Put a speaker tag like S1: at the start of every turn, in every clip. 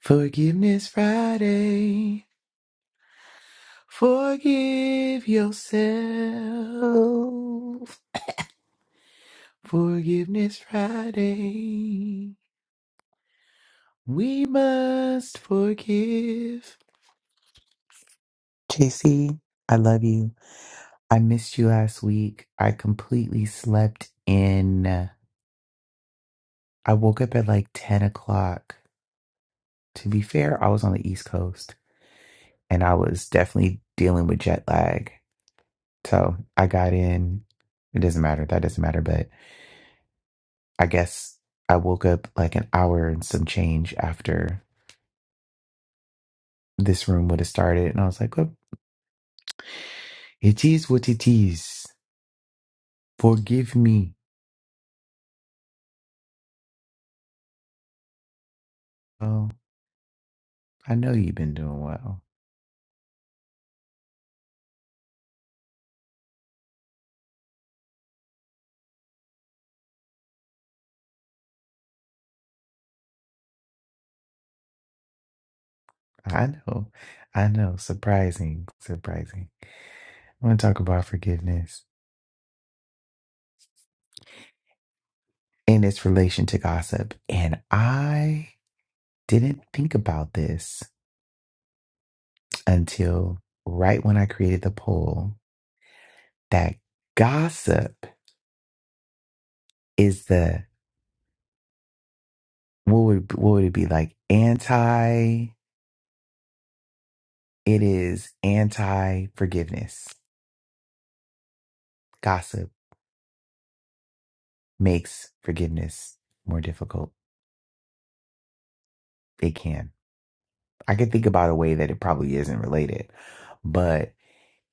S1: Forgiveness Friday. Forgive yourself. Forgiveness Friday. We must forgive. JC, I love you. I missed you last week. I completely slept in. I woke up at like 10 o'clock. To be fair, I was on the East Coast and I was definitely dealing with jet lag. So I got in. It doesn't matter. That doesn't matter. But. I guess I woke up like an hour and some change after this room would have started. And I was like, well, it is what it is. Forgive me. Oh, I know you've been doing well. I know. I know. Surprising. Surprising. I want to talk about forgiveness in its relation to gossip. And I didn't think about this until right when I created the poll that gossip is the what would what would it be like anti it is anti forgiveness gossip makes forgiveness more difficult it can i can think about a way that it probably isn't related but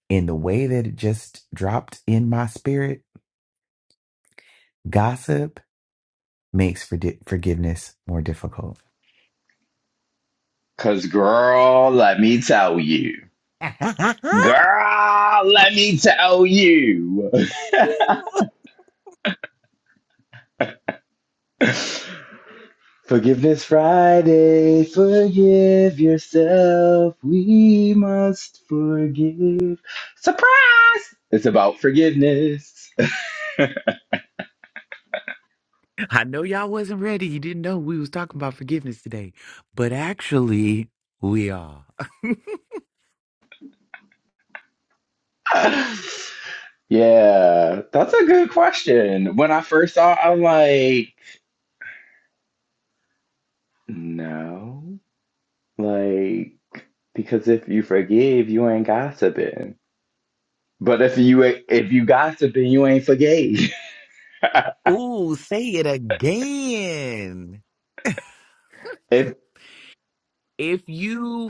S1: in the way that it just dropped in my spirit gossip makes for forgiveness more difficult
S2: Cause girl, let me tell you.
S1: i
S2: Girl, let me tell you. Forgiveness Friday, forgive yourself. We must forgive. Surprise! It's about forgiveness.
S1: know y'all wasn't ready you didn't know we was talking about forgiveness today but actually we are
S2: yeah, that's a good question. When I first saw it, I'm like, no. Like, because if you forgive, you ain't gossiping. But if you if you gossiping, you ain't forgave.
S1: Ooh, say it again.
S2: If
S1: If you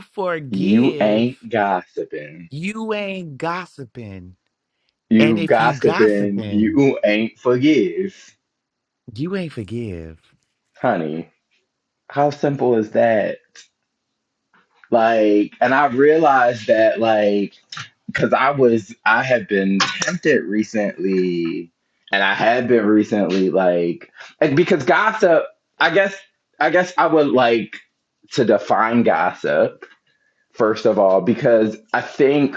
S2: you
S1: forgive,
S2: ain't gossiping,
S1: you ain't gossiping. And
S2: you
S1: if you
S2: gossiping,
S1: gossiping,
S2: you ain't forgive.
S1: you ain't forgive.
S2: Honey, how simple is that? Like, and I realized that, like, because I was, I have been tempted recently, and I had been recently, like, and because gossip, I guess, I guess I would like to define gossip first of all, because I think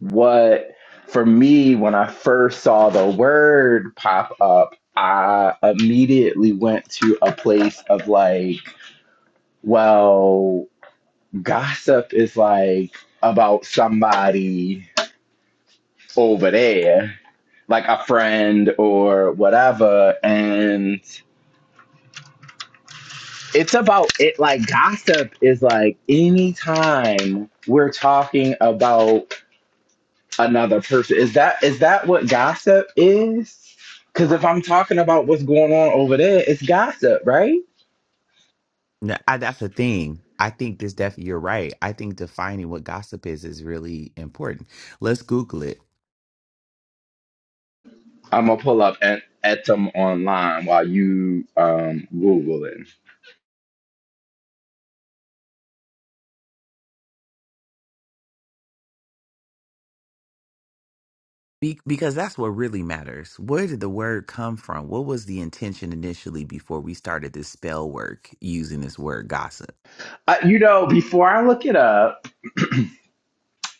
S2: what for me, when I first saw the word pop up, I immediately went to a place of like, well, gossip is like about somebody over there, like a friend or whatever. And it's about it, like, gossip is like anytime we're talking about another person. Is that is that what gossip is? Because if I'm talking about what's going on over there, it's gossip, right?
S1: No, I, that's the thing. I think this def you're right. I think defining what gossip is is really important. Let's Google it.
S2: I'm gonna pull up and etum online while you um Google it.
S1: Be- because that's what really matters. Where did the word come from? What was the intention initially before we started this spell work using this word gossip?
S2: Uh, you know, before I look it up.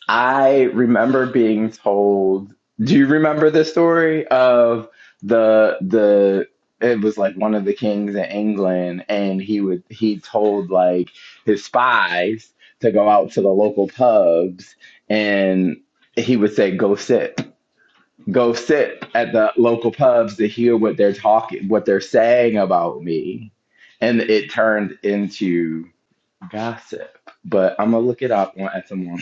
S2: I remember being told, do you remember the story of the the it was like one of the kings in England and he would he told like his spies to go out to the local pubs and he would say go sit go sit at the local pubs to hear what they're talking what they're saying about me and it turned into gossip but I'm gonna look it up on at some more.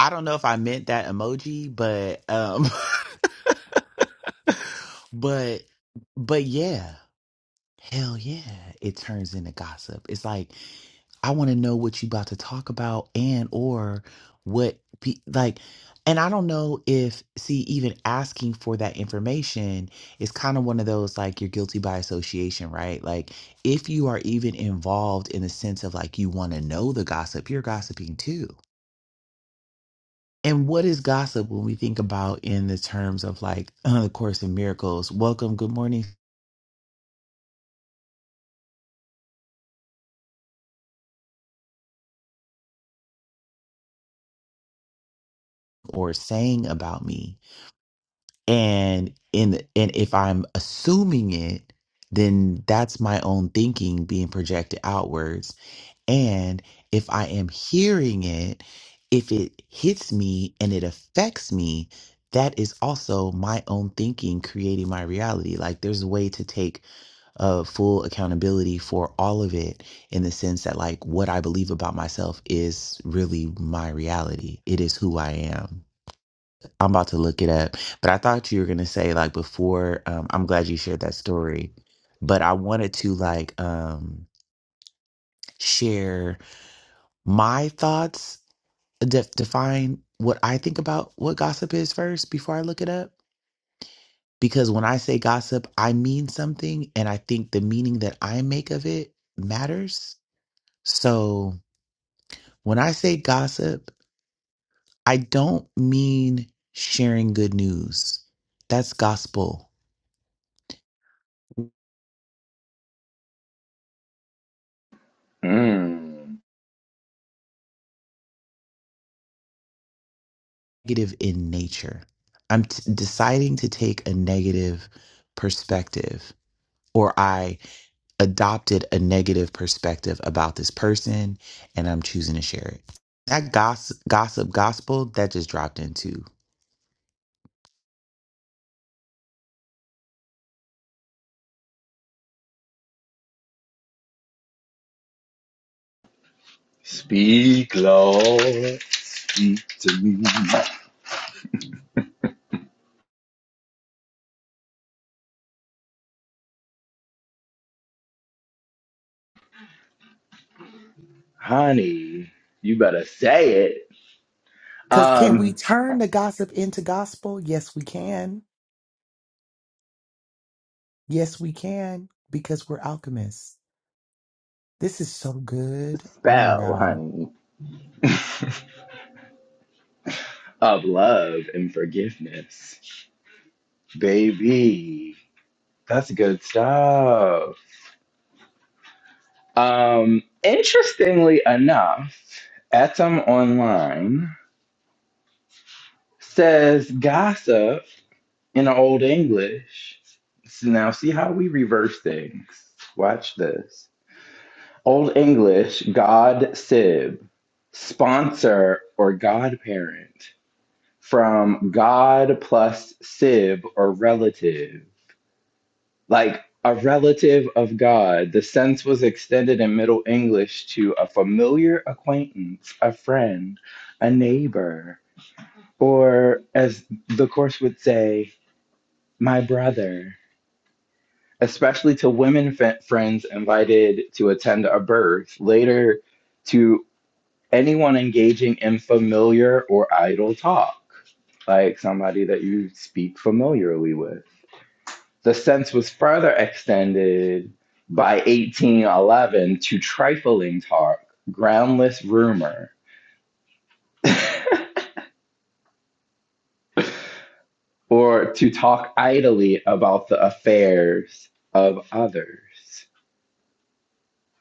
S1: I don't know if I meant that emoji, but um But but yeah, hell yeah, it turns into gossip. It's like I want to know what you about to talk about and or what pe- like and I don't know if see even asking for that information is kind of one of those like you're guilty by association, right? Like if you are even involved in the sense of like you want to know the gossip, you're gossiping too. And what is gossip when we think about in the terms of like the course in miracles? Welcome, good morning, or saying about me and in and if i'm assuming it then that's my own thinking being projected outwards and if i am hearing it if it hits me and it affects me that is also my own thinking creating my reality like there's a way to take uh, full accountability for all of it in the sense that like what i believe about myself is really my reality it is who i am I'm about to look it up, but I thought you were gonna say like before. Um, I'm glad you shared that story, but I wanted to like um, share my thoughts, de- define what I think about what gossip is first before I look it up. Because when I say gossip, I mean something, and I think the meaning that I make of it matters. So when I say gossip, I don't mean sharing good news. That's gospel
S2: Mm.
S1: negative in nature. I'm t- deciding to take a negative perspective, or I adopted a negative perspective about this person, and I'm choosing to share it. That gossip, gossip gospel that just dropped into.
S2: Speak, Lord, speak to me. Honey, you better say it.
S1: Because can we
S2: Um,
S1: turn the gossip into gospel? Yes, we can. Yes, we can, because we're alchemists. This is so good. Oh my
S2: spell,
S1: God.
S2: honey, of love and forgiveness. Baby, that's good stuff. Um, interestingly enough, Etam Online says gossip in Old English. So now see how we reverse things. Watch this. Old English god sib, sponsor or godparent. From god plus sib or relative. Like a relative of God. The sense was extended in Middle English to a familiar acquaintance, a friend, a neighbor, or as the course would say, my brother. Especially to women f- friends invited to attend a birth. Later, to anyone engaging in familiar or idle talk, like somebody that you speak familiarly with. The sense was further extended by 1811 to trifling talk, groundless rumor, or to talk idly about the affairs of others.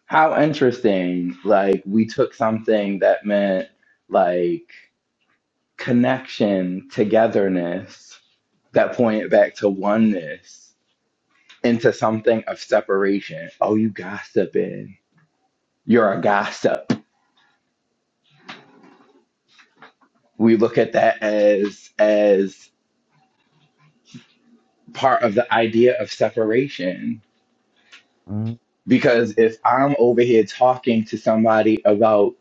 S2: How interesting, like, we took something that meant like connection, togetherness, that pointed back to oneness into something of separation. Oh, you gossiping. You're a gossip. We look at that as as part of the idea of separation.
S1: Mm,
S2: Because if I'm over here talking to somebody about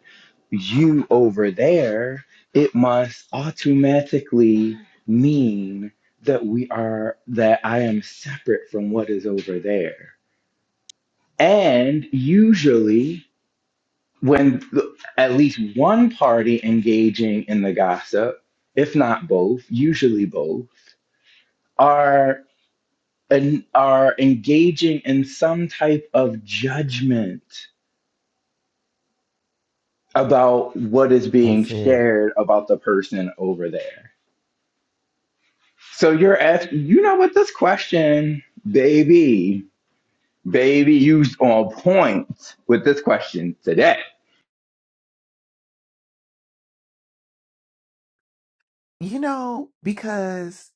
S2: you over there, it must automatically mean that we are that I am separate from what is over there. And usually when the, at least one party engaging in the gossip, if not both, usually both, are en- are engaging in some type of judgment about what is being
S1: that's it.
S2: shared about the person over there. So you're asking, you know what this question, baby, baby, you on point with this question today.
S1: You know, because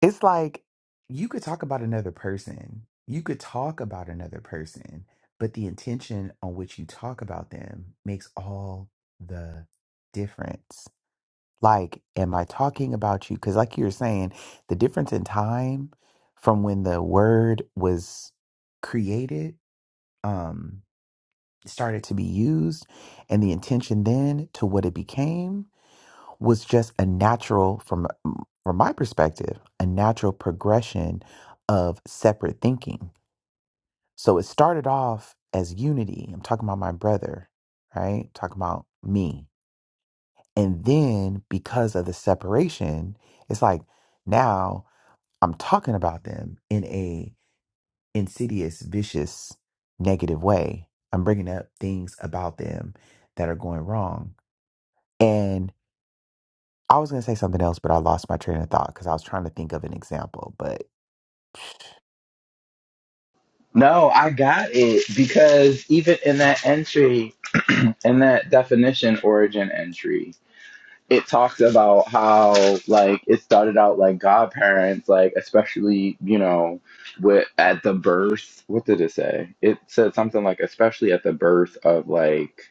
S1: It's like you could talk about another person. You could talk about another person, but the intention on which you talk about them makes all the difference. Like, am I talking about you? Because, like you were saying, the difference in time from when the word was created, um, started to be used, and the intention then to what it became was just a natural from from my perspective a natural progression of separate thinking so it started off as unity i'm talking about my brother right talking about me and then because of the separation it's like now i'm talking about them in a insidious vicious negative way i'm bringing up things about them that are going wrong and. I was gonna say something else, but I lost my train of thought because I was trying to think of an example. But
S2: No, I got it because even in that entry, in that definition origin entry, it talks about how like it started out like godparents, like especially you know, with at the birth. What did it say? It said something like especially at the birth of like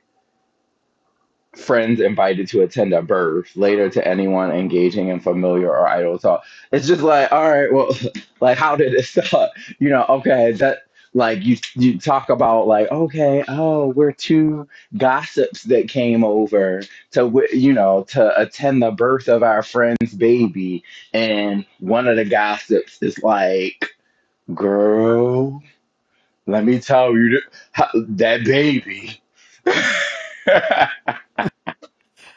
S2: friends invited to attend a birth, later to anyone engaging in familiar or idle talk. It's just like, all right, well, like how did it start? You know, okay, that like you you talk about like okay oh we're two gossips that came over to wi- you know to attend the birth of our friend's baby and one of the gossips is like girl let me tell you th- how- that baby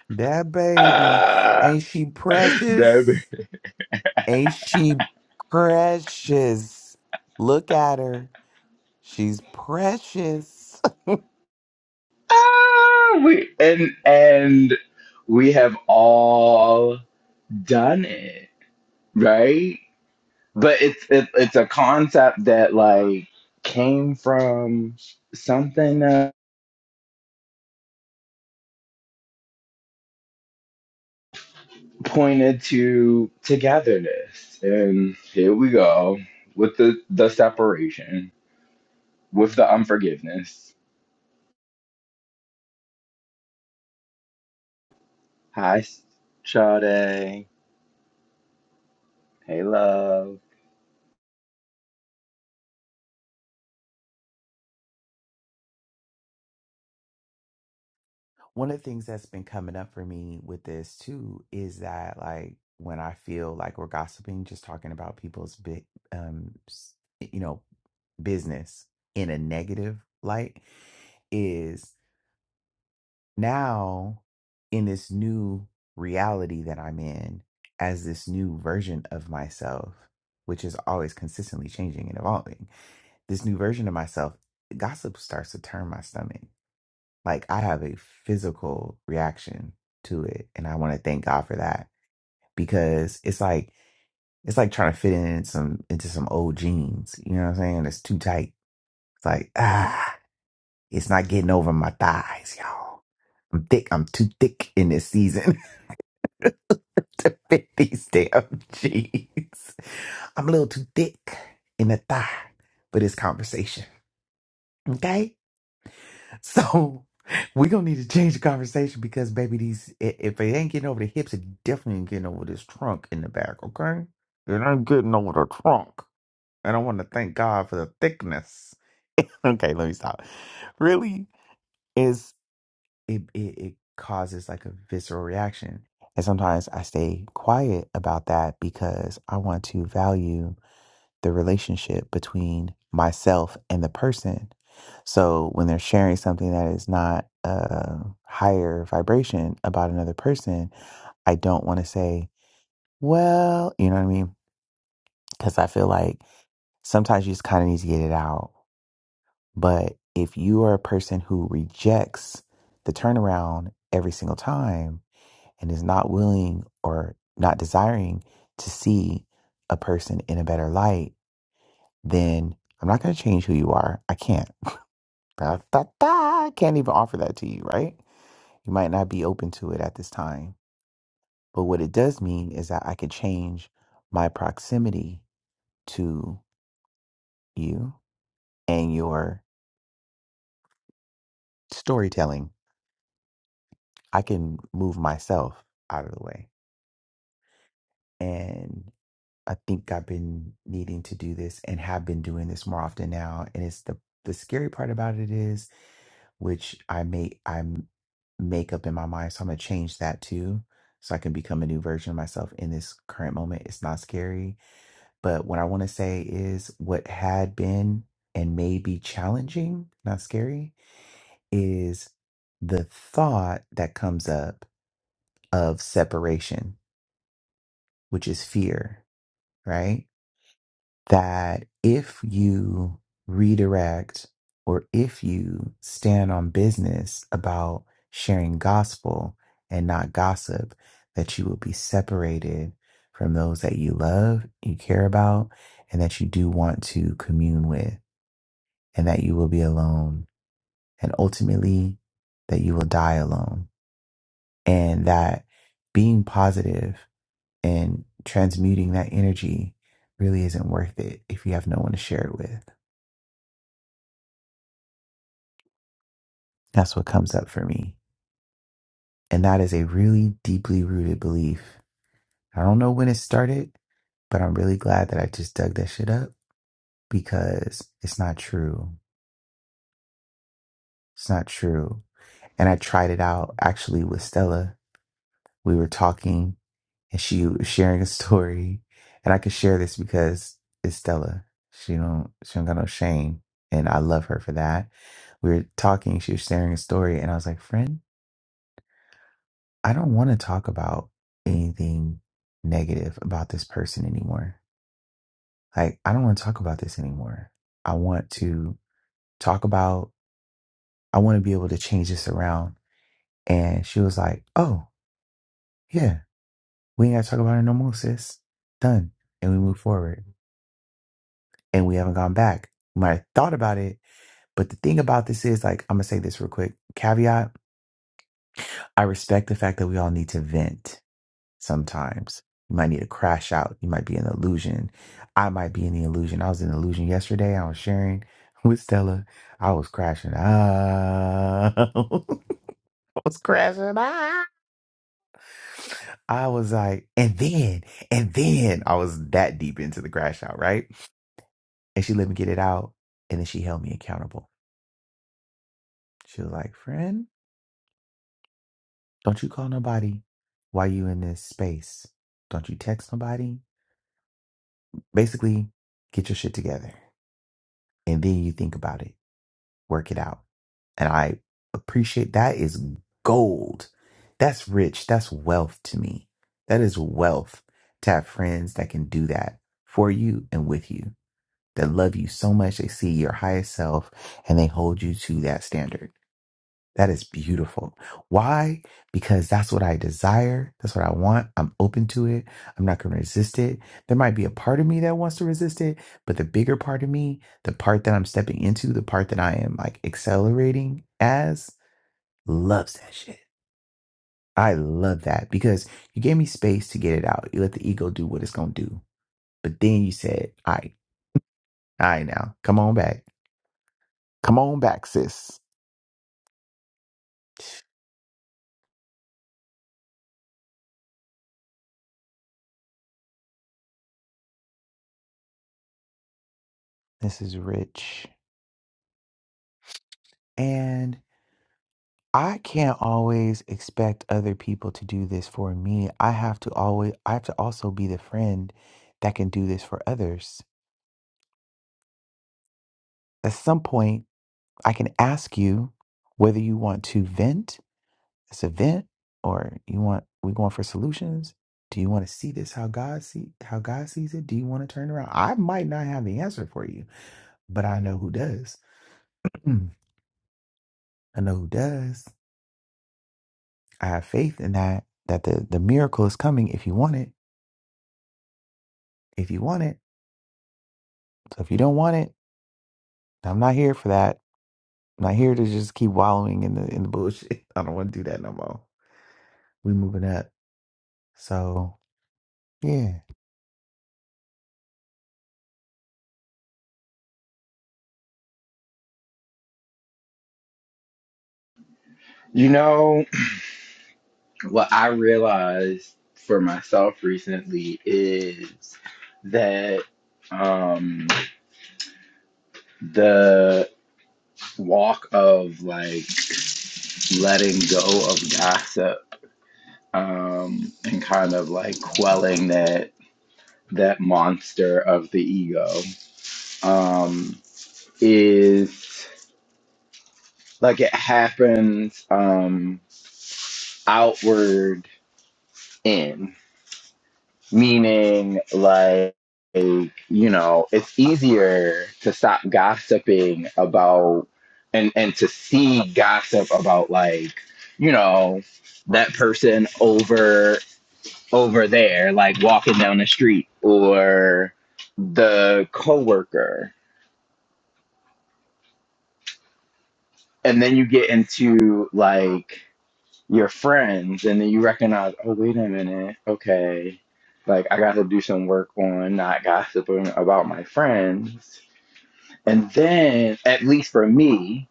S1: that baby, ain't she
S2: That
S1: precious? Ain't she precious? Look at her. She's precious.
S2: Ah, we and and we have all done it, right? But it's it, it's a concept that like came from something that pointed to togetherness, and here we go with the the separation,
S1: Yeah.
S2: with the unforgiveness. Hi, Sade. Hey, love.
S1: One of the things that's been coming up for me with this too is that like when I feel like we're gossiping, just talking about people's big, um, s- you know, business in a negative light is. now in this new reality that I'm in as this new version of myself, which is always consistently changing and evolving, this new version of myself, gossip starts to turn my stomach. Like I have a physical reaction to it. And I want to thank God for that because it's like, it's like trying to fit in some into some old jeans. You know what I'm saying? It's too tight. It's like, ah, it's not getting over my thighs, y'all. I'm thick. I'm too thick in this season. to fit these damn jeans. I'm a little too thick in the thigh for this conversation. Okay? So we're gonna need to change the conversation because baby these i- if it ain't getting over the hips, it definitely ain't getting over this trunk in the back, okay? It ain't getting over the trunk. And I wanna thank God for the thickness. okay, let me stop. Really? is it, it it causes like a visceral reaction. And sometimes I stay quiet about that because I want to value the relationship between myself and the person. So when they're sharing something that is not a higher vibration about another person, I don't want to say, well, you know what I mean? Because I feel like sometimes you just kind of need to get it out. But if you are a person who rejects the turnaround every single time, and is not willing or not desiring to see a person in a better light, then I'm not going to change who you are. I can't. Da, da, da. I can't even offer that to you, right? You might not be open to it at this time. But what it does mean is that I could change my proximity to you and your storytelling. I can move myself out of the way. and. I think I've been needing to do this and have been doing this more often now. And it's the the scary part about it is, which I may I m- make up in my mind, so I'm gonna change that too, so I can become a new version of myself in this current moment. It's not scary, but what I want to say is, what had been and may be challenging, not scary, is the thought that comes up of separation, which is fear, right? that if you redirect or if you stand on business about sharing gospel and not gossip, that you will be separated from those that you love, you care about, and that you do want to commune with, and that you will be alone. And ultimately, that you will die alone. And that being positive and transmuting that energy really isn't worth it if you have no one to share it with. That's what comes up for me. And that is a really deeply rooted belief. I don't know when it started, but I'm really glad that I just dug that shit up because it's not true. It's not true. And I tried it out actually with Stella. We were talking and she was sharing a story. And I could share this because it's Stella. She don't she don't got no shame. And I love her for that. We were talking, she was sharing a story, and I was like, friend. I don't want to talk about anything negative about this person anymore. Like, I don't want to talk about this anymore. I want to talk about, I want to be able to change this around. And she was like, oh, yeah, we ain't got to talk about it no more, sis. Done. And we move forward and we haven't gone back. We might have thought about it. But the thing about this is, like, I'm going to say this real quick caveat I respect the fact that we all need to vent sometimes. You might need to crash out. You might be in illusion. I might be in the illusion. I was in illusion yesterday. I was sharing with Stella. I was crashing out. I was crashing out. I was like, and then, and then I was that deep into the crash out, right? And she let me get it out. And then she held me accountable. She was like, friend, don't you call nobody while you in this space. Don't you text nobody. Basically, get your shit together and then you think about it work it out. And I appreciate that is gold. That's rich. That's wealth to me. That is wealth to have friends that can do that for you and with you, that love you so much. They see your highest self and they hold you to that standard that is beautiful. Why? Because that's what I desire. That's what I want. I'm open to it. I'm not going to resist it. There might be a part of me that wants to resist it, but the bigger part of me, the part that I'm stepping into, the part that I am like accelerating as, loves that shit. I love that because you gave me space to get it out. You let the ego do what it's going to do. But then you said, all right, all right, now come on back. Come on back, sis. This is rich. And. I can't always expect other people to do this for me. I have to always I have to also be the friend that can do this for others. At some point, I can ask you whether you want to vent, it's a vent, or you want we going for solutions. Do you want to see this how God see how God sees it? Do you want to turn around? I might not have the answer for you, but I know who does. Mm, I know who does. I have faith in that that the, the miracle is coming if you want it. If you want it. So if you don't want it, I'm not here for that. I'm not here to just keep wallowing in the in the bullshit. I don't want to do that no more. We moving up. So yeah.
S2: You know. what I realized for myself recently is that um the walk of like letting go of gossip um and kind of like quelling that that monster of the ego um is like it happens um outward in. meaning like you know it's easier to stop gossiping about and and to see gossip about like you know that person over over there like walking down the street or the coworker and then you get into like your friends and then you recognize oh wait a minute okay like I got to do some work on not gossiping about my friends and then at least for me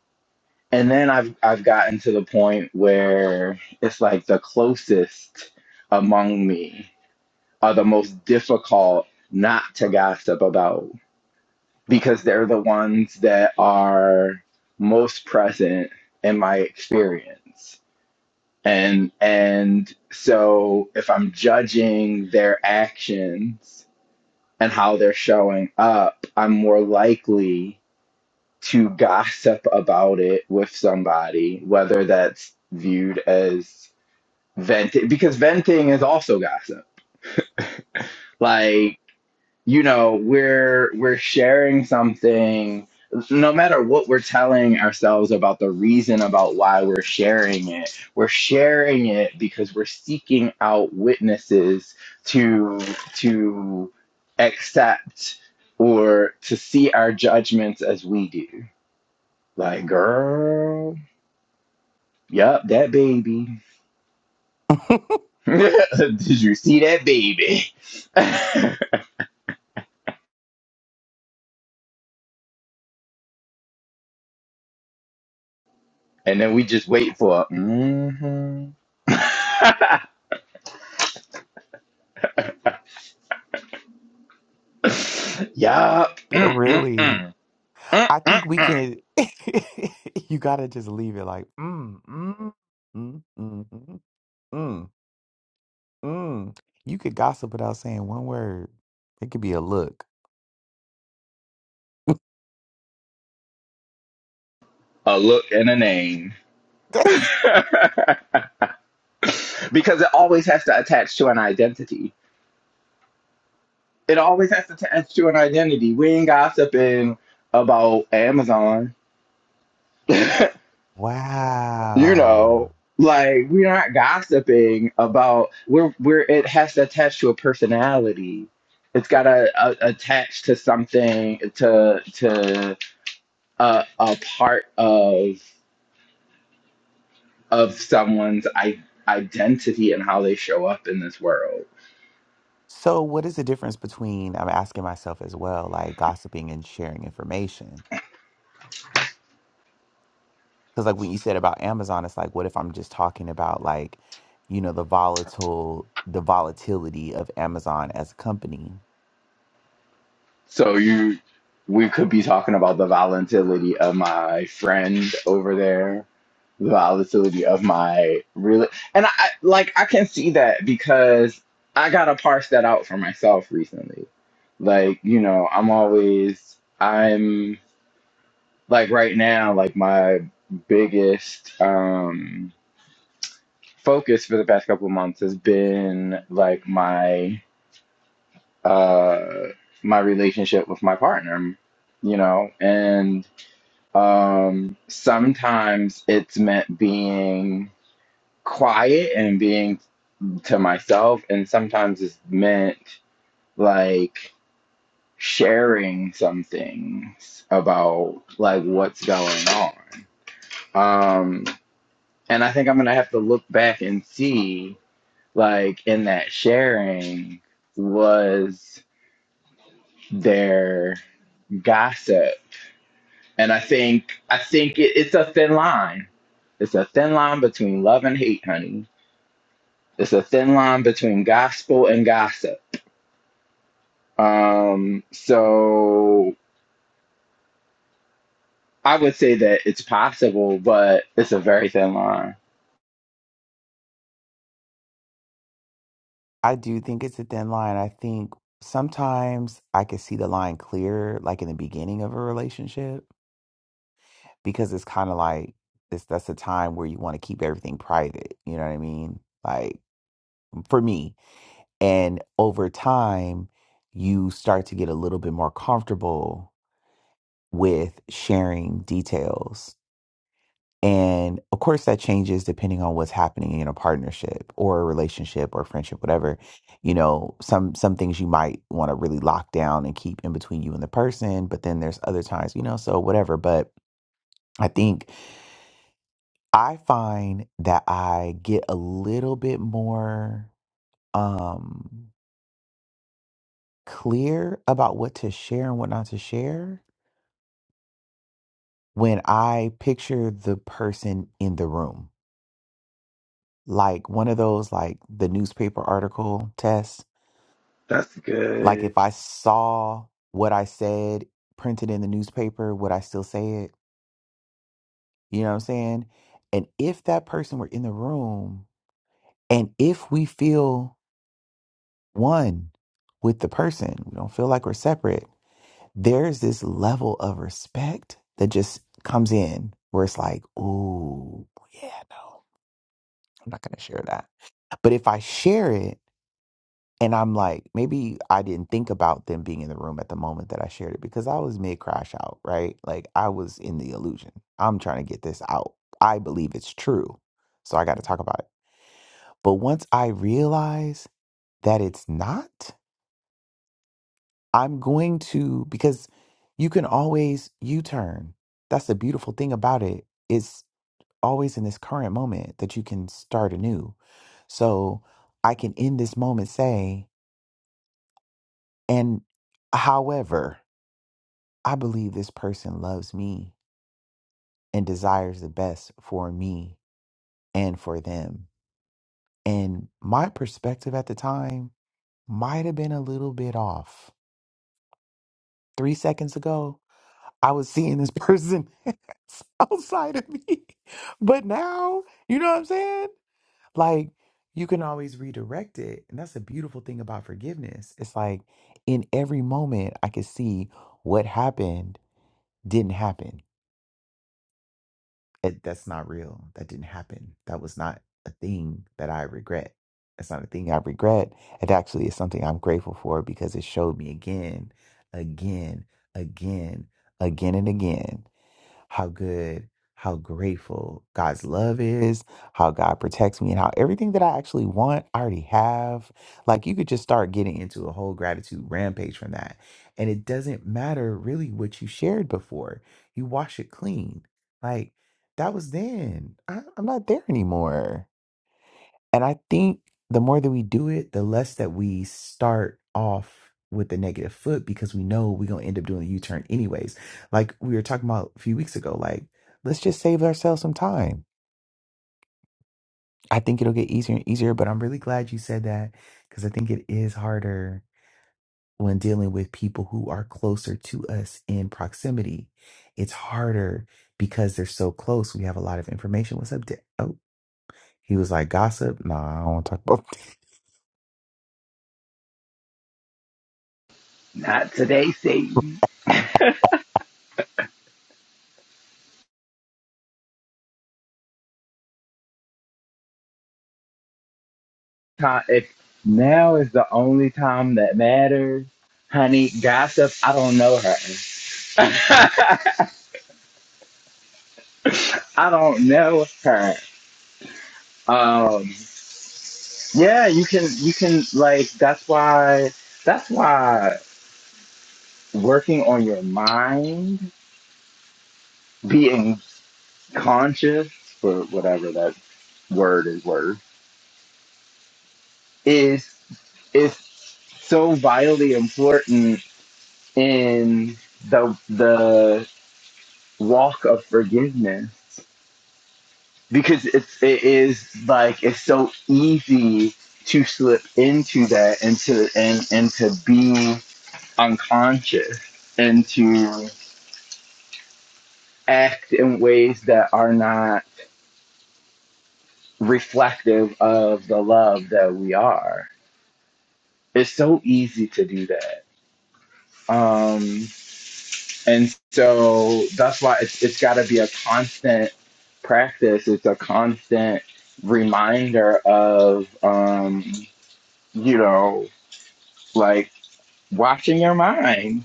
S2: and then i've i've gotten to the point where it's like the closest among me are the most difficult not to gossip about because they're the ones that are most present in my experience and and so if i'm judging their actions and how they're showing up i'm more likely to gossip about it with somebody, whether that's viewed as venting, because venting is also gossip. Like, you know, we're we're sharing something, no matter what we're telling ourselves about the reason about why we're sharing it, we're sharing it because we're seeking out witnesses to to accept or to see our judgments as we do. Like, girl Yup, that baby. Did you see that baby? and then we just wait for mm-hmm. Yup. mm yup.
S1: really.
S2: Mm-mm-mm.
S1: I
S2: Mm-mm.
S1: think we can you gotta just leave it like mm mm mm mm mm mm. mm. You could gossip without saying one word. It could be a look.
S2: A look and a name.
S1: That's
S2: Because it always has to attach to an identity. It always has to attach to an identity. We ain't gossiping about Amazon. you
S1: wow.
S2: know like we're not gossiping about we're we're it has to attach to a personality it's got to uh, attach to something to to a, a part of of someone's I- identity and how they show up in this world
S1: So, what is the difference between, I'm asking myself as well, like gossiping and sharing information? Because, like, when you said about Amazon, it's like, what if I'm just talking about, like, you know, the volatile, the volatility of Amazon as a company?
S2: So you, we could be talking about the volatility of my friend over there, the volatility of my real, and I I- like I can see that because I gotta parse that out for myself recently. Like you know, I'm always I'm like right now, like my biggest um focus for the past couple of months has been like my uh, my relationship with my partner, you know, and um, sometimes it's meant being quiet and being to myself, and sometimes it's meant like sharing some things about like what's going on. Um, and I think I'm gonna have to look back and see, like, in that sharing, was there gossip? And I think I think it, it's a thin line. It's a thin line between love and hate, honey. It's a thin line between gospel and gossip. Um, so I would say that it's possible, but it's a very thin line.
S1: I do think it's a thin line. I think sometimes I can see the line clear, like in the beginning of a relationship, because it's kind of like, this, that's a time where you want to keep everything private. You know what I mean? Like, for me, And over time, you start to get a little bit more comfortable with sharing details. And of course, that changes depending on what's happening in a partnership or a relationship or friendship, whatever. You know, some some things you might want to really lock down and keep in between you and the person, but then there's other times, you know, so whatever. But I think I find that I get a little bit more um clear about what to share and what not to share when I picture the person in the room. Like one of those, like the newspaper article test.
S2: That's
S1: Like
S2: good.
S1: if I saw what I said printed in the newspaper, would I still say it? You know what I'm saying? And if that person were in the room and if we feel one with the person, we don't feel like we're separate there's this level of respect that just comes in where it's like, ooh, yeah, no, I'm not going to share that. But if I share it and I'm like, maybe I didn't think about them being in the room at the moment that I shared it because I was mid crash out, right? Like I was in the illusion. I'm trying to get this out. I believe it's true. So I got to talk about it. But once I realize that it's not, I'm going to because you can always U-turn. That's the beautiful thing about it. It's always in this current moment that you can start anew. So I can in this moment say, and however, I believe this person loves me and desires the best for me and for them. And my perspective at the time might have been a little bit off. Three seconds ago, I was seeing this person outside of me. But now, you know what I'm saying? Like, you can always redirect it. And that's the beautiful thing about forgiveness. It's like in every moment, I could see what happened didn't happen. It, that's not real. That didn't happen. That was not a thing that I regret. That's not a thing I regret. It actually is something I'm grateful for because it showed me again, again, again, again, and again how good, how grateful God's love is, how God protects me, and how everything that I actually want, I already have. Like you could just start getting into a whole gratitude rampage from that. And it doesn't matter really what you shared before, you wash it clean. Like that was then. I, I'm not there anymore. And I think the more that we do it, the less that we start off with the negative foot because we know we're going to end up doing a U turn anyways. Like we were talking about a few weeks ago, like, let's just save ourselves some time. I think it'll get easier and easier, but I'm really glad you said that because I think it is harder when dealing with people who are closer to us in proximity. It's harder because they're so close. We have a lot of information. What's up, Dick? Oh, he was like, gossip? No, I don't want to talk about
S2: Not today, Satan. Ti- If now is the only time that matters, honey, gossip. I don't know her. I don't know her. Um, Yeah, you can you can like that's why that's why working on your mind, being conscious for whatever that word is worth, is is so vitally important in the the walk of forgiveness because it's it is like it's so easy to slip into that and to and and to be unconscious and to act in ways that are not reflective of the love that we are. It's so easy to do that. Um, and so that's why it's, it's got to be a constant practice. It's a constant reminder of, um, you know, like watching your mind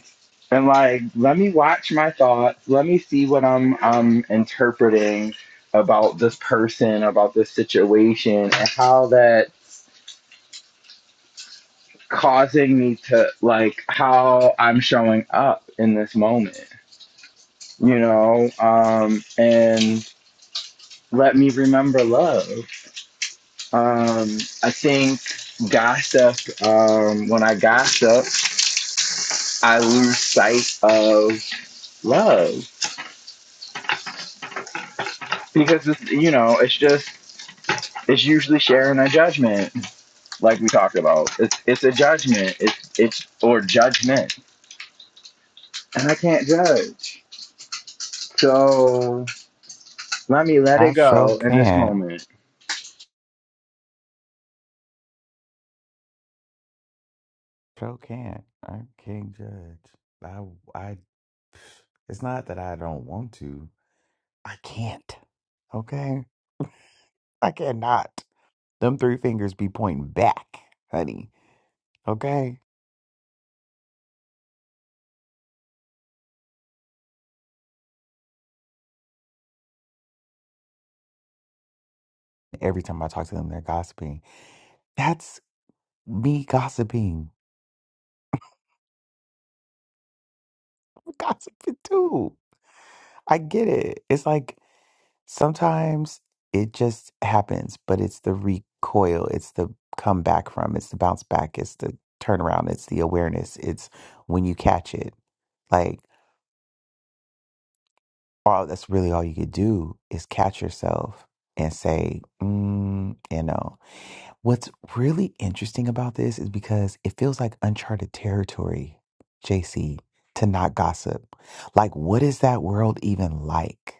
S2: and like let me watch my thoughts let me see what i'm um interpreting about this person about this situation and how that causing me to like how i'm showing up in this moment you know um and let me remember love um i think gossip um when i gossip i lose sight of love because it's, you know it's just it's usually sharing a judgment, like we talked about. It's it's a judgment. It's it's or judgment, and I can't judge. So let me let
S1: I
S2: it
S1: sure
S2: go in this
S1: can't.
S2: moment.
S1: Sure can't. I can't judge. I, I, it's not that I don't want to. I can't. Okay? I cannot. Them three fingers be pointing back, honey. Okay? Every time I talk to them, they're gossiping. That's me gossiping. I'm gossiping too. I get it. It's like Sometimes it just happens, but it's the recoil, it's the come back from, it's the bounce back, it's the turnaround, it's the awareness, it's when you catch it. Like, all that's really all you could do is catch yourself and say, mm, you know. What's really interesting about this is because it feels like uncharted territory, JC, to not gossip. Like, what is that world even like?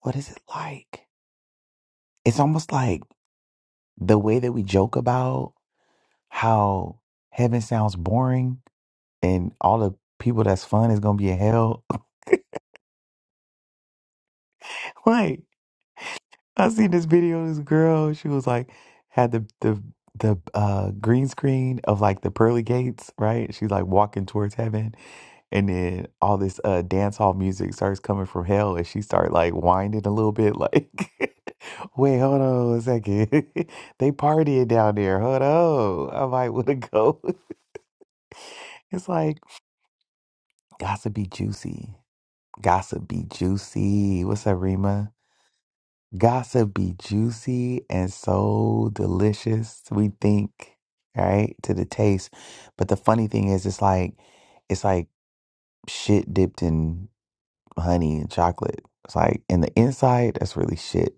S1: What is it like? It's almost like, the way that we joke about how heaven sounds boring and all the people that's fun is gonna be in hell. Like I seen this video, of this girl, she was like had the the the uh green screen of like the pearly gates, right? She's like walking towards heaven and then all this uh dance hall music starts coming from hell and she started like winding a little bit like wait, hold on a second. they partying down there, hold on. I might wanna go. It's like gossip be juicy. Gossip be juicy. What's up, Rima? Gossip be juicy and so delicious, we think, right? To the taste. But the funny thing is it's like it's like shit dipped in honey and chocolate. It's like in the inside, that's really shit.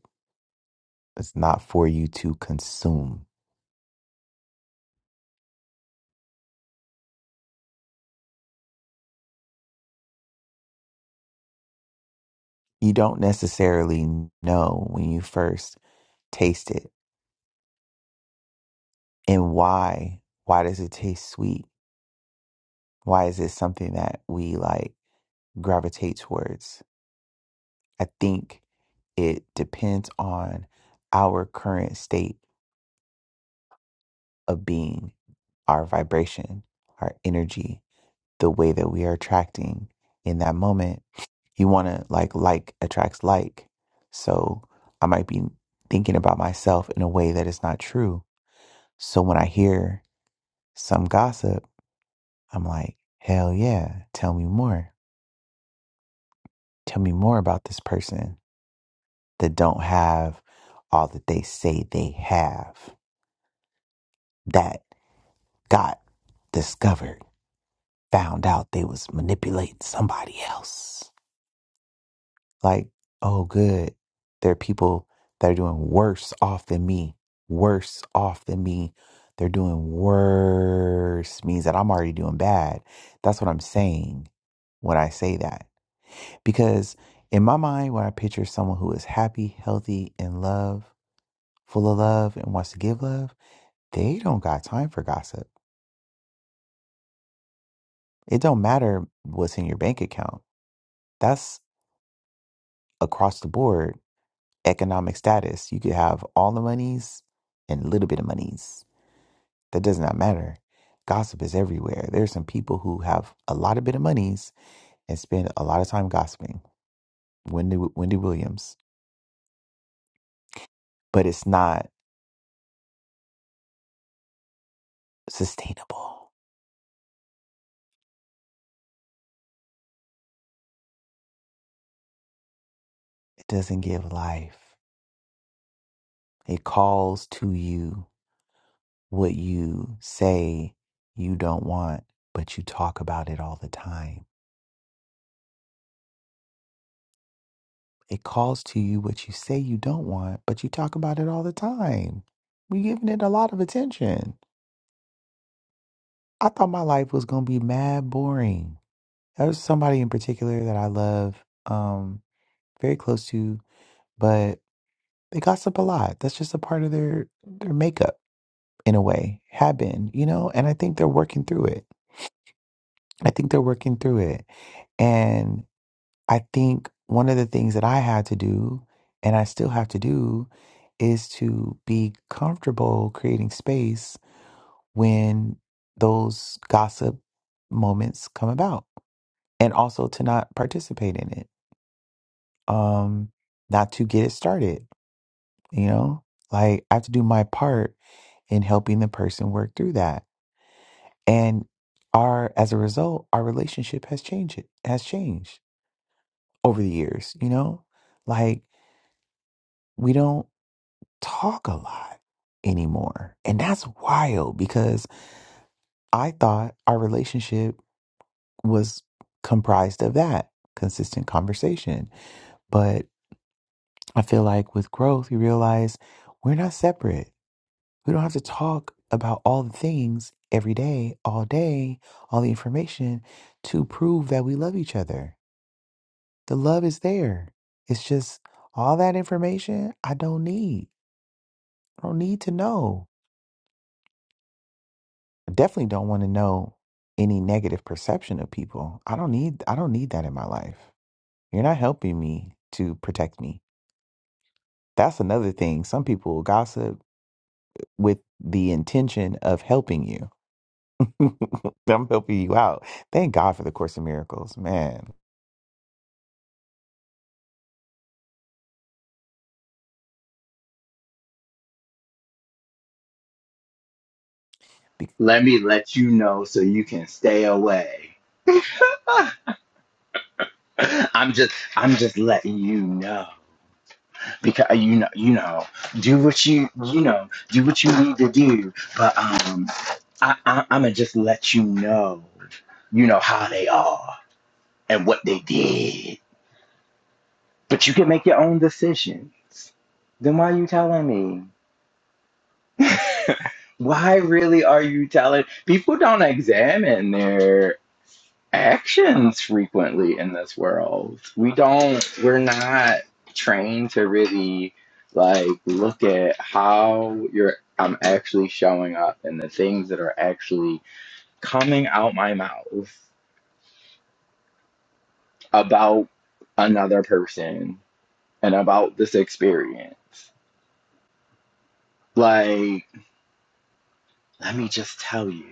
S1: It's not for you to consume. You don't necessarily know when you first taste it and why. Why does it taste sweet? Why is this something that we like gravitate towards? I think it depends on our current state of being, our vibration, our energy, the way that we are attracting in that moment. You want to like like attracts like. So I might be thinking about myself in a way that is not true. So when I hear some gossip, I'm like, hell yeah, tell me more. Tell me more about this person that don't have all that they say they have that got discovered found out they was manipulating somebody else like oh good there are people that are doing worse off than me worse off than me they're doing worse means that i'm already doing bad that's what i'm saying when i say that because in my mind when i picture someone who is happy healthy in love full of love and wants to give love They don't got time for gossip. It don't matter what's in your bank account. That's across the board economic status. You could have all the monies and a little bit of monies. That does not matter. Gossip is everywhere. There's some people who have a lot of bit of monies and spend a lot of time gossiping. Wendy Wendy Williams, but it's not sustainable. It doesn't give life. It calls to you what you say you don't want, but you talk about it all the time. It calls to you what you say you don't want, but you talk about it all the time. We're giving it a lot of attention. I thought my life was going to be mad boring. There's somebody in particular that I love, um, very close to, but they gossip a lot. That's just a part of their, their makeup in a way, have been, you know? And I think they're working through it. I think they're working through it. and. I think one of the things that I had to do, and I still have to do, is to be comfortable creating space when those gossip moments come about, and also to not participate in it, um, not to get it started. You know, like I have to do my part in helping the person work through that, and our as a result, our relationship has changed. It has changed over the years. You know, like we don't. talk a lot anymore. And that's wild because I thought our relationship was comprised of that consistent conversation. But I feel like with growth, you realize we're not separate. We don't have to talk about all the things every day, all day, all the information to prove that we love each other. The love is there. It's just all that information I don't need. I don't need to know. I definitely don't want to know any negative perception of people. I don't need I don't need that in my life. You're not helping me to protect me. That's another thing. Some people will gossip with the intention of helping you. I'm helping you out. Thank God for the Course in Miracles, man. Be-
S2: Let me let you know so you can stay away. I'm just I'm just letting you know because you know you know do what you you know do what you need to do, but um I, I I'm gonna just let you know you know how they are and what they did But you can make your own decisions. Then why are you telling me? Why really are you telling? People don't examine their actions frequently in this world. We don't, we're not trained to really like look at how you're, I'm actually showing up and the things that are actually coming out my mouth about another person and about this experience. Like, let me just tell you.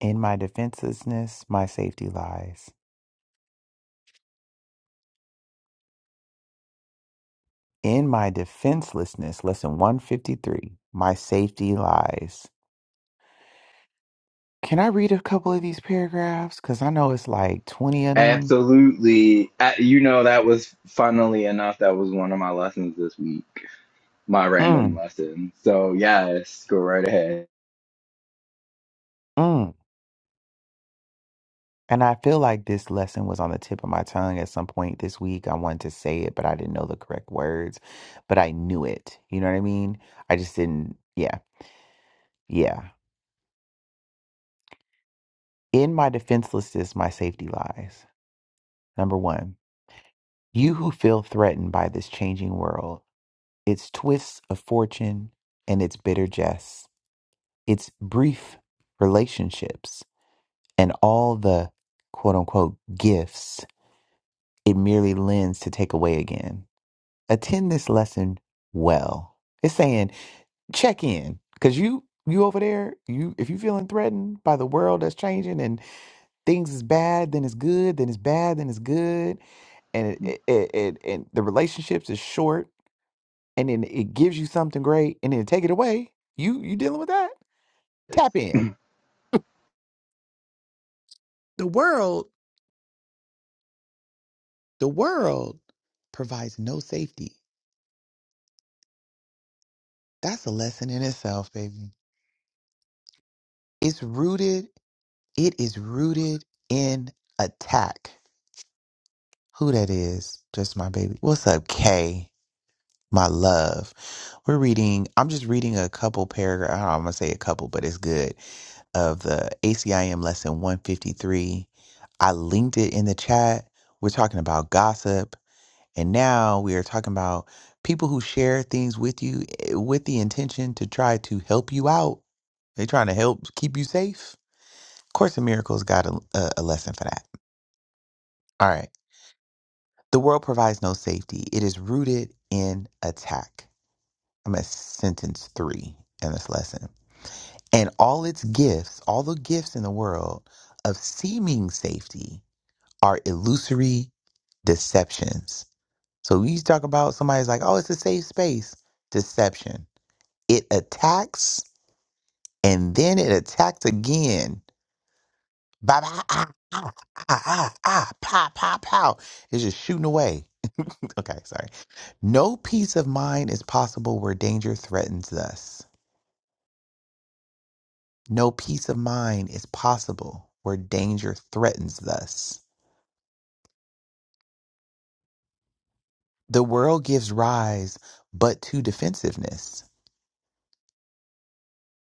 S1: In my defenselessness, my safety lies. In my defenselessness, lesson 153, my safety lies. Can I read a couple of these paragraphs? Because I know it's like 20 of them
S2: Absolutely. Uh, You know, that was funnily enough, that was one of my lessons this week, my random
S1: Mm,
S2: lesson. So, yes, go right ahead.
S1: mm. And I feel like this lesson was on the tip of my tongue at some point this week. I wanted to say it, but I didn't know the correct words, but I knew it. You know what I mean? I just didn't. Yeah. Yeah. In my defenselessness, my safety lies. Number one, you who feel threatened by this changing world, its twists of fortune and its bitter jests, its brief relationships, and all the quote unquote gifts it merely lends to take away again. attend this lesson well. It's saying check in because you you over there you if you feeling threatened by the world that's changing and things is bad then it's good then it's bad then it's good and it, it, it, and the relationships is short and then it gives you something great and then take it away you you dealing with that tap in The world, the world provides no safety. That's a lesson in itself, baby. It's rooted It is rooted in attack. Who that is? Just my baby. What's up, Kay? My love. We're reading, I'm just reading a couple paragraph. I'm going to say a couple, but it's good. Of the ACIM lesson 153. I linked it in the chat. We're talking about gossip. And now we are talking about people who share things with you eh, with the intention to try to help you out. They're trying to help keep you safe. Course in Miracles got a, a, a lesson for that. All right. The world provides no safety. It is rooted in attack. I'm at sentence three in this lesson. And all its gifts, all the gifts in the world of seeming safety are illusory deceptions. So we used to talk about somebody's like, oh, it's a safe space. Deception. It attacks and then it attacks again. Ba ba ah ah ah ah ah pow pow pow. It's just shooting away. Okay, sorry. No peace of mind is possible where danger threatens us. No peace of mind is possible where danger threatens us. The world gives rise but to defensiveness,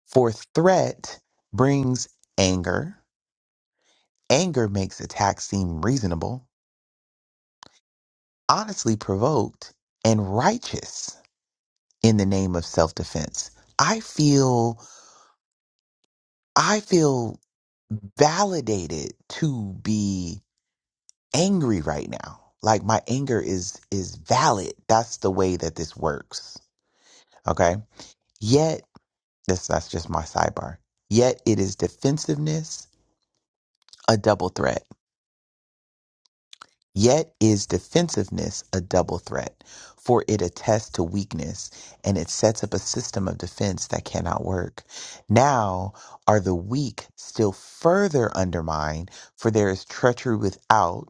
S1: for threat brings anger. Anger makes attacks seem reasonable, honestly provoked, and righteous in the name of self-defense. I feel I feel validated to be angry right now. Like my anger is is valid. That's the way that this works. Okay? Yet this that's just my sidebar. Yet it is defensiveness a double threat. Yet is defensiveness a double threat, for it attests to weakness and it sets up a system of defense that cannot work. Now are the weak still further undermined, for there is treachery without,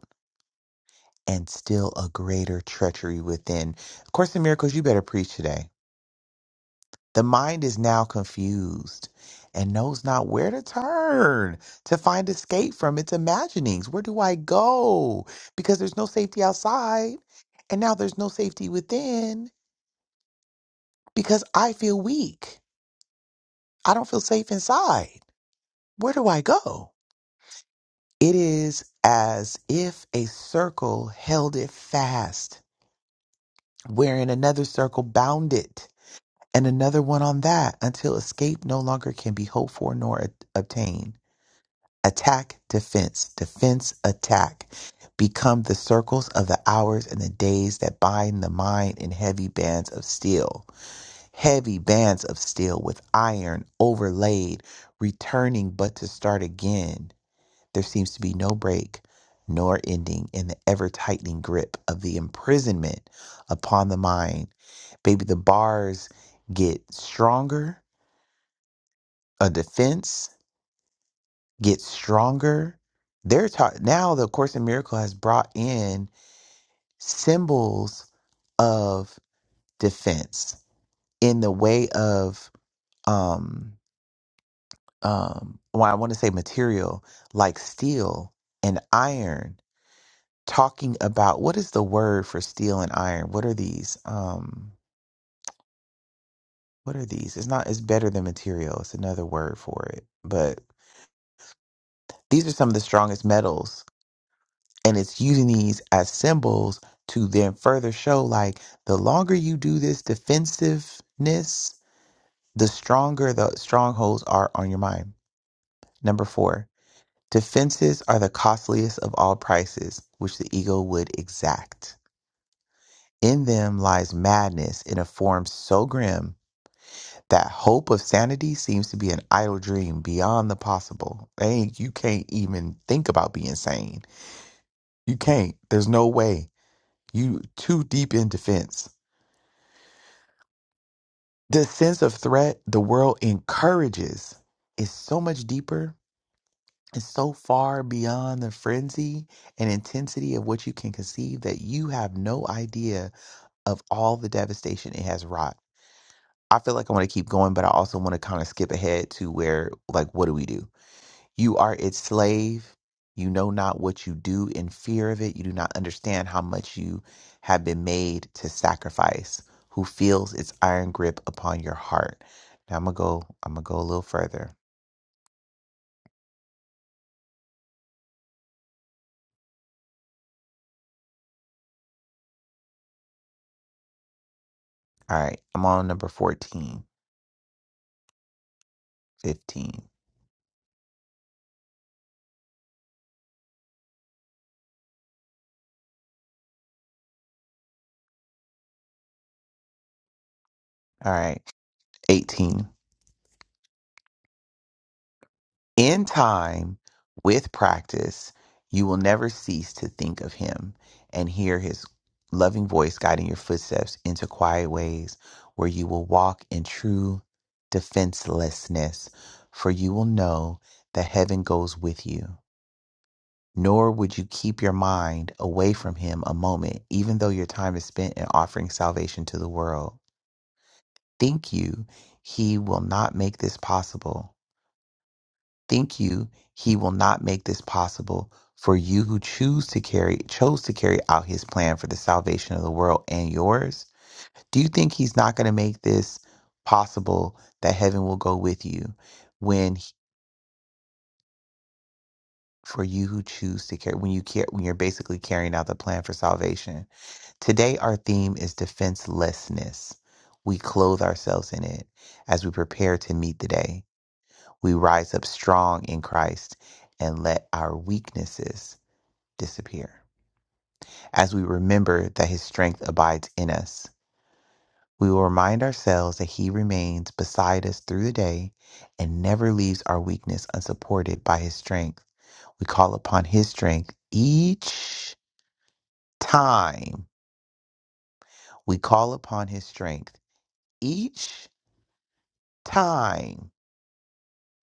S1: and still a greater treachery within. Of course, in miracles, you better preach today. The mind is now confused and knows not where to turn to find escape from its imaginings. Where do I go? Because there's no safety outside, and now there's no safety within because I feel weak. I don't feel safe inside. Where do I go? It is as if a circle held it fast, wherein another circle bound it and another one on that until escape no longer can be hoped for nor a- obtained. Attack, defense, defense, attack become the circles of the hours and the days that bind the mind in heavy bands of steel, heavy bands of steel with iron overlaid, returning but to start again. There seems to be no break nor ending in the ever tightening grip of the imprisonment upon the mind. Baby, the bars get stronger, a defense gets stronger. They're ta- now the Course in Miracles has brought in symbols of defense in the way of um um well, I want to say material like steel and iron talking about what is the word for steel and iron? What are these? Um, what are these? It's not. It's better than material. It's another word for it. But these are some of the strongest metals, and it's using these as symbols to then further show like the longer you do this defensiveness, the stronger the strongholds are on your mind. Number four, defenses are the costliest of all prices which the ego would exact. In them lies madness in a form so grim That hope of sanity seems to be an idle dream beyond the possible. And you can't even think about being sane. You can't. There's no way. You too deep in defense. The sense of threat the world encourages is so much deeper and so far beyond the frenzy and intensity of what you can conceive that you have no idea of all the devastation it has wrought. I feel like I want to keep going, but I also want to kind of skip ahead to where, like, what do we do? You are its slave. You know not what you do in fear of it. You do not understand how much you have been made to sacrifice. Who feels its iron grip upon your heart? Now I'm gonna go. I'm gonna go a little further. All right. I'm on number fourteen, fifteen. All right. 18. In time, with practice, you will never cease to think of him and hear his loving voice guiding your footsteps into quiet ways where you will walk in true defenselessness, for you will know that heaven goes with you. Nor would you keep your mind away from him a moment, even though your time is spent in offering salvation to the world. Think you, he will not make this possible? Think you he will not make this possible for you who choose to carry chose to carry out his plan for the salvation of the world and yours? Do you think he's not going to make this possible that heaven will go with you when he- for you who choose to carry when you care when you're basically carrying out the plan for salvation? Today our theme is defenselessness. We clothe ourselves in it as we prepare to meet the day. We rise up strong in Christ and let our weaknesses disappear. As we remember that his strength abides in us, we will remind ourselves that he remains beside us through the day and never leaves our weakness unsupported by his strength. We call upon his strength each time. We call upon his strength each time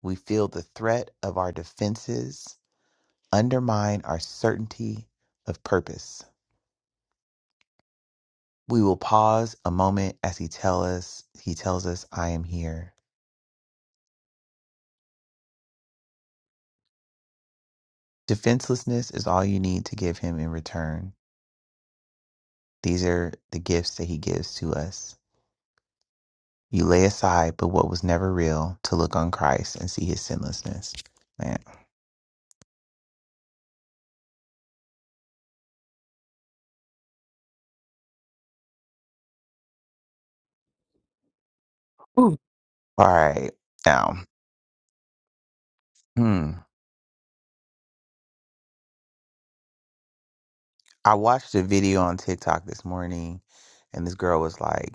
S1: we feel the threat of our defenses undermine our certainty of purpose. We will pause a moment as he tells us he tells us I am here. Defenselessness is all you need to give him in return. These are the gifts that he gives to us. You lay aside but what was never real to look on Christ and see his sinlessness. Man. Ooh. All right. Now, hmm. I watched a video on TikTok this morning and this girl was like,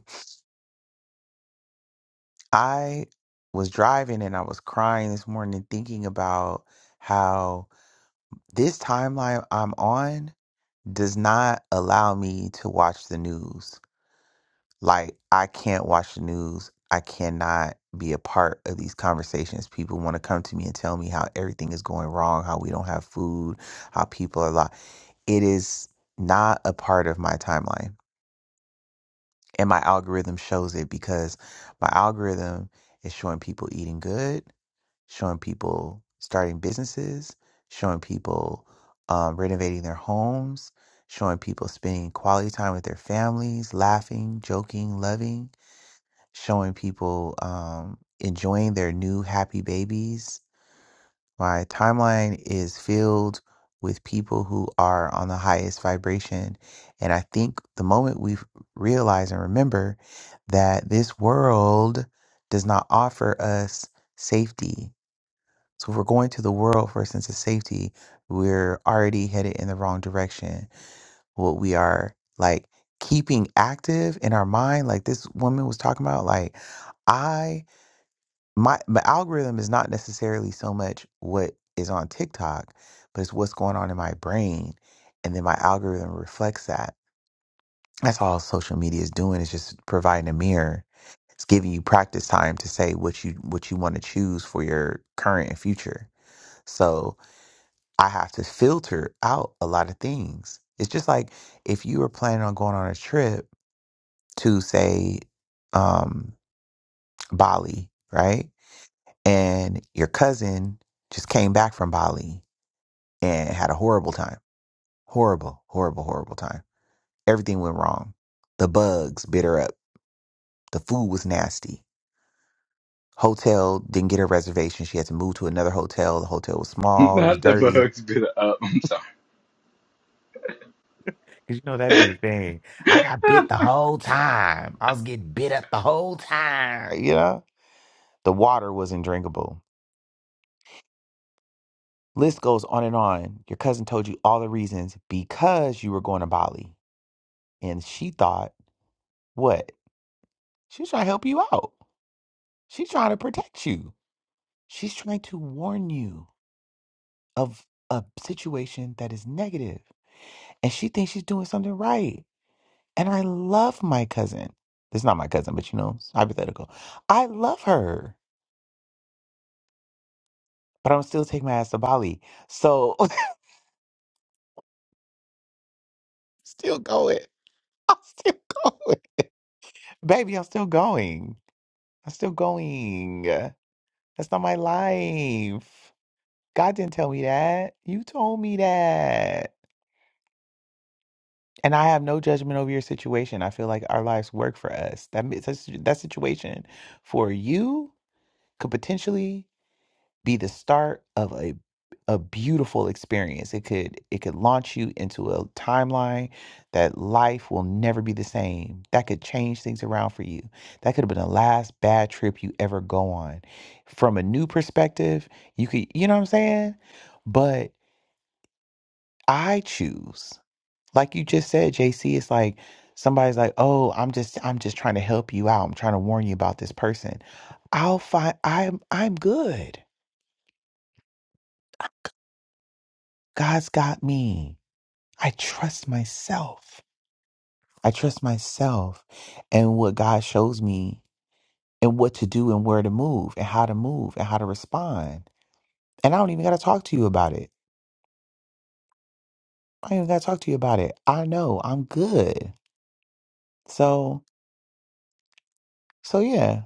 S1: I was driving and I was crying this morning thinking about how this timeline I'm on does not allow me to watch the news. Like, I can't watch the news. I cannot be a part of these conversations. People want to come to me and tell me how everything is going wrong, how we don't have food, how people are lost. It is not a part of my timeline. And my algorithm shows it because my algorithm is showing people eating good, showing people starting businesses, showing people um, renovating their homes, showing people spending quality time with their families, laughing, joking, loving showing people um, enjoying their new happy babies. My timeline is filled with people who are on the highest vibration. And I think the moment we realize and remember that this world does not offer us safety. So if we're going to the world for a sense of safety, we're already headed in the wrong direction. What we are like keeping active in our mind, like this woman was talking about, like, I my the algorithm is not necessarily so much what is on TikTok, but it's what's going on in my brain, and then my algorithm reflects that. That's all social media is doing is just providing a mirror. It's giving you practice time to say what you what you want to choose for your current and future. So I have to filter out a lot of things. It's just like if you were planning on going on a trip to say um, Bali, right? and your cousin just came back from Bali and had a horrible time. Horrible, horrible, horrible time. Everything went wrong. The bugs bit her up. The food was nasty. Hotel didn't get her reservation. She had to move to another hotel. The hotel was small. It was
S2: Not the
S1: dirty.
S2: bugs, but up. I'm sorry.
S1: Cause you know that'd be the thing. I got bit the whole time. I was getting bit up the whole time. You know the water wasn't drinkable. List goes on and on. Your cousin told you all the reasons because you were going to Bali, and she thought What? She's trying to help you out. She's trying to protect you. She's trying to warn you of a situation that is negative, and she thinks she's doing something right. And I love my cousin. This is not my cousin, but you know, it's hypothetical. I love her, but I'm still taking my ass to Bali. So still going. I'm still going. Baby, I'm still going. I'm still going. That's not my life. God didn't tell me that. You told me that. And I have no judgment over your situation. I feel like our lives work for us. That means that situ- that situation for you could potentially be the start of a a beautiful experience. It could it could launch you into a timeline that life will never be the same. That could change things around for you. That could have been the last bad trip you ever go on. From a new perspective, you could you know what I'm saying? But I choose like you just said jc it's like somebody's like oh i'm just i'm just trying to help you out i'm trying to warn you about this person i'll find i'm i'm good god's got me i trust myself i trust myself and what god shows me and what to do and where to move and how to move and how to respond and i don't even got to talk to you about it i don't even got to talk to you about it i know i'm good so so yeah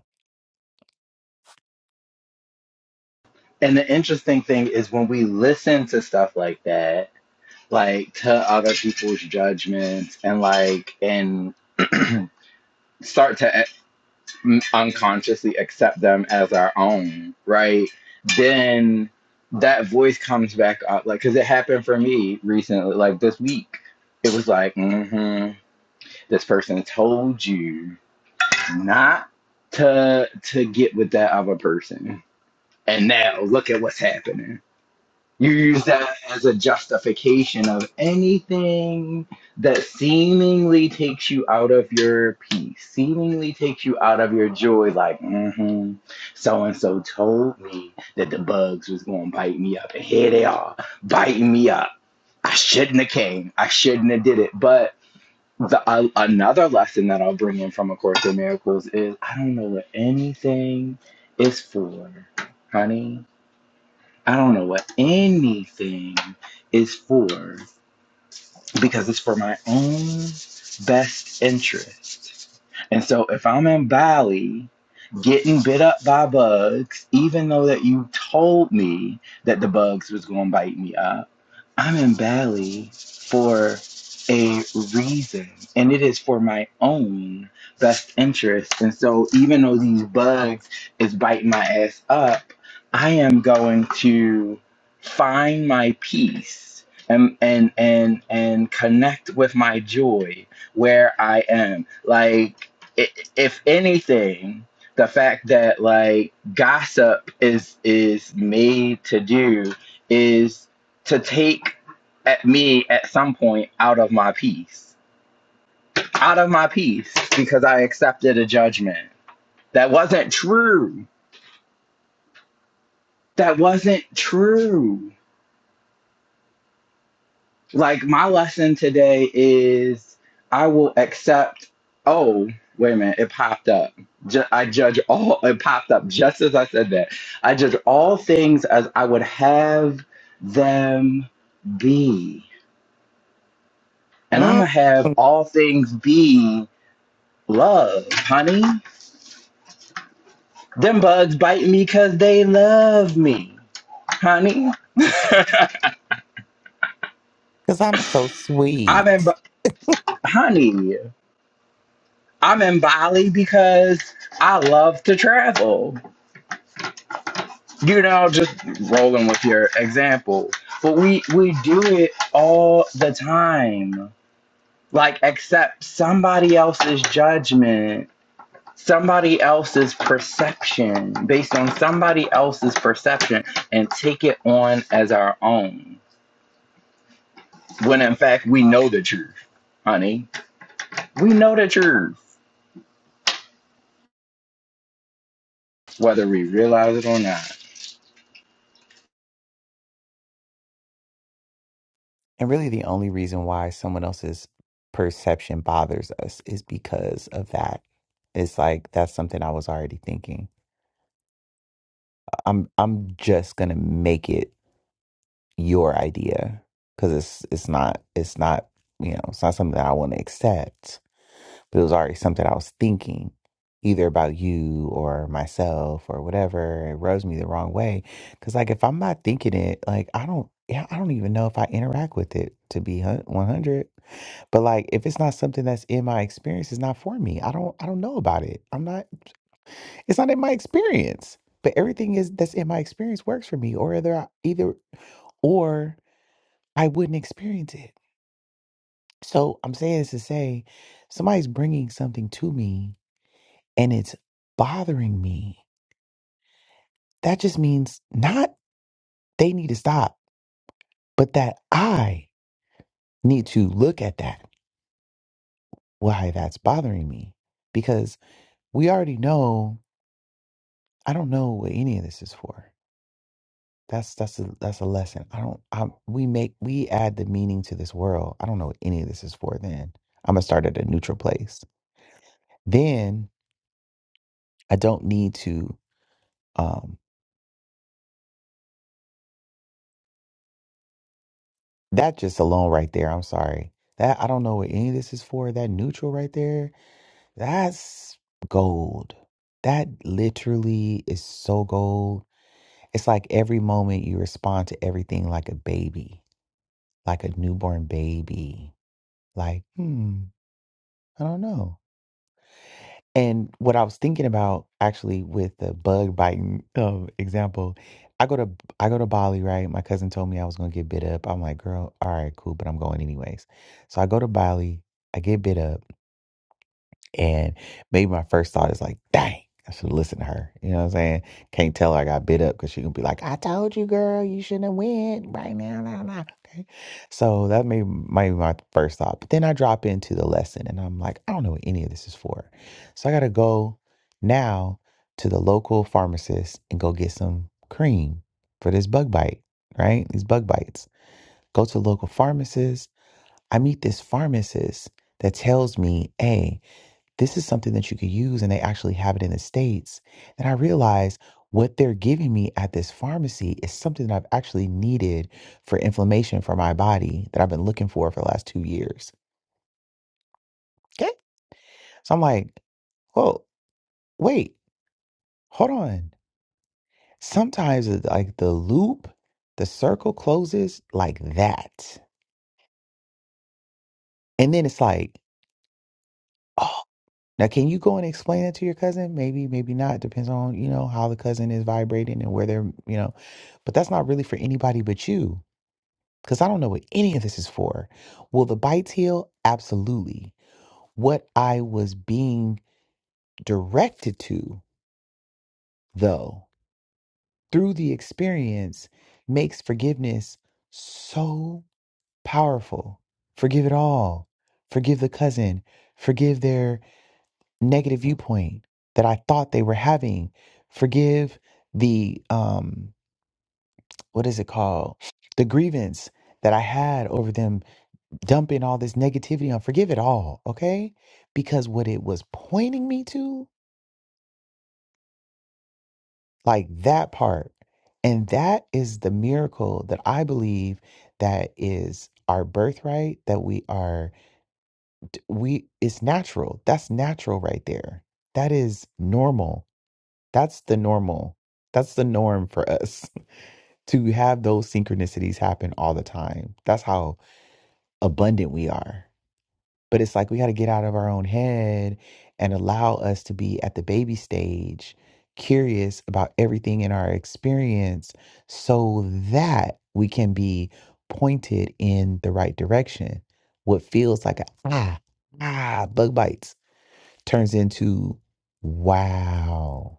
S2: And the interesting thing is when we listen to stuff like that, like to other people's judgments and like, and start to m- unconsciously accept them as our own, right? Then that voice comes back up, like, because it happened for me recently, like this week. It was like, mm-hmm, this person told you not to to get with that other person, and now look at what's happening. You use that as a justification of anything that seemingly takes you out of your peace, seemingly takes you out of your joy. Like, mm-hmm, so and so told me that the bugs was gonna bite me up, and here they are biting me up. I shouldn't have came. I shouldn't have did it. But the uh, another lesson that I'll bring in from A Course in Miracles is I don't know what anything is for, honey I don't know what anything is for because it's for my own best interest. And so if I'm in Bali getting bit up by bugs, even though that you told me that the bugs was gonna bite me up. I'm in Bali for a reason, and it is for my own best interest. And so, even though these bugs is biting my ass up, I am going to find my peace and and and and connect with my joy where I am. Like, i- if anything. The fact that like gossip is is made to do is to take at me at some point out of my peace, out of my peace, because I accepted a judgment that wasn't true. That wasn't true. Like, my lesson today is I will accept, oh, wait a minute, it popped up. Ju- I judge all, it popped up just as I said that. I judge all things as I would have them be. And I'm going
S1: Mm.
S2: to have all things be Love, honey. Them bugs bite me 'cause they love me, honey.
S1: because i'm so
S2: I'm in,
S1: sweet
S2: honey. I'm in Bali because I love to travel. You know, just rolling with your example. But we we do it all the time. Like accept somebody else's judgment, somebody else's perception, based on somebody else's perception, and take it on as our own when in fact we know the truth, honey. We know the truth, whether we realize it or not.
S1: And really, the only reason why someone else's perception bothers us is because of that. It's like that's something I was already thinking. I'm I'm just gonna make it your idea because it's it's not it's not you know it's not something that I want to accept. It was already something I was thinking, either about you or myself or whatever. It rubs me the wrong way. Cause like if I'm not thinking it, like I don't, yeah, I don't even know if I interact with it to be hun- 100. But like if it's not something that's in my experience, it's not for me. I don't, I don't know about it. I'm not, it's not in my experience. But everything is that's in my experience works for me or either, I, either, or I wouldn't experience it. So I'm saying this to say somebody's bringing something to me and it's bothering me, that just means not they need to stop, but that I need to look at that, why that's bothering me. Because we already know, I don't know what any of this is for. That's that's a that's a lesson. I don't. I, we make we add the meaning to this world. I don't know what any of this is for. Then I'm gonna start at a neutral place. Then I don't need to. Um, that just alone right there. I'm sorry. That I don't know what any of this is for. That neutral right there That's gold. That literally is so gold. It's like every moment you respond to everything like a baby, like a newborn baby. Like, hmm, I don't know. And what I was thinking about actually with the bug biting um, example, I go to I go to Bali, right? My cousin told me I was gonna get bit up. I'm like, girl, all right, cool, but I'm going anyways. So I go to Bali, I get bit up. And maybe my first thought is like, dang, I should listen to her. You know what I'm saying? Can't tell her I got bit up because she gonna be like, I told you, girl, you shouldn't have went right now, now, now. Okay. So that may might be my first thought. But then I drop into the lesson and I'm like, I don't know what any of this is for. So I gotta go now to the local pharmacist and go get some cream for this bug bite, right? These bug bites. Go to the local pharmacist. I meet this pharmacist that tells me, "Hey, this is something that you could use and they actually have it in the states and i realized what they're giving me at this pharmacy is something that i've actually needed for inflammation for my body that i've been looking for for the last two years okay so i'm like well wait hold on sometimes it's like the loop the circle closes like that and then it's like "Oh, Now, can you go and explain that to your cousin? Maybe, maybe not. Depends on, you know, how the cousin is vibrating and where they're, you know, but that's not really for anybody but you. Because I don't know what any of this is for. Will the bites heal? Absolutely. What I was being directed to, though, through the experience makes forgiveness so powerful. Forgive it all. Forgive the cousin. Forgive their negative viewpoint that I thought they were having. Forgive the um what is it called? The grievance that I had over them dumping all this negativity on. Forgive it all, okay? Because what it was pointing me to, like that part, and that is the miracle that I believe that is our birthright that we are we it's natural. That's natural right there. That is normal That's the normal. That's the norm for us to have those synchronicities happen all the time. That's how abundant we are. But it's like we got to get out of our own head and allow us to be at the baby stage, curious about everything in our experience so that we can be pointed in the right direction. What feels like a ah, ah, bug bites turns into wow.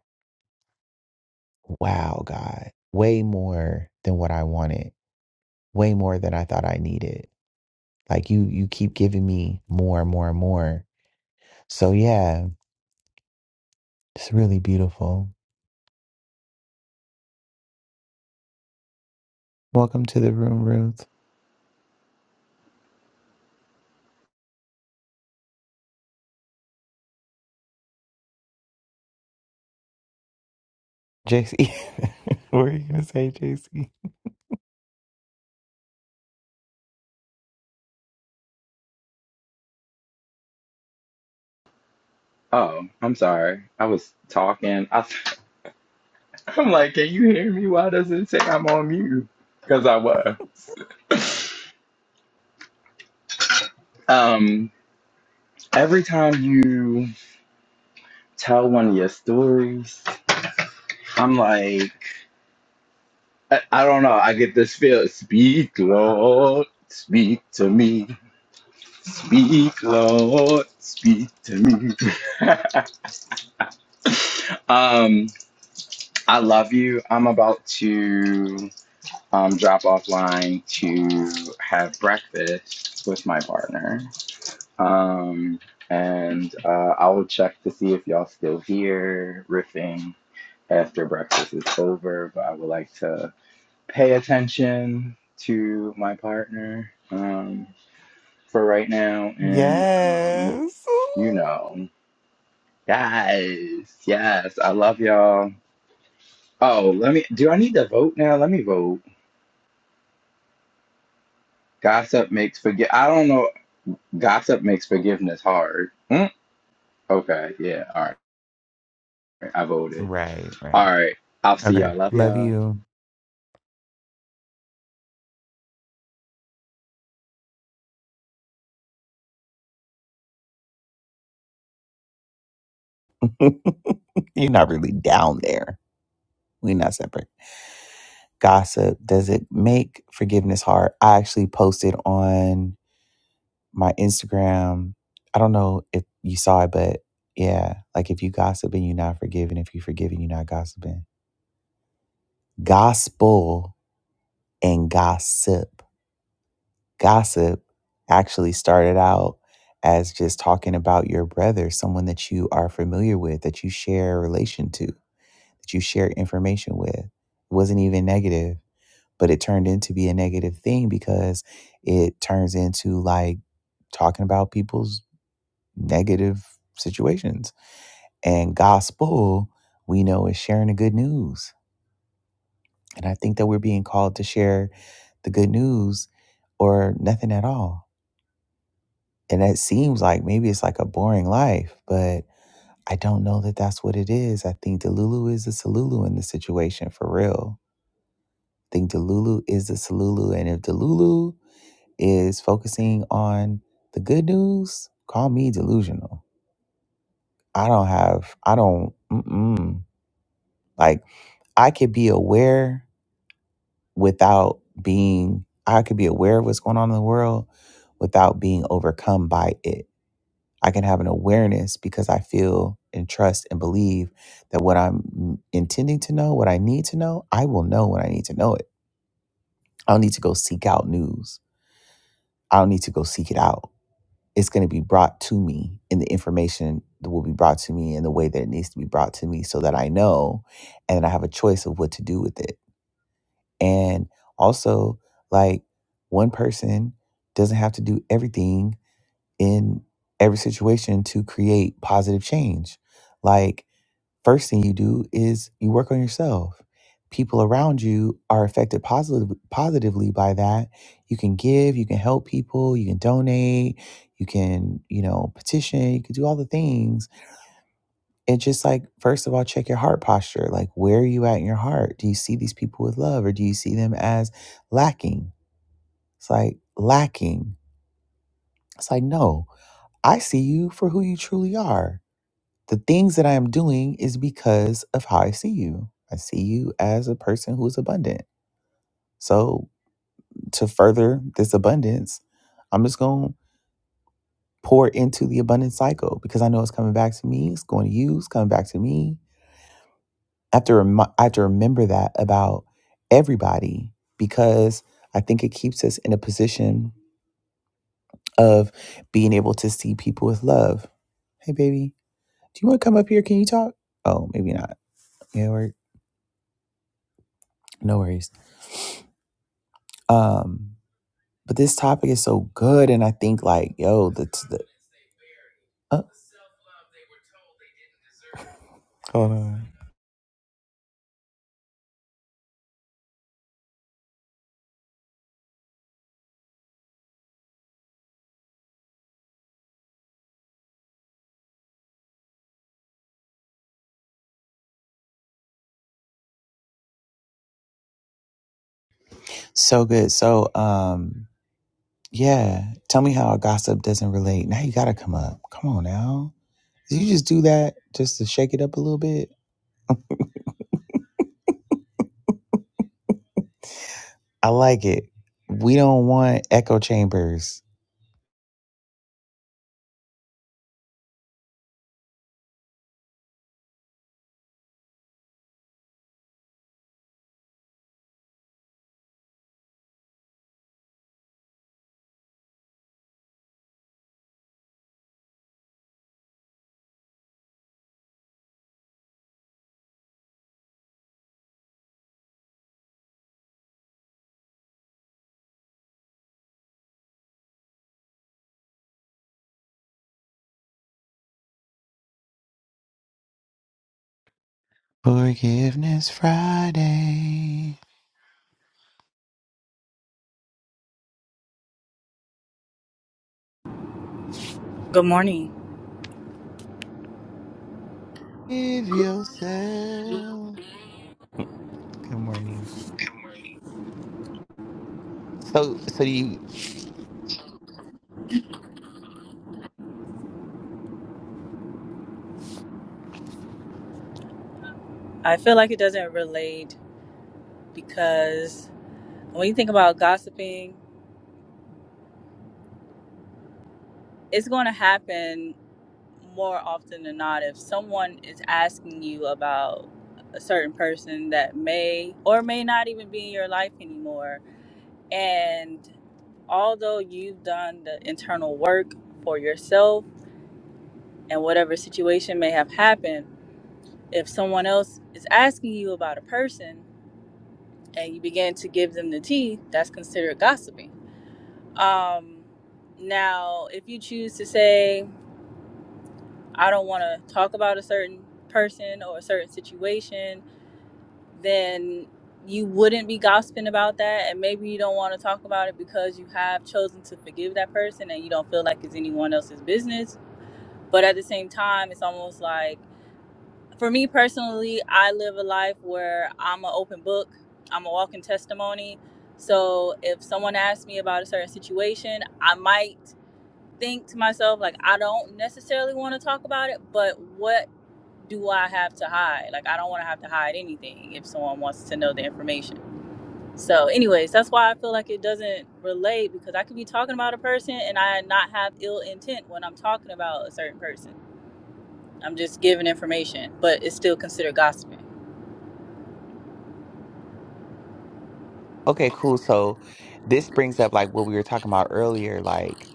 S1: wow, God, way more than what I wanted, way more than I thought I needed. Like you, you keep giving me more and more and more. So yeah, it's really beautiful. Welcome to the room, Ruth. JC, what were you gonna say, JC?
S2: Oh, I'm sorry. I was talking. I, I'm like, can you hear me? Why does it say I'm on mute? Because I was. Um, every time you tell one of your stories, I'm like, I, I don't know. I get this feel. Speak, Lord. Speak to me. Speak, Lord. Speak to me. um, I love you. I'm about to um, drop offline to have breakfast with my partner. Um, and uh, I will check to see if y'all still here riffing after breakfast is over. But I would like to pay attention to my partner um, for right now. And, um,
S1: Yes.
S2: you know, guys, yes, I love y'all. Oh, let me. Do I need to vote now? Let me vote. Gossip makes forgive. I don't know. Gossip makes forgiveness hard. Hmm? Okay. Yeah. All right. I voted.
S1: Right,
S2: All
S1: right.
S2: right. I'll see
S1: Okay.
S2: y'all. Love
S1: Love
S2: y'all.
S1: you. You're not really down there. We're not separate. Gossip. Does it make forgiveness hard? I actually posted on my Instagram. I don't know if you saw it, but yeah, like if you gossiping, you're not forgiving. If you forgiving, you're not gossiping. Gospel and gossip. Gossip actually started out as just talking about your brother, someone that you are familiar with, that you share a relation to, that you share information with. It wasn't even negative, but it turned into be a negative thing because it turns into like talking about people's negative situations And gospel, we know, is sharing the good news. And I think that we're being called to share the good news or nothing at all. And it seems like maybe it's like a boring life, but I don't know that that's what it is. I think Delulu is the Salulu in the situation for real. I think Delulu is the Salulu. And if Delulu is focusing on the good news, call me delusional. I don't have, I don't, mm-mm. like, I could be aware without being i could be aware of what's going on in the world without being overcome by it i can have an awareness because i feel and trust and believe that what i'm intending to know what i need to know i will know when i need to know it i don't need to go seek out news i don't need to go seek it out it's going to be brought to me and the information that will be brought to me in the way that it needs to be brought to me so that i know and i have a choice of what to do with it And also, like, one person doesn't have to do everything in every situation to create positive change. Like, first thing you do is you work on yourself. People around you are affected positive, positively by that. You can give, you can help people, you can donate, you can, you know, petition, you can do all the things and just like, first of all, check your heart posture. Like, where are you at in your heart? Do you see these people with love or do you see them as lacking? It's like, lacking. It's like, no, I see you for who you truly are. The things that I am doing is because of how I see you. I see you as a person who is abundant. So, to further this abundance, I'm just going to pour into the abundant cycle because I know it's coming back to me. It's going to you. It's coming back to me I have to remi- I have to remember that about everybody because I think it keeps us in a position of being able to see people with love. Hey, baby, do you want to come up here? Can you talk? Oh, maybe not. Yeah, we no worries. Um, but this topic is so good, and I think like, yo, that's the uh, hold on, so good. So, um, yeah, tell me how gossip doesn't relate. Now you gotta come up. Come on now. Did you just do that just to shake it up a little bit? I like it. We don't want echo chambers. Forgiveness Friday.
S3: Good morning.
S1: Give yourself. Good morning. So, so do you,
S3: I feel like it doesn't relate because when you think about gossiping, it's going to happen more often than not if someone is asking you about a certain person that may or may not even be in your life anymore. And although you've done the internal work for yourself and whatever situation may have happened, if someone else is asking you about a person and you begin to give them the tea, that's considered gossiping Um, now, if you choose to say, I don't want to talk about a certain person or a certain situation, then you wouldn't be gossiping about that. And maybe you don't want to talk about it because you have chosen to forgive that person and you don't feel like it's anyone else's business. But at the same time, it's almost like, for me personally, I live a life where I'm an open book, I'm a walking testimony. So if someone asks me about a certain situation, I might think to myself like I don't necessarily want to talk about it, but what do I have to hide? Like I don't want to have to hide anything if someone wants to know the information. So anyways, that's why I feel like it doesn't relate because I could be talking about a person and I not have ill intent when I'm talking about a certain person. I'm just giving information, but it's still considered gossiping.
S1: okay, cool. So this brings up like what we were talking about earlier, like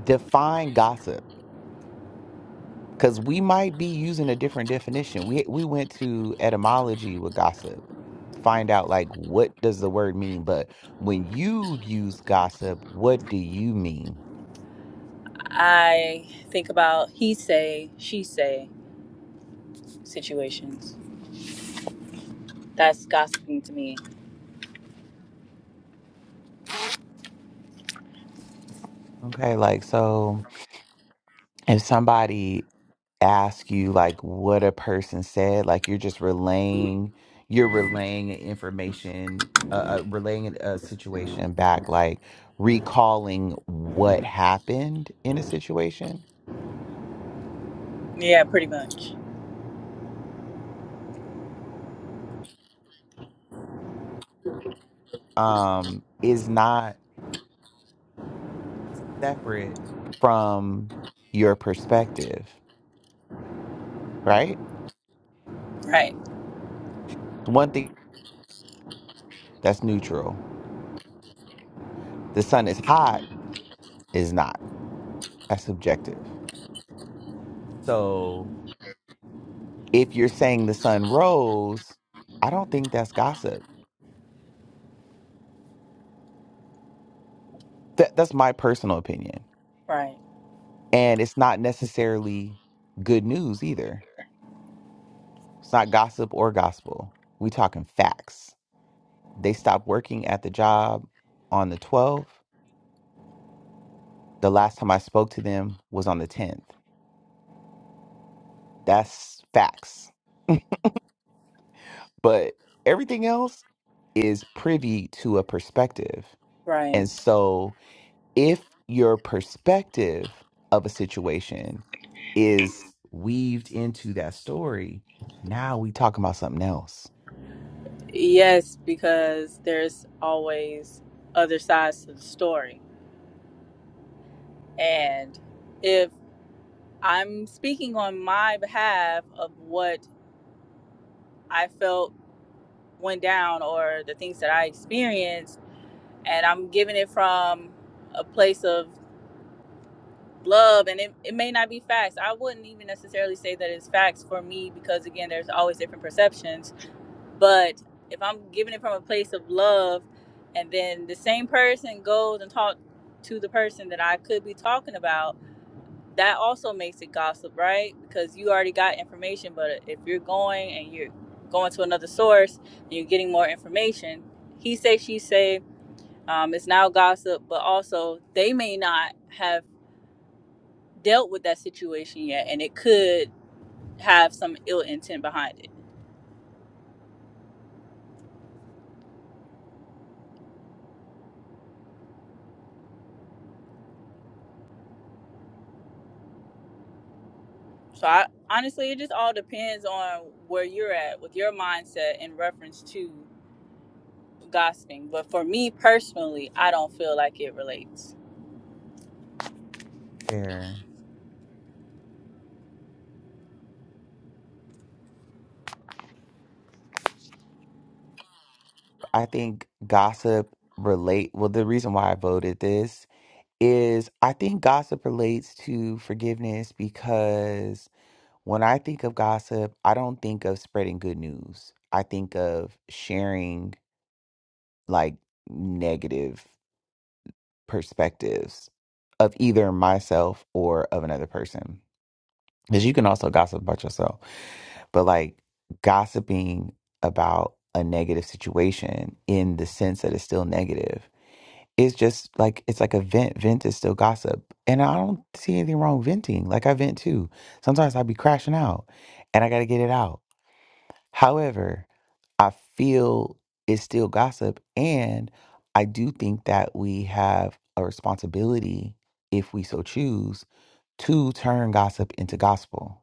S1: define gossip. Cause we might be using a different definition. We we went to etymology with gossip, find out like what does the word mean. But when you use gossip, what do you mean?
S3: I think about he say, she say situations. That's gossiping to me.
S1: Okay, like so if somebody asks you like what a person said, like you're just relaying you're relaying information uh, uh relaying a a situation back like recalling what happened in a situation
S3: Yeah, pretty much.
S1: um is not separate from your perspective, right?
S3: Right.
S1: One thing that's neutral. The sun is hot is not. That's subjective. So If you're saying the sun rose, I don't think that's gossip. That that's my personal opinion.
S3: Right.
S1: And it's not necessarily good news either. It's not gossip or gospel. We talking facts. They stopped working at the job on the 12th. The last time I spoke to them was on the 10th. That's facts. But everything else is privy to a perspective.
S3: Right.
S1: And so if your perspective of a situation is weaved into that story, now we talking about something else.
S3: Yes, because there's always other sides to the story. And if I'm speaking on my behalf of what I felt went down or the things that I experienced, and I'm giving it from a place of love, and it, it may not be facts. I wouldn't even necessarily say that it's facts for me because, again, there's always different perceptions But if I'm giving it from a place of love, and then the same person goes and talks to the person that I could be talking about, that also makes it gossip, right? Because you already got information. But if you're going and you're going to another source and you're getting more information, he say, she say, um, it's now gossip. But also, they may not have dealt with that situation yet, and it could have some ill intent behind it. So I honestly, it just all depends on where you're at with your mindset in reference to gossiping. But for me personally, I don't feel like it relates.
S1: Fair. I think gossip relate well the reason why I voted this is I think gossip relates to forgiveness because when I think of gossip, I don't think of spreading good news. I think of sharing like negative. perspectives of either myself or of another person. Because you can also gossip about yourself, but like gossiping about a negative situation in the sense that it's still negative it's just like it's like a vent. Vent is still gossip. And I don't see anything wrong with venting. Like I vent too. Sometimes i be crashing out and I gotta get it out. However, I feel it's still gossip. And I do think that we have a responsibility, if we so choose, to turn gossip into gospel.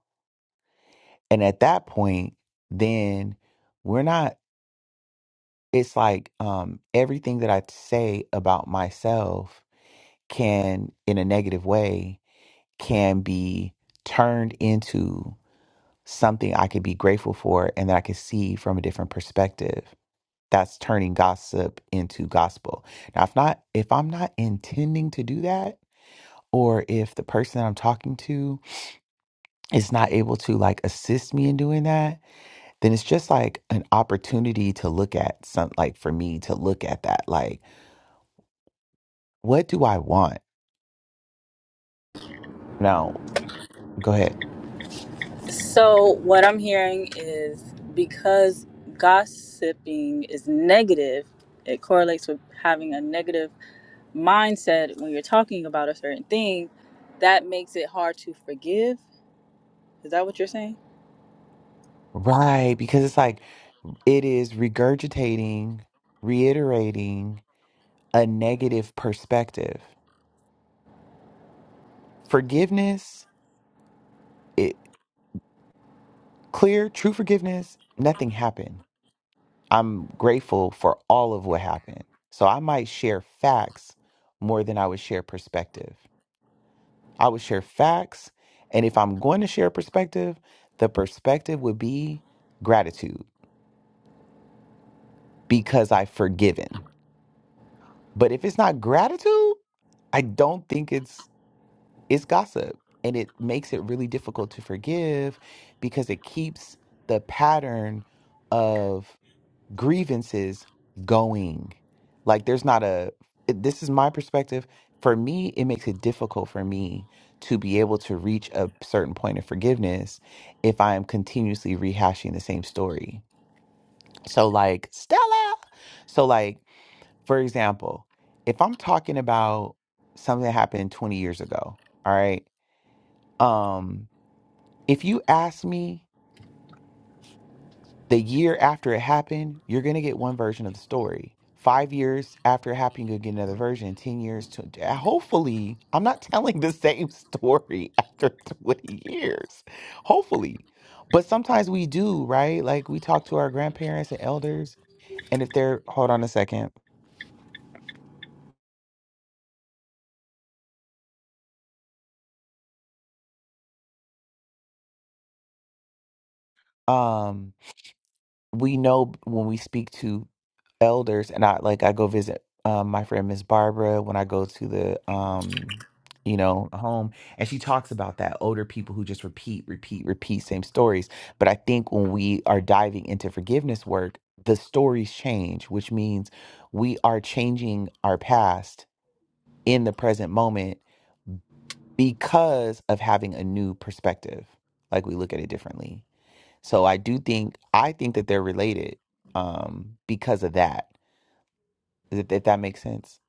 S1: And at that point, then we're not, it's like um, everything that I say about myself can, in a negative way, can be turned into something I could be grateful for and that I could see from a different perspective. that's turning gossip into gospel. Now, if not, if I'm not intending to do that, or if the person that I'm talking to is not able to like assist me in doing that, then it's just like an opportunity to look at some like for me to look at that. Like, what do I want? Now, go ahead.
S3: So what I'm hearing is because gossiping is negative, it correlates with having a negative mindset when you're talking about a certain thing. That makes it hard to forgive. Is that what you're saying?
S1: Right. Because it's like it is regurgitating, reiterating a negative perspective. Forgiveness, it clear, true forgiveness, nothing happened I'm grateful for all of what happened. So I might share facts more than I would share perspective. I would share facts. And if I'm going to share perspective, the perspective would be gratitude because I've forgiven. But if it's not gratitude, I don't think it's it's gossip. And it makes it really difficult to forgive because it keeps the pattern of grievances going. Like there's not a it- this is my perspective. For me, it makes it difficult for me to be able to reach a certain point of forgiveness if I am continuously rehashing the same story. So like Stella. So like for example, if I'm talking about something that happened 20 years ago, all right? Um if you ask me the year after it happened, you're going to get one version of the story. Five years after it happened, you're going to get another version. 10 years, to, uh, hopefully, I'm not telling the same story after 20 years. Hopefully. But sometimes we do, right? Like we talk to our grandparents and elders, and if they're, hold on a second. Um, we know when we speak to elders and I like I go visit um, my friend Miss Barbara when I go to the um you know home and she talks about that older people who just repeat repeat repeat same stories but I think when we are diving into forgiveness work the stories change which means we are changing our past in the present moment because of having a new perspective like we look at it differently so I do think I think that they're related um because of that if if that makes sense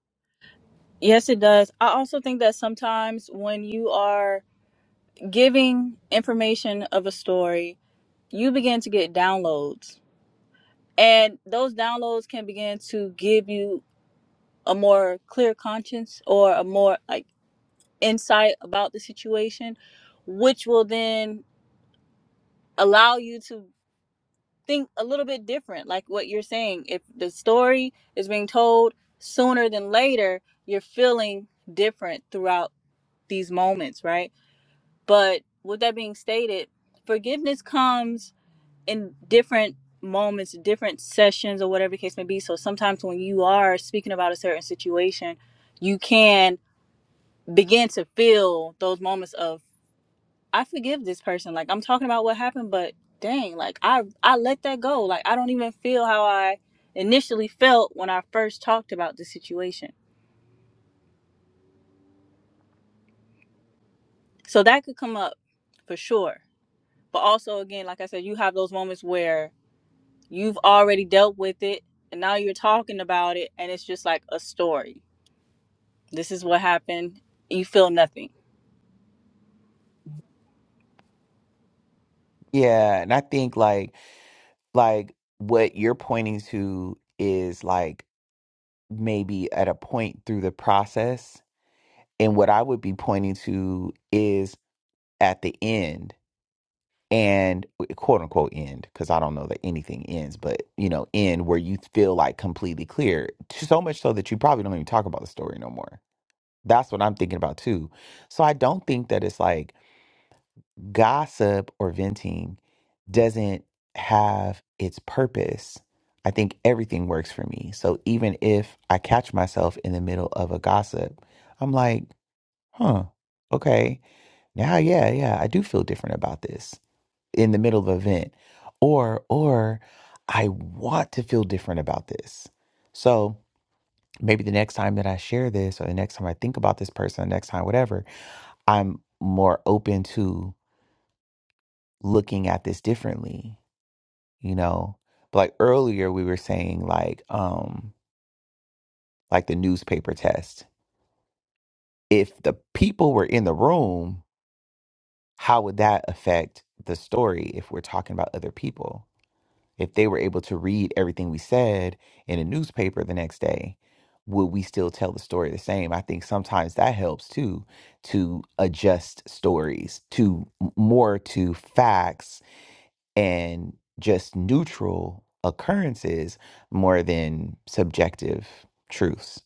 S3: Yes, it does. I also think that sometimes when you are giving information of a story, you begin to get downloads. And those downloads can begin to give you a more clear conscience or a more like insight about the situation, which will then allow you to think a little bit different. Like what you're saying, if the story is being told sooner than later, you're feeling different throughout these moments, right? But with that being stated, forgiveness comes in different moments, different sessions, or whatever the case may be. So sometimes when you are speaking about a certain situation, you can begin to feel those moments of I forgive this person. Like I'm talking about what happened, but dang, like I I let that go. Like I don't even feel how I initially felt when I first talked about the situation. So that could come up for sure. But also again, like I said, you have those moments where you've already dealt with it and now you're talking about it and it's just like a story This is what happened. You feel nothing.
S1: Yeah, and I think like like what you're pointing to is like maybe at a point through the process, and what I would be pointing to is at the end and quote unquote end because I don't know that anything ends, but you know, end where you feel like completely clear, so much so that you probably don't even talk about the story no more. That's what I'm thinking about too. So I don't think that it's like gossip or venting doesn't have its purpose, I think everything works for me. So even if I catch myself in the middle of a gossip, I'm like, huh, okay, now, yeah, yeah, I do feel different about this in the middle of a vent, Or, or I want to feel different about this. So maybe the next time that I share this, or the next time I think about this person, the next time, whatever, I'm more open to looking at this differently you know but like earlier we were saying like um like the newspaper test if the people were in the room how would that affect the story if we're talking about other people if they were able to read everything we said in a newspaper the next day would we still tell the story the same i think sometimes that helps too to adjust stories to more to facts and just neutral occurrences more than subjective truths.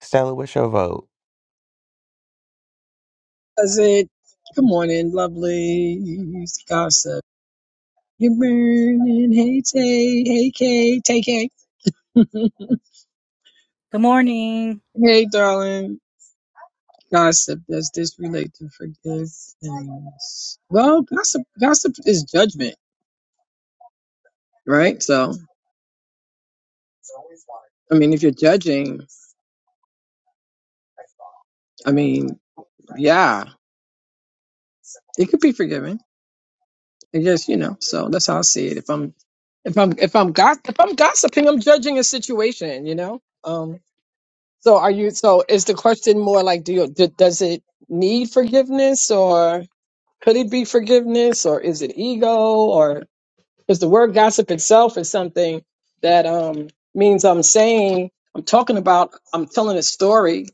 S1: Stella, what's your vote?
S4: Does it? Good morning, lovelies. Gossip. Good morning. Hey, Tay. Hey, Kay. Tay, Kay.
S3: Good morning.
S4: Hey, darling. Gossip. Does this relate to forgiveness? Well, gossip. Gossip is judgment, right? So, I mean, if you're judging, I mean, yeah, it could be forgiven. It just, you know. So that's how I see it. If I'm, if I'm, if I'm, gos- if I'm gossiping, I'm judging a situation. You know. Um, So are you? So is the question more like, do you, d does it need forgiveness, or could it be forgiveness, or is it ego, or is the word gossip itself is something that um means I'm saying I'm talking about I'm telling a story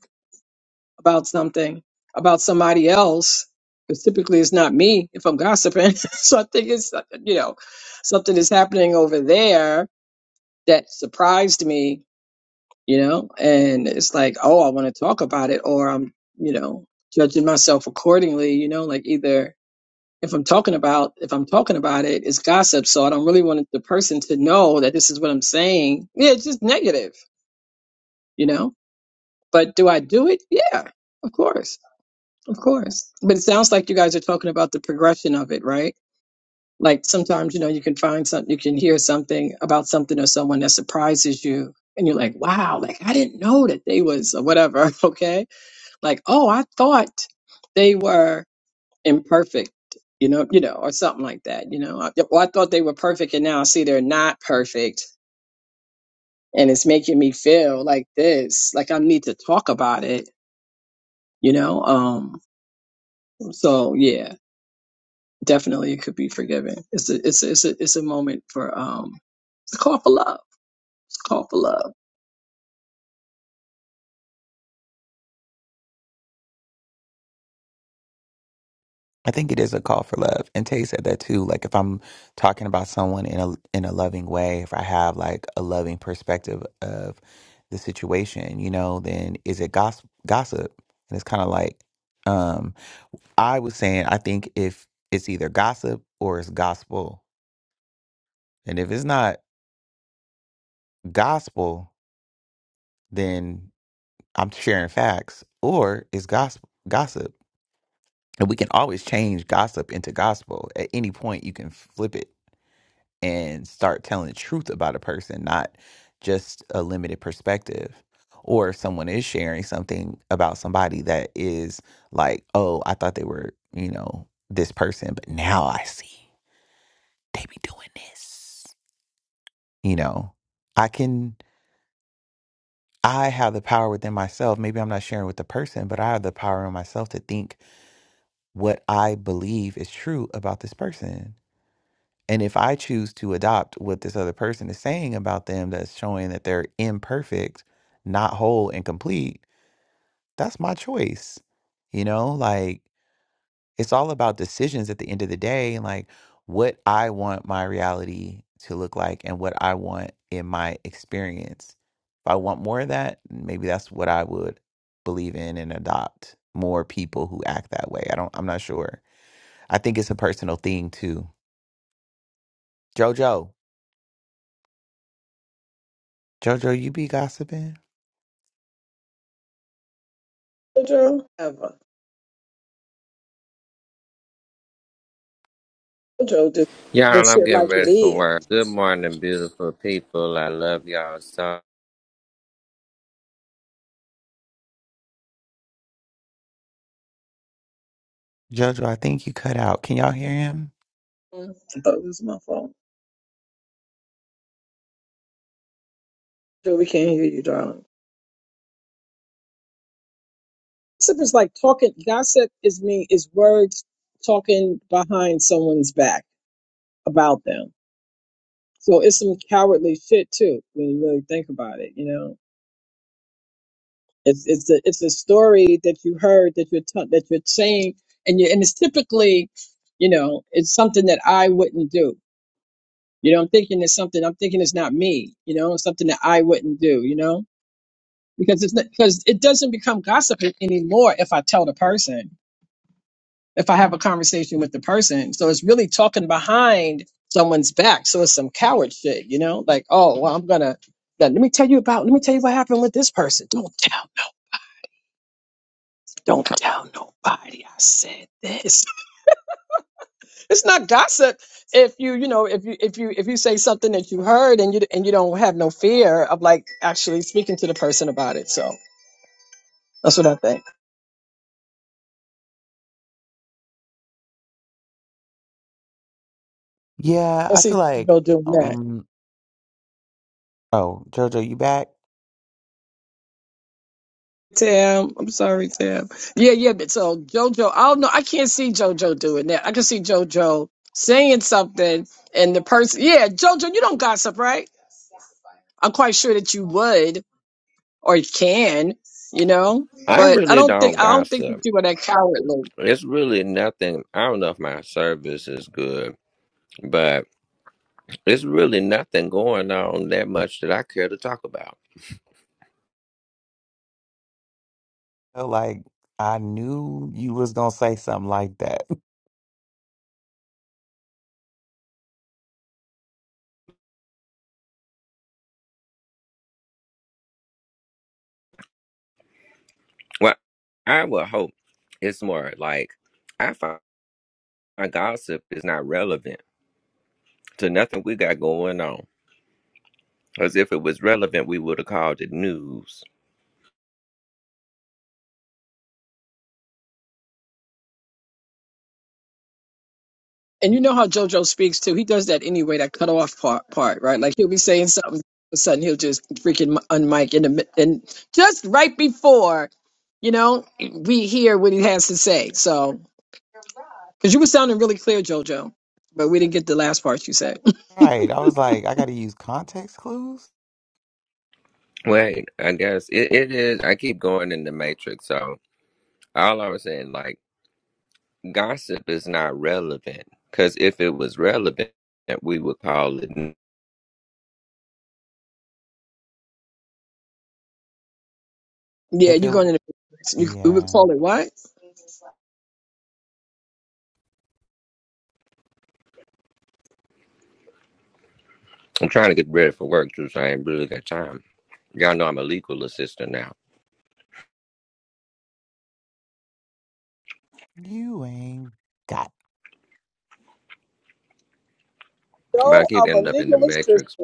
S4: about something about somebody else. Because typically it's not me if I'm gossiping. so I think it's uh, you know something is happening over there that surprised me you know, and it's like, oh, I want to talk about it, or I'm, you know, judging myself accordingly, you know, like either if I'm talking about if I'm talking about it, it's gossip, so I don't really want the person to know that this is what I'm saying. Yeah, it's just negative, you know. But do I do it? Yeah, of course, of course. But it sounds like you guys are talking about the progression of it, right? Like sometimes, you know, you can find something, you can hear something about something or someone that surprises you, and you're like, wow, like I didn't know that they was or whatever, okay? like, oh, I thought they were imperfect, you know, you know, or something like that, you know. I, well, I thought they were perfect, and now I see they're not perfect, and it's making me feel like this, like I need to talk about it, you know. Um, so yeah, definitely, it could be forgiven. It's a, it's a, it's a, it's a moment for um, it's a call for love. It's a call for love.
S1: I think it is a call for love. And Tay said that too. Like if I'm talking about someone in a in a loving way, if I have like a loving perspective of the situation, you know, then is it gossip gossip? And it's kinda like, um, I was saying I think if it's either gossip or it's gospel. And if it's not gospel, then I'm sharing facts, or is gospel gossip. And we can always change gossip into gospel. At any point, you can flip it and start telling the truth about a person, not just a limited perspective. Or if someone is sharing something about somebody that is like, oh, I thought they were, you know, this person, but now I see they be doing this. You know, I can, I have the power within myself. Maybe I'm not sharing with the person, but I have the power in myself to think what I believe is true about this person. And if I choose to adopt what this other person is saying about them, that's showing that they're imperfect, not whole and complete, that's my choice. You know, like it's all about decisions at the end of the day and like what I want my reality to look like and what I want in my experience. If I want more of that, maybe that's what I would believe in and adopt more people who act that way. I don't, I'm not sure I think it's a personal thing too. Jojo, Jojo, you be gossiping?
S4: Jojo, ever. Jojo, just and
S5: Y'all, I'm
S4: shit
S5: getting
S4: like
S5: ready
S4: it
S5: for
S4: is.
S5: work. Good morning, beautiful people. I love y'all so.
S1: Jojo, I think you cut out. Can y'all hear him?
S4: Mm, I thought it was my phone. Joe, we can't hear you, darling. Gossip is like talking. Gossip is me is words talking behind someone's back about them. So it's some cowardly shit too when you really think about it. You know, it's it's a it's a story that you heard that you're t- that you're saying, and you and it's typically, you know, it's something that I wouldn't do. You know, I'm thinking it's something. I'm thinking it's not me. You know, it's something that I wouldn't do. You know, because it's not, because it doesn't become gossip a- anymore if I tell the person, if I have a conversation with the person. So it's really talking behind someone's back. So it's some coward shit. You know, like oh well, I'm gonna let me tell you about let me tell you what happened with this person. Don't tell, don't tell nobody. I said this it's not gossip if you you know if you if you if you say something that you heard and you and you don't have no fear of like actually speaking to the person about it so that's what i think
S1: Yeah,
S4: i
S1: I
S4: see
S1: feel like
S4: jojo doing that
S1: um oh, Jojo, you back?
S4: tam i'm sorry tam yeah yeah but so jojo i don't know i can't see jojo doing that i can see jojo saying something and the person yeah jojo you don't gossip right i'm quite sure that you would or you can you know
S5: I
S4: but i
S5: really
S4: don't think
S5: don't
S4: i don't think that
S5: gossip.
S4: you are it that cowardly
S5: It's really nothing. I don't know if my service is good, but it's really nothing going on that much that I care to talk about.
S1: I feel like I knew you was gonna say something like that.
S5: Well, I would hope it's more like I find my gossip is not relevant to nothing we got going on. Because if it was relevant, we would have called it news.
S4: And you know how JoJo speaks too. He does that anyway, that cut off part, part, right? Like he'll be saying something, all of a sudden he'll just freaking unmic in the mid- and just right before, you know, we hear what he has to say. So, because you were sounding really clear, JoJo, but we didn't get the last part you said.
S1: Right. I was like, I gotta use context clues.
S5: Wait, I guess it, it is. I keep going in the matrix, so. All I was saying, like, gossip is not relevant because if it was relevant, that we would call it.
S4: yeah,
S1: If
S4: you're
S1: it
S4: going
S1: would,
S4: to. You, we would
S1: yeah,
S4: call it what?
S5: I'm trying to get ready for work too, so I ain't really got time. Y'all know I'm a legal assistant now,
S1: you ain't got
S5: but I
S4: No,
S5: keep
S4: I'm a
S5: ending up in the
S4: legalist.
S5: matrix.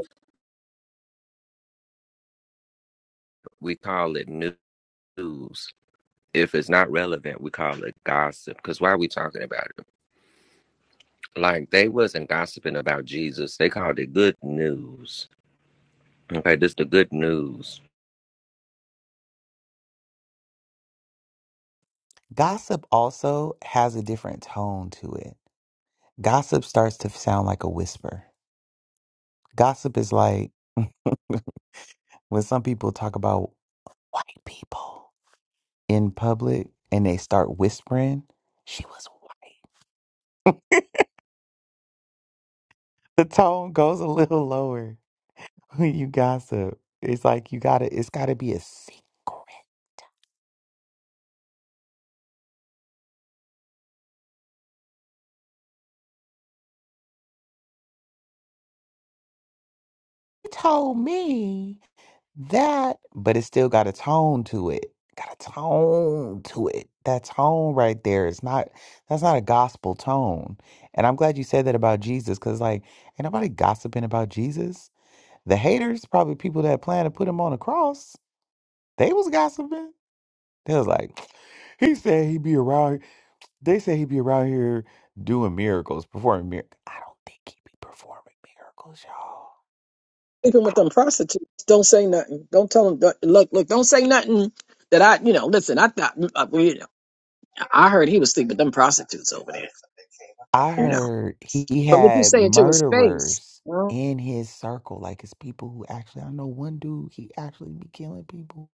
S5: We call it news. If it's not relevant, we call it gossip. Because why are we talking about it? Like they wasn't gossiping about Jesus. They called it good news. Okay, this is the good news.
S1: gossip. Also has a different tone to it. Gossip starts to sound like a whisper. Gossip is like when some people talk about white people in public and they start whispering, "She was white." The tone goes a little lower when you gossip. It's like you gotta. It's gotta be a secret. You told me. that, but it still got a tone to it. Got a tone to it. That tone right there is not that's not a gospel tone. And I'm glad you said that about Jesus, because like ain't nobody gossiping about Jesus. The haters, probably people that plan to put him on a cross, they was gossiping. They was like, he said he'd be around. They said he'd be around here doing miracles, performing miracles. I don't think he'd be performing miracles, y'all.
S4: Sleeping with them prostitutes, don't say nothing. Don't tell them. Look, look, don't say nothing that I, you know, listen, I thought, I, you know, I heard he was sleeping with them prostitutes over there,
S1: I
S4: you know.
S1: heard he
S4: But what you
S1: had
S4: saying to his face,
S1: murderers
S4: you know,
S1: in his circle, like it's people who actually. I know one dude he actually be killing people.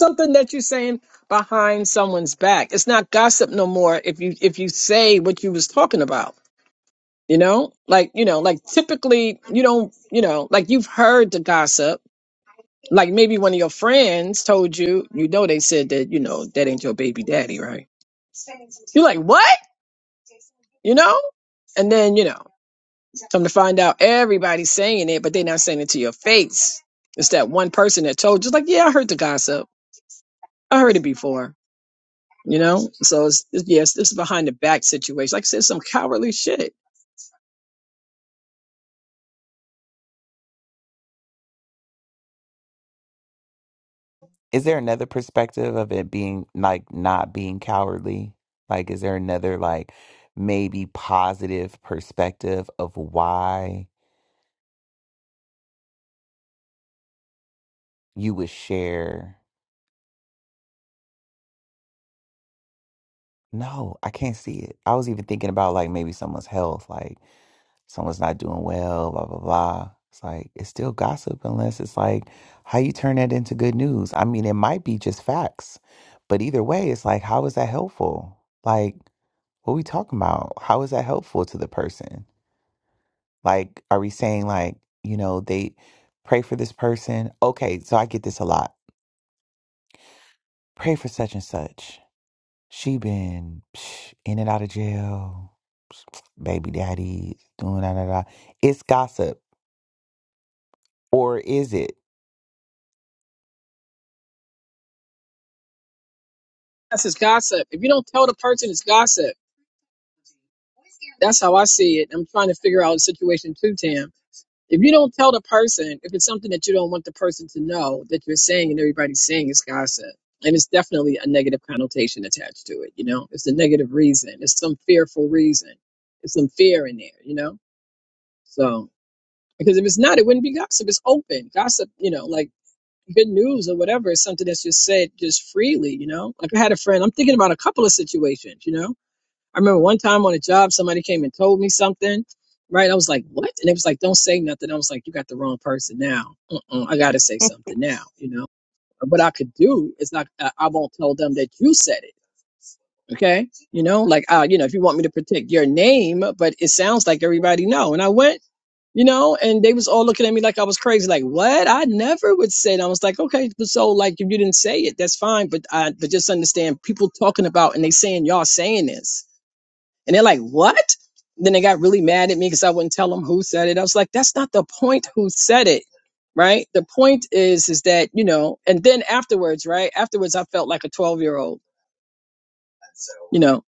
S4: something that you saying behind someone's back. It's not gossip no more if you, if you say what you was talking about, you know, like, you know, like typically you don't, you know, like you've heard the gossip Like maybe one of your friends told you, you know, they said that, you know, that ain't your baby daddy, right? You're like, what? You know? And then, you know, come to find out everybody's saying it, but they're not saying it to your face. It's that one person that told you, like, yeah, I heard the gossip. I heard it before, you know? So, it's, it's, yes, this is behind the back situation. Like I said, some cowardly shit.
S1: Is there another perspective of it being like not being cowardly? Like, is there another like maybe positive perspective of why you would share? No, I can't see it. I was even thinking about like maybe someone's health, like. someone's not doing well, blah blah blah. It's like it's still gossip unless it's like how you turn that into good news. I mean, it might be just facts, but either way, it's like how is that helpful? Like what we talking about? How is that helpful to the person? Like are we saying like, you know, they pray for this person. Okay, so I get this a lot. Pray for such and such. She been psh, in and out of jail. Psh, Baby daddy doing da da da. It's gossip or is it?
S4: That's just gossip. If you don't tell the person it's gossip, that's how I see it. I'm trying to figure out the situation too, Tam If you don't tell the person, if it's something that you don't want the person to know that you're saying and everybody's saying is gossip, and it's definitely a negative connotation attached to it, you know, it's a negative reason, it's some fearful reason, it's some fear in there, you know. So because if it's not, it wouldn't be gossip. It's open gossip, you know, like good news or whatever is something that's just said just freely, you know. Like I had a friend, I'm thinking about a couple of situations, you know I remember one time on a job, somebody came and told me something, right? I was like, what? And it was like, don't say nothing. I was like, you got the wrong person now. Uh-uh, I got to say something now, you know? What I could do is not, I I won't tell them that you said it. Okay. You know, like, uh, you know, if you want me to protect your name, but it sounds like everybody know. And I went, you know, and they was all looking at me like I was crazy. Like, what? I never would say it. I was like, okay, but so like, if you didn't say it, that's fine. But I, but just understand people talking about and they saying y'all saying this and they're like, what? Then they got really mad at me because I wouldn't tell them who said it. I was like, that's not the point who said it. Right. The point is, is that, you know, and then afterwards, right? Afterwards, I felt like a 12 year old, you know,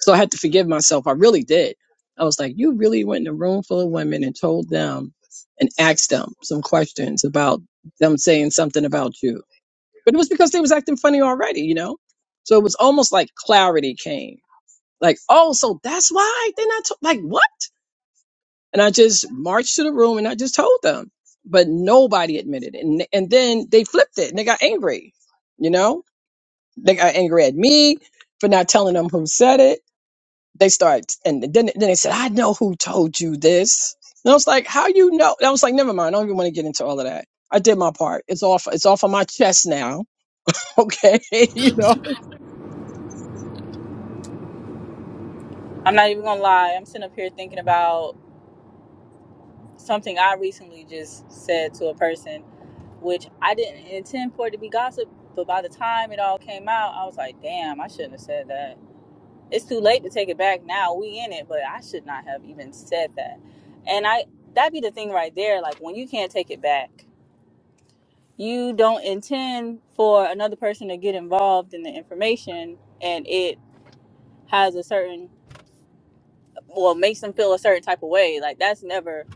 S4: so I had to forgive myself. I really did. I was like, you really went in a room full of women and told them and asked them some questions about them saying something about you. But it was because they was acting funny already, you know? So it was almost like clarity came. Like, oh, so that's why they're not t- like what? And I just marched to the room and I just told them, but nobody admitted it. And, and then they flipped it and they got angry. You know, they got angry at me for not telling them who said it. They start and then then they said, "I know who told you this." And I was like, "How you know?" And I was like, "Never mind. I don't even want to get into all of that. I did my part. It's off. It's off of my chest now. Okay, you know."
S3: I'm not even gonna lie. I'm sitting up here thinking about something I recently just said to a person, which I didn't intend for it to be gossip. But by the time it all came out, I was like, damn, I shouldn't have said that. It's too late to take it back now. We in it, but I should not have even said that. And I that'd be the thing right there. Like when you can't take it back, you don't intend for another person to get involved in the information and it has a certain well makes them feel a certain type of way like that's never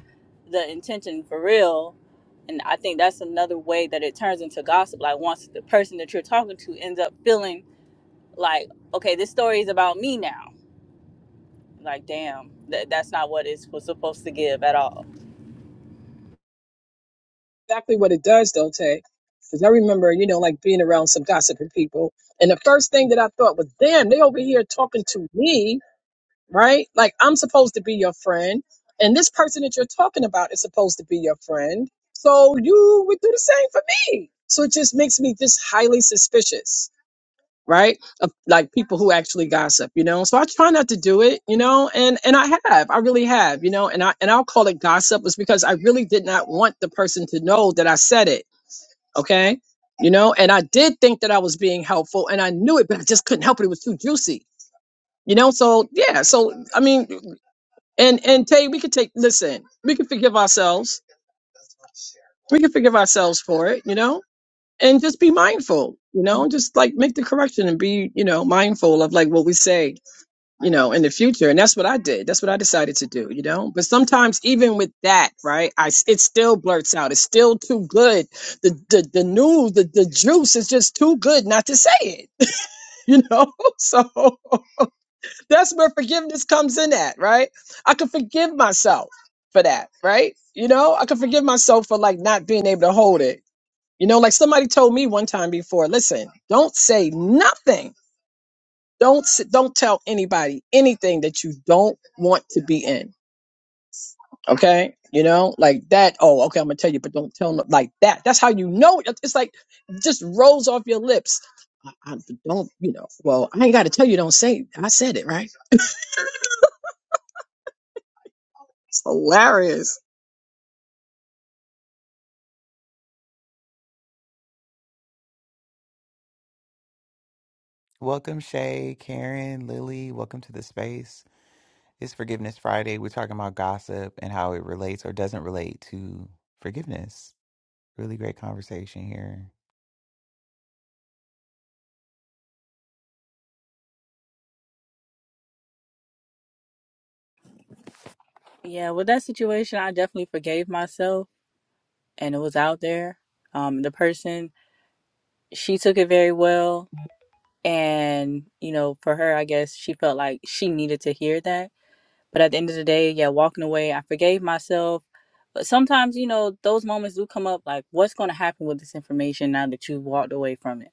S3: the intention for real and i think that's another way that it turns into gossip like once the person that you're talking to ends up feeling like okay this story is about me now like damn that, that's not what it's was supposed to give at all
S4: exactly what it does, though, Tay. Because I remember, you know, like being around some gossiping people. And the first thing that I thought was, damn, they over here talking to me, right? Like I'm supposed to be your friend. And this person that you're talking about is supposed to be your friend. So you would do the same for me. So it just makes me just highly suspicious, right? Of like people who actually gossip, you know. So I try not to do it, you know, and and I have. I really have, you know, and I and I'll call it gossip was because I really did not want the person to know that I said it okay you know and i did think that i was being helpful and i knew it but i just couldn't help it it was too juicy you know so yeah so i mean and and tay we could take listen we can forgive ourselves we can forgive ourselves for it you know and just be mindful you know just like make the correction and be you know mindful of like what we say you know, in the future. And that's what I did. That's what I decided to do, you know. But sometimes even with that, right, I s- it still blurts out. It's still too good. The the the news, the, the juice is just too good not to say it. You know? So that's where forgiveness comes in at, right? I can forgive myself for that, right? You know, I can forgive myself for like not being able to hold it. You know, like somebody told me one time before, listen, don't say nothing don't s- don't tell anybody anything that you don't want to be in. Okay, you know, like that. Oh, okay, I'm gonna tell you, but don't tell no, like that. That's how you know. it- It's like it just rolls off your lips. I, I don't, you know. Well, I ain't got to tell you. Don't say. I said it right. It's hilarious.
S1: Welcome, Shay, Karen, Lily. Welcome to the space. It's Forgiveness Friday. We're talking about gossip and how it relates or doesn't relate to forgiveness. Really great conversation here.
S3: yeah with that situation i definitely forgave myself and it was out there um the person she took it very well and you know for her i guess she felt like she needed to hear that But at the end of the day, yeah, walking away, I forgave myself. But sometimes, you know, those moments do come up like, what's going to happen with this information now that you've walked away from it?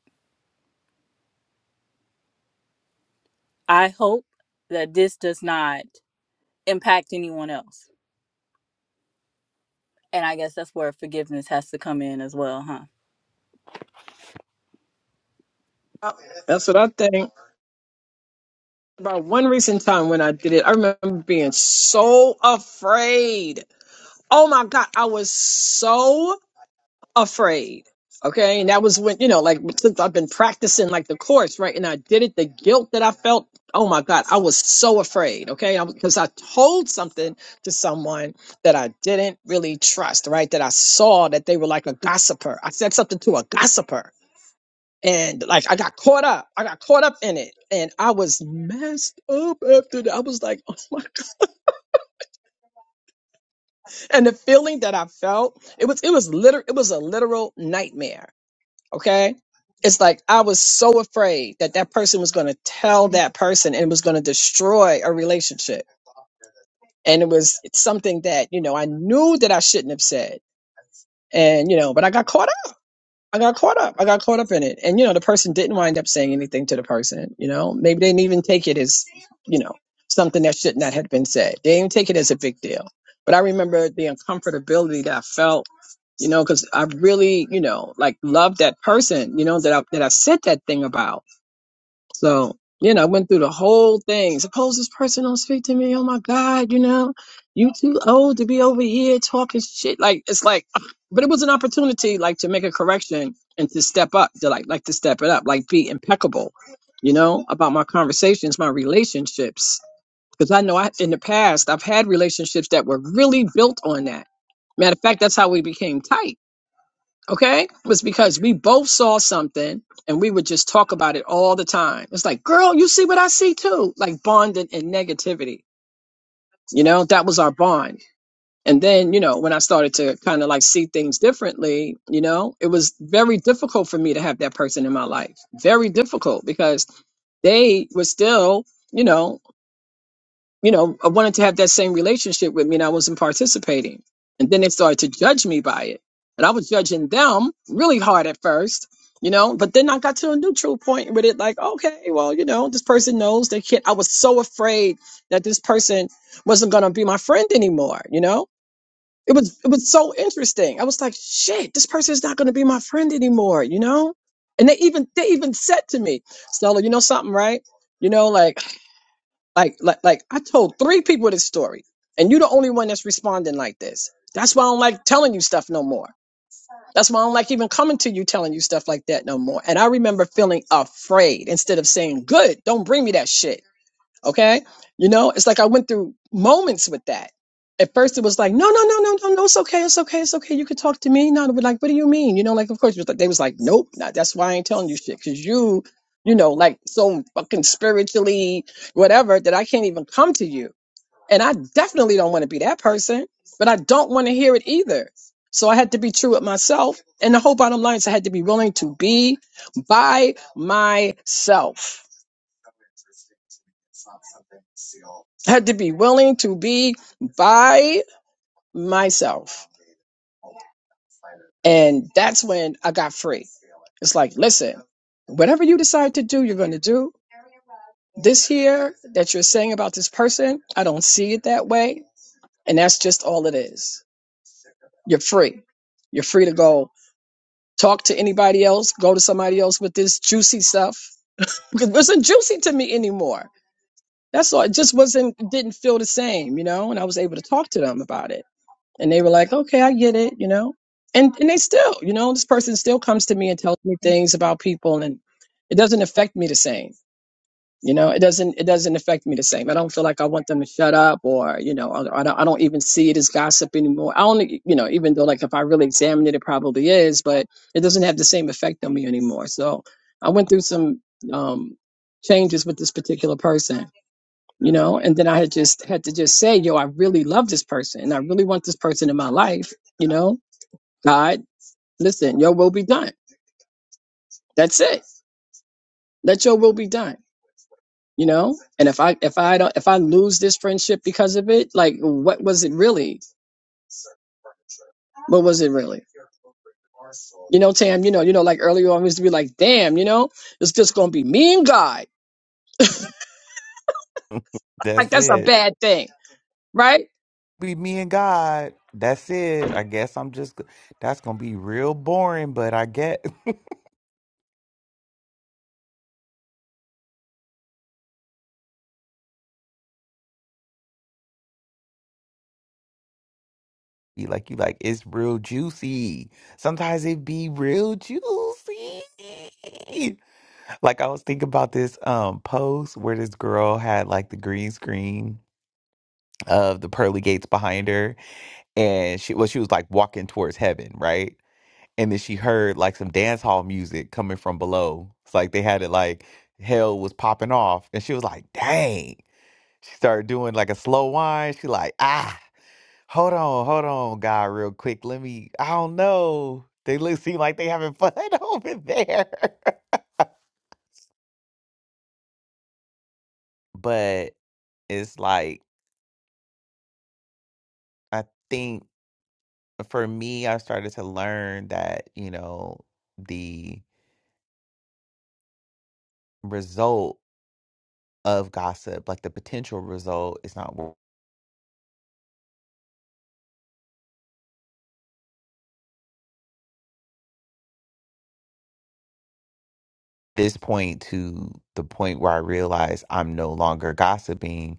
S3: I hope that this does not impact anyone else. And I guess that's where forgiveness has to come in as well, huh?
S4: Uh, That's what I think. About one recent time when I did it, I remember being so afraid. Oh my God, I was so afraid. Okay. And that was when, you know, like since I've been practicing like the course, right? And I did it, the guilt that I felt, oh my God, I was so afraid. Okay. Because I told something to someone that I didn't really trust, right? That I saw that they were like a gossiper. I said something to a gossiper. And like I got caught up, I got caught up in it, and I was messed up after that. I was like, "Oh my god!" And the feeling that I felt, it was, it was literal, it was a literal nightmare Okay. It's like I was so afraid that that person was going to tell that person and it was going to destroy a relationship. And it was something that, you know, I knew that I shouldn't have said. And, you know, but I got caught up. I got caught up. I got caught up in it. And, you know, the person didn't wind up saying anything to the person. You know, maybe they didn't even take it as, you know, something that should not have been said. They didn't take it as a big deal. But I remember the uncomfortability that I felt, you know, because I really, you know, like loved that person, you know, that I, that I said that thing about. So, you know, I went through the whole thing. Suppose this person don't speak to me. Oh my God, you know, you too old to be over here talking shit. Like it's like, but it was an opportunity, like to make a correction and to step up, to like, like to step it up, like be impeccable, you know, about my conversations, my relationships. Because I know I, in the past I've had relationships that were really built on that. Matter of fact, that's how we became tight okay, was because we both saw something and we would just talk about it all the time. It's like, girl, you see what I see too. Like bonding and negativity. You know, that was our bond. And then, you know, when I started to kind of like see things differently, you know, it was very difficult for me to have that person in my life. Very difficult because they were still, you know, you know, I wanted to have that same relationship with me and I wasn't participating. And then they started to judge me by it. And I was judging them really hard at first, you know, but then I got to a neutral point with it like, okay, well, you know, this person knows they can't. I was so afraid that this person wasn't going to be my friend anymore, you know? It was it was so interesting. I was like, shit, this person is not going to be my friend anymore, you know? And they even they even said to me, Stella, you know something, right? You know, like like, like, like I told three people this story, and you're the only one that's responding like this. That's why I don't like telling you stuff no more. That's why I don't like even coming to you telling you stuff like that no more. And I remember feeling afraid instead of saying, "Good, don't bring me that shit." Okay. You know, it's like I went through moments with that. At first, it was like, no, no, no, no, no, no, it's okay, it's okay, it's okay. You can talk to me. No, but like, what do you mean? You know, like, of course, it was like, they was like, nope, nah, that's why I ain't telling you shit because you, you know, like so fucking spiritually whatever that I can't even come to you. And I definitely don't want to be that person, but I don't want to hear it either. So I had to be true with myself. And the whole bottom line is I had to be willing to be by myself had to be willing to be by myself. And that's when I got free. It's like, listen, whatever you decide to do, you're going to do. This here that you're saying about this person, I don't see it that way. And that's just all it is. You're free. You're free to go talk to anybody else, go to somebody else with this juicy stuff. It wasn't juicy to me anymore. That's all. It just wasn't, didn't feel the same, you know? And I was able to talk to them about it And they were like, okay, I get it, you know? And, and they still, you know, this person still comes to me and tells me things about people and it doesn't affect me the same. You know, it doesn't, it doesn't affect me the same. I don't feel like I want them to shut up or, you know, I I don't, I don't even see it as gossip anymore. I only, you know, even though like if I really examine it, it probably is, but it doesn't have the same effect on me anymore. So I went through some, um, changes with this particular person you know and then i had just had to just say yo i really love this person and i really want this person in my life you know god listen your will be done that's it let your will be done you know and if i if i don't if i lose this friendship because of it like what was it really what was it really you know tam you know you know like earlier on we used to be like damn you know it's just gonna be me and god like
S1: That's
S4: that's a
S1: it.
S4: bad thing right
S1: Be me and God. That's it. I guess I'm just, that's going to be real boring, but I get, you like, you like, it's real juicy. Sometimes it be real juicy. Like I was thinking about this um post where this girl had like the green screen of the pearly gates behind her and she well she was like walking towards heaven right and then she heard like some dance hall music coming from below it's like they had it like hell was popping off and she was like dang she started doing like a slow wine she like ah hold on hold on god real quick let me i don't know they look seem like they having fun over there but it's like i think for me i started to learn that you know the result of gossip, like the potential result, is not worth it. At this point to the point where I realize I'm no longer gossiping.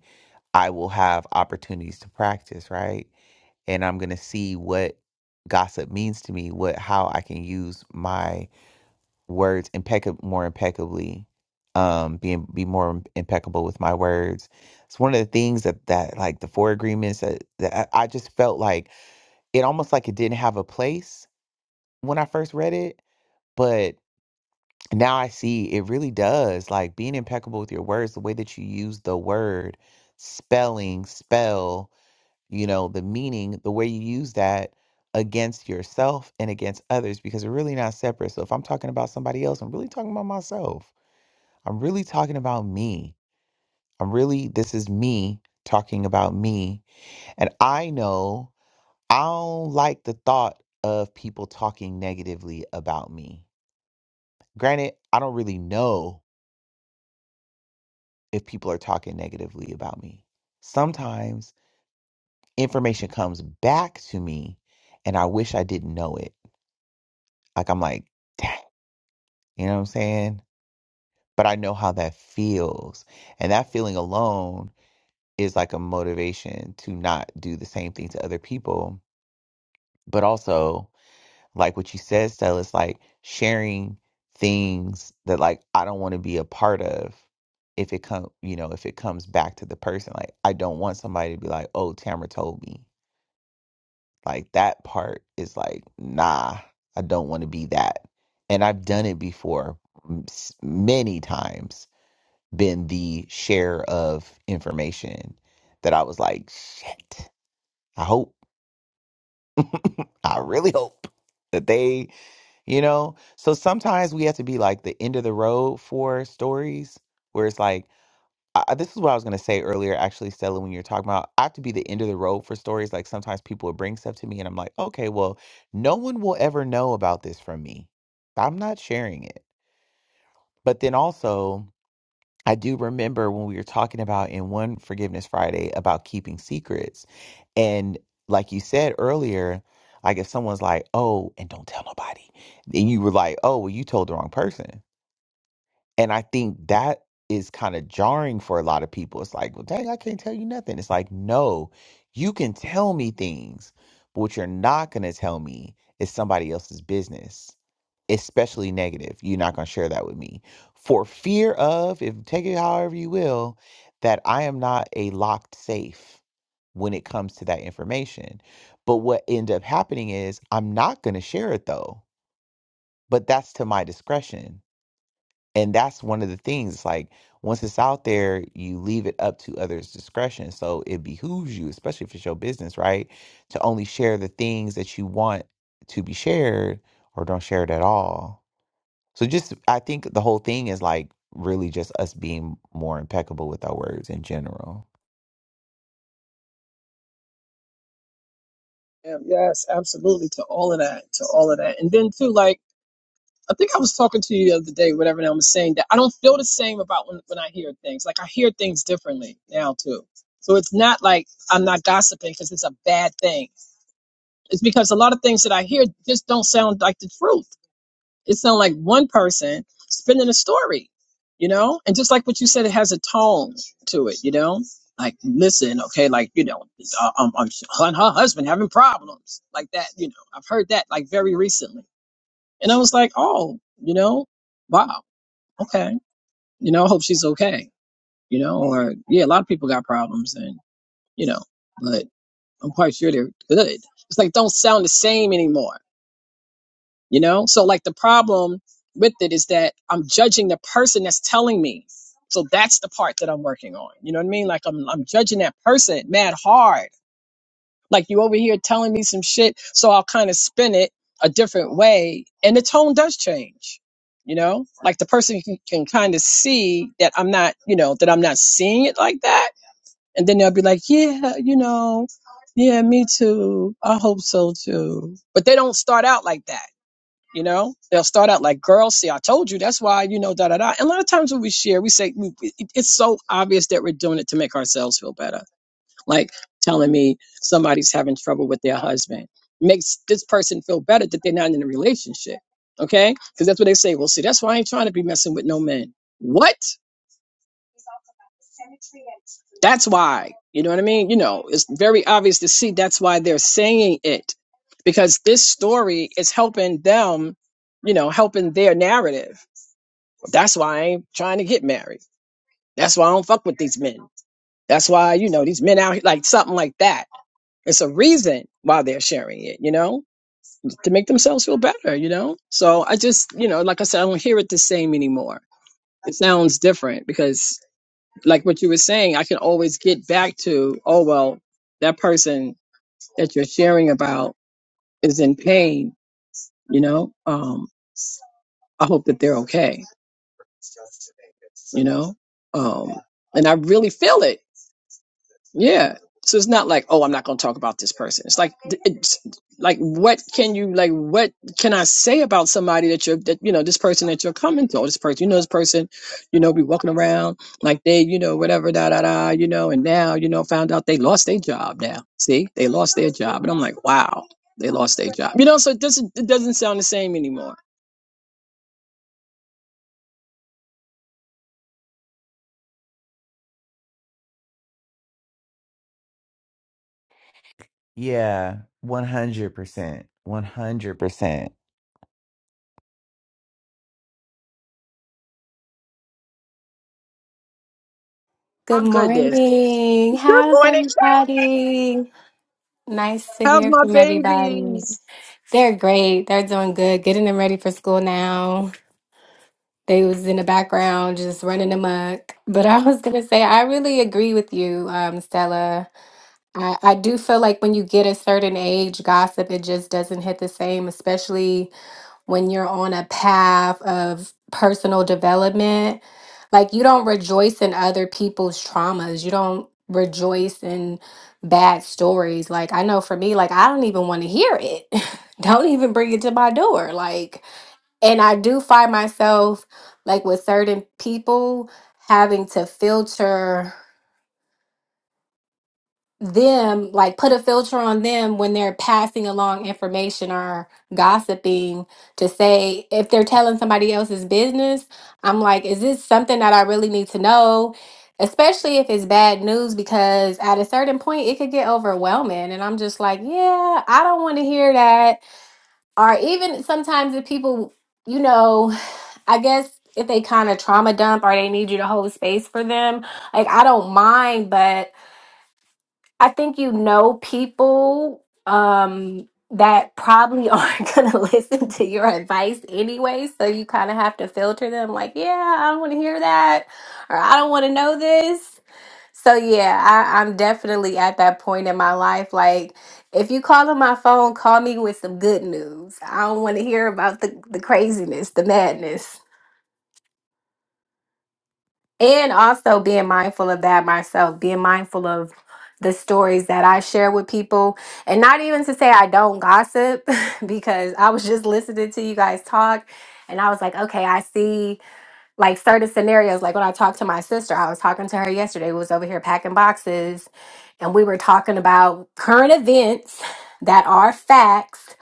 S1: I will have opportunities to practice, right? And I'm going to see what gossip means to me, what how I can use my words impecca- more impeccably, um, being be more impeccable with my words. It's one of the things that that like the four agreements that, that I I just felt like it almost like it didn't have a place when I first read it But now I see it really does. Like being impeccable with your words, the way that you use the word, spelling, spell, you know, the meaning, the way you use that against yourself and against others, because we're really not separate. So if I'm talking about somebody else, I'm really talking about myself. I'm really talking about me. I'm really, this is me talking about me. And I know I don't like the thought of people talking negatively about me granted i don't really know if people are talking negatively about me. Sometimes information comes back to me and I wish I didn't know it. Like I'm like, dang, you know what I'm saying? But I know how that feels. And that feeling alone is like a motivation to not do the same thing to other people. But also like what you said, Stella, it's like sharing things that like I don't want to be a part of if it come you know, if it comes back to the person. Like I don't want somebody to be like, Oh, Tamara told me. Like that part is like, nah, I don't want to be that. And I've done it before m- s- many times, been the share of information that I was like, shit, I hope, I really hope that they You know? So sometimes we have to be like the end of the road for stories where it's like, I, I- this is what I was going to say earlier, actually, Stella, when you're talking about, I have to be the end of the road for stories. Like sometimes people will bring stuff to me and I'm like, okay, well, no one will ever know about this from me. I'm not sharing it. But then also, I do remember when we were talking about in one Forgiveness Friday about keeping secrets. And like you said earlier, like if someone's like, oh, and don't tell nobody, and you were like, oh, well, you told the wrong person. And I think that is kind of jarring for a lot of people. It's like, well, dang, I can't tell you nothing. It's like, no, you can tell me things, but what you're not going to tell me is somebody else's business, especially negative. You're not going to share that with me for fear of, if take it however you will, that I am not a locked safe when it comes to that information. But what end up happening is I'm not going to share it though, but that's to my discretion and that's one of the things It's like once it's out there you leave it up to others discretion so it behooves you especially if it's your business right to only share the things that you want to be shared or don't share it at all so just i think the whole thing is like really just us being more impeccable with our words in general
S4: Yeah, yes absolutely to all of that to all of that and then too like I think I was talking to you the other day, whatever, and I was saying that I don't feel the same about when, when I hear things. Like I hear things differently now too. So it's not like I'm not gossiping because it's a bad thing. It's because a lot of things that I hear just don't sound like the truth. It sounds like one person spinning a story, you know? And just like what you said, it has a tone to it, you know? Like, listen, okay, like, you know, uh, um, um, her and her husband having problems like that, you know? I've heard that like very recently. And I was like, oh, you know? Wow okay, you know, I hope she's okay, you know, or yeah, a lot of people got problems and, you know, but I'm quite sure they're good. It's like, don't sound the same anymore, you know? So, like, the problem with it is that I'm judging the person that's telling me. So that's the part that I'm working on. You know what I mean? Like I'm I'm judging that person mad hard Like you over here telling me some shit, so I'll kind of spin it a different way, and the tone does change. You know, like the person can, can kind of see that I'm not, you know, that I'm not seeing it like that, and then they'll be like, yeah, you know, yeah, me too. I hope so too. But they don't start out like that. You know, they'll start out like, girl, see, I told you. That's why, you know, da da da. And a lot of times when we share, we say, we, it- it's so obvious that we're doing it to make ourselves feel better like telling me somebody's having trouble with their husband makes this person feel better that they're not in a relationship okay because that's what they say well see that's why i ain't trying to be messing with no men what that's why you know what i mean you know it's very obvious to see that's why they're saying it because this story is helping them you know helping their narrative that's why i ain't trying to get married that's why i don't fuck with these men that's why you know these men out here like something like that It's a reason why they're sharing it, you know, to make themselves feel better, you know? So I just, you know, like I said, I don't hear it the same anymore. It sounds different because, like what you were saying, I can always get back to, oh, well, that person that you're sharing about is in pain, you know? Um, I hope that they're okay, you know? Um, and I really feel it Yeah. So it's not like, oh, I'm not going to talk about this person. It's like, th- it's like, what can you, like, what can I say about somebody that you're, that, you know, this person that you're coming to, or this person, you know, this person, you know, be walking around like they, you know, whatever, da, da, da, you know, and now, you know, found out they lost their job now. See, they lost their job. And I'm like, wow, they lost their job. You know, so it doesn't, it doesn't sound the same anymore.
S1: yeah 100% 100%
S6: Good
S4: My goodness.
S6: morning.
S4: Good
S6: How's
S4: morning. Chuck.
S6: everybody? Nice to
S4: How's
S6: hear
S4: my
S6: from everybody.
S4: babies?
S6: They're great. They're doing good. Getting them ready for school now. They was in the background just running amok. But I was gonna say I really agree with you, um, Stella. I, I do feel like when you get a certain age, gossip it just doesn't hit the same, especially when you're on a path of personal development like you don't rejoice in other people's traumas you don't rejoice in bad stories like i know for me like i don't even want to hear it don't even bring it to my door like and i do find myself like with certain people having to filter them like put a filter on them when they're passing along information or gossiping to say if they're telling somebody else's business i'm like is this something that i really need to know especially if it's bad news because at a certain point it could get overwhelming and i'm just like yeah i don't want to hear that or even sometimes if people you know i guess if they kind of trauma dump or they need you to hold space for them like i don't mind but I think you know people um that probably aren't going to listen to your advice anyway, so you kind of have to filter them like, yeah, I don't want to hear that or I don't want to know this. So yeah, I, I'm definitely at that point in my life. Like, if you call on my phone, call me with some good news. I don't want to hear about the, the craziness, the madness and also being mindful of that myself being mindful of the stories that i share with people and not even to say i don't gossip because i was just listening to you guys talk and i was like okay i see like certain scenarios like when i talked to my sister i was talking to her yesterday we was over here packing boxes and we were talking about current events that are facts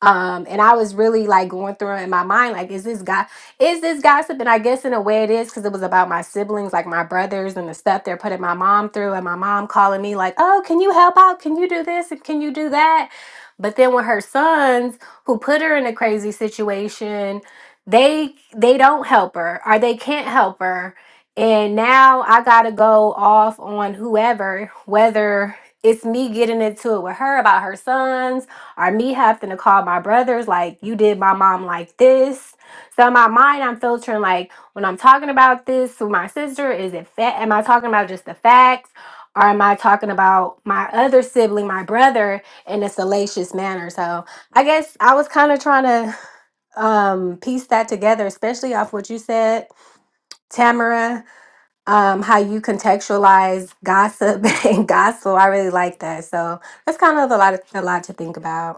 S6: um, and I was really like going through it in my mind, like, is this guy, is this gossip? And I guess in a way it is because it was about my siblings, like my brothers and the stuff they're putting my mom through, and my mom calling me, like, oh, can you help out? Can you do this? And can you do that? But then when her sons, who put her in a crazy situation, they they don't help her or they can't help her. And now I gotta go off on whoever, whether it's me getting into it with her about her sons or me having to call my brothers like you did my mom like this so in my mind i'm filtering like when i'm talking about this with my sister is it fa- am i talking about just the facts or am i talking about my other sibling my brother in a salacious manner so i guess i was kind of trying to um piece that together especially off what you said tamara um how you contextualize gossip and gospel i really like that so that's kind of a lot of, a lot to think about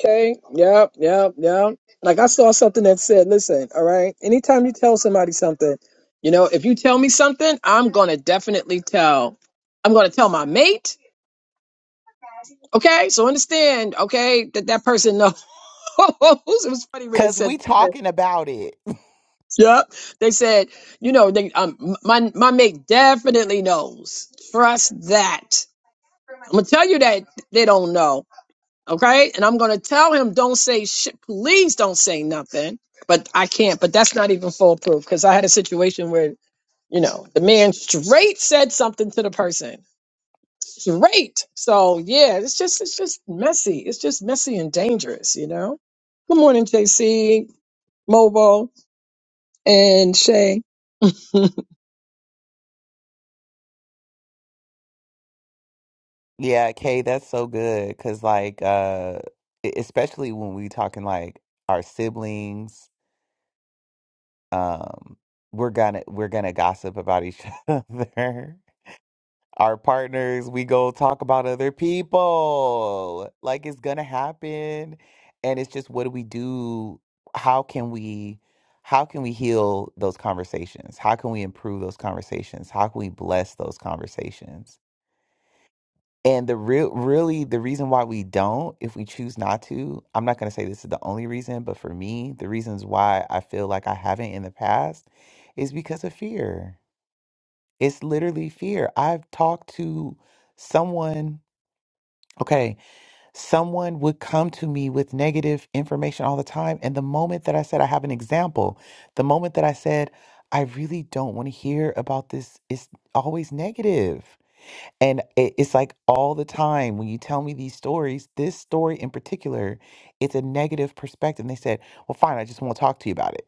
S4: Okay. Yep. Yep. Yep. Like I saw something that said, listen, all right, anytime you tell somebody something, you know, if you tell me something, I'm going to definitely tell, I'm going to tell my mate. Okay. So understand, okay, that that person knows. it was funny when they
S1: because
S4: said,
S1: we
S4: that.
S1: talking about it
S4: yep. They said, you know, they, um, my, my mate definitely knows. Trust that. I'm going to tell you that they don't know. okay? And I'm going to tell him, don't say shit. Please don't say nothing. But I can't. But that's not even foolproof because I had a situation where, you know, the man straight said something to the person. Straight. So yeah, it's just it's just messy. It's just messy and dangerous, you know. Good morning, JC, Mobo, and Shay.
S1: Yeah, Kay, that's so good. Cause like uh e- especially when we talking like our siblings, um, we're gonna we're gonna gossip about each other. Our partners, we go talk about other people. Like it's gonna happen. And it's just what do we do? How can we how can we heal those conversations? How can we improve those conversations? How can we bless those conversations? And the real, really, the reason why we don't, if we choose not to, I'm not going to say this is the only reason, but for me, the reasons why I feel like I haven't in the past is because of fear. It's literally fear. I've talked to someone, okay, someone would come to me with negative information all the time. And the moment that I said, I have an example, the moment that I said, I really don't want to hear about this, it's always negative. And it, it's like all the time when you tell me these stories, this story in particular, it's a negative perspective. And they said, Well, fine, I just won't talk to you about it.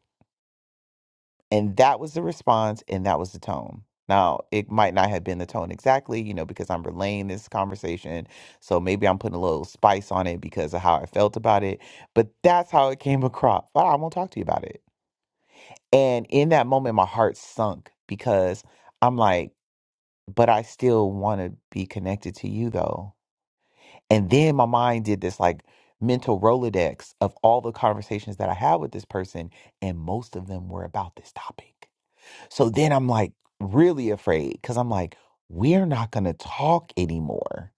S1: And that was the response, and that was the tone. Now, it might not have been the tone exactly, you know, because I'm relaying this conversation. So maybe I'm putting a little spice on it because of how I felt about it. But that's how it came across. But I won't talk to you about it. And in that moment, my heart sunk because I'm like, But I still want to be connected to you, though And then my mind did this like mental Rolodex of all the conversations that I had with this person, and most of them were about this topic. So then I'm like really afraid because I'm like, we're not going to talk anymore.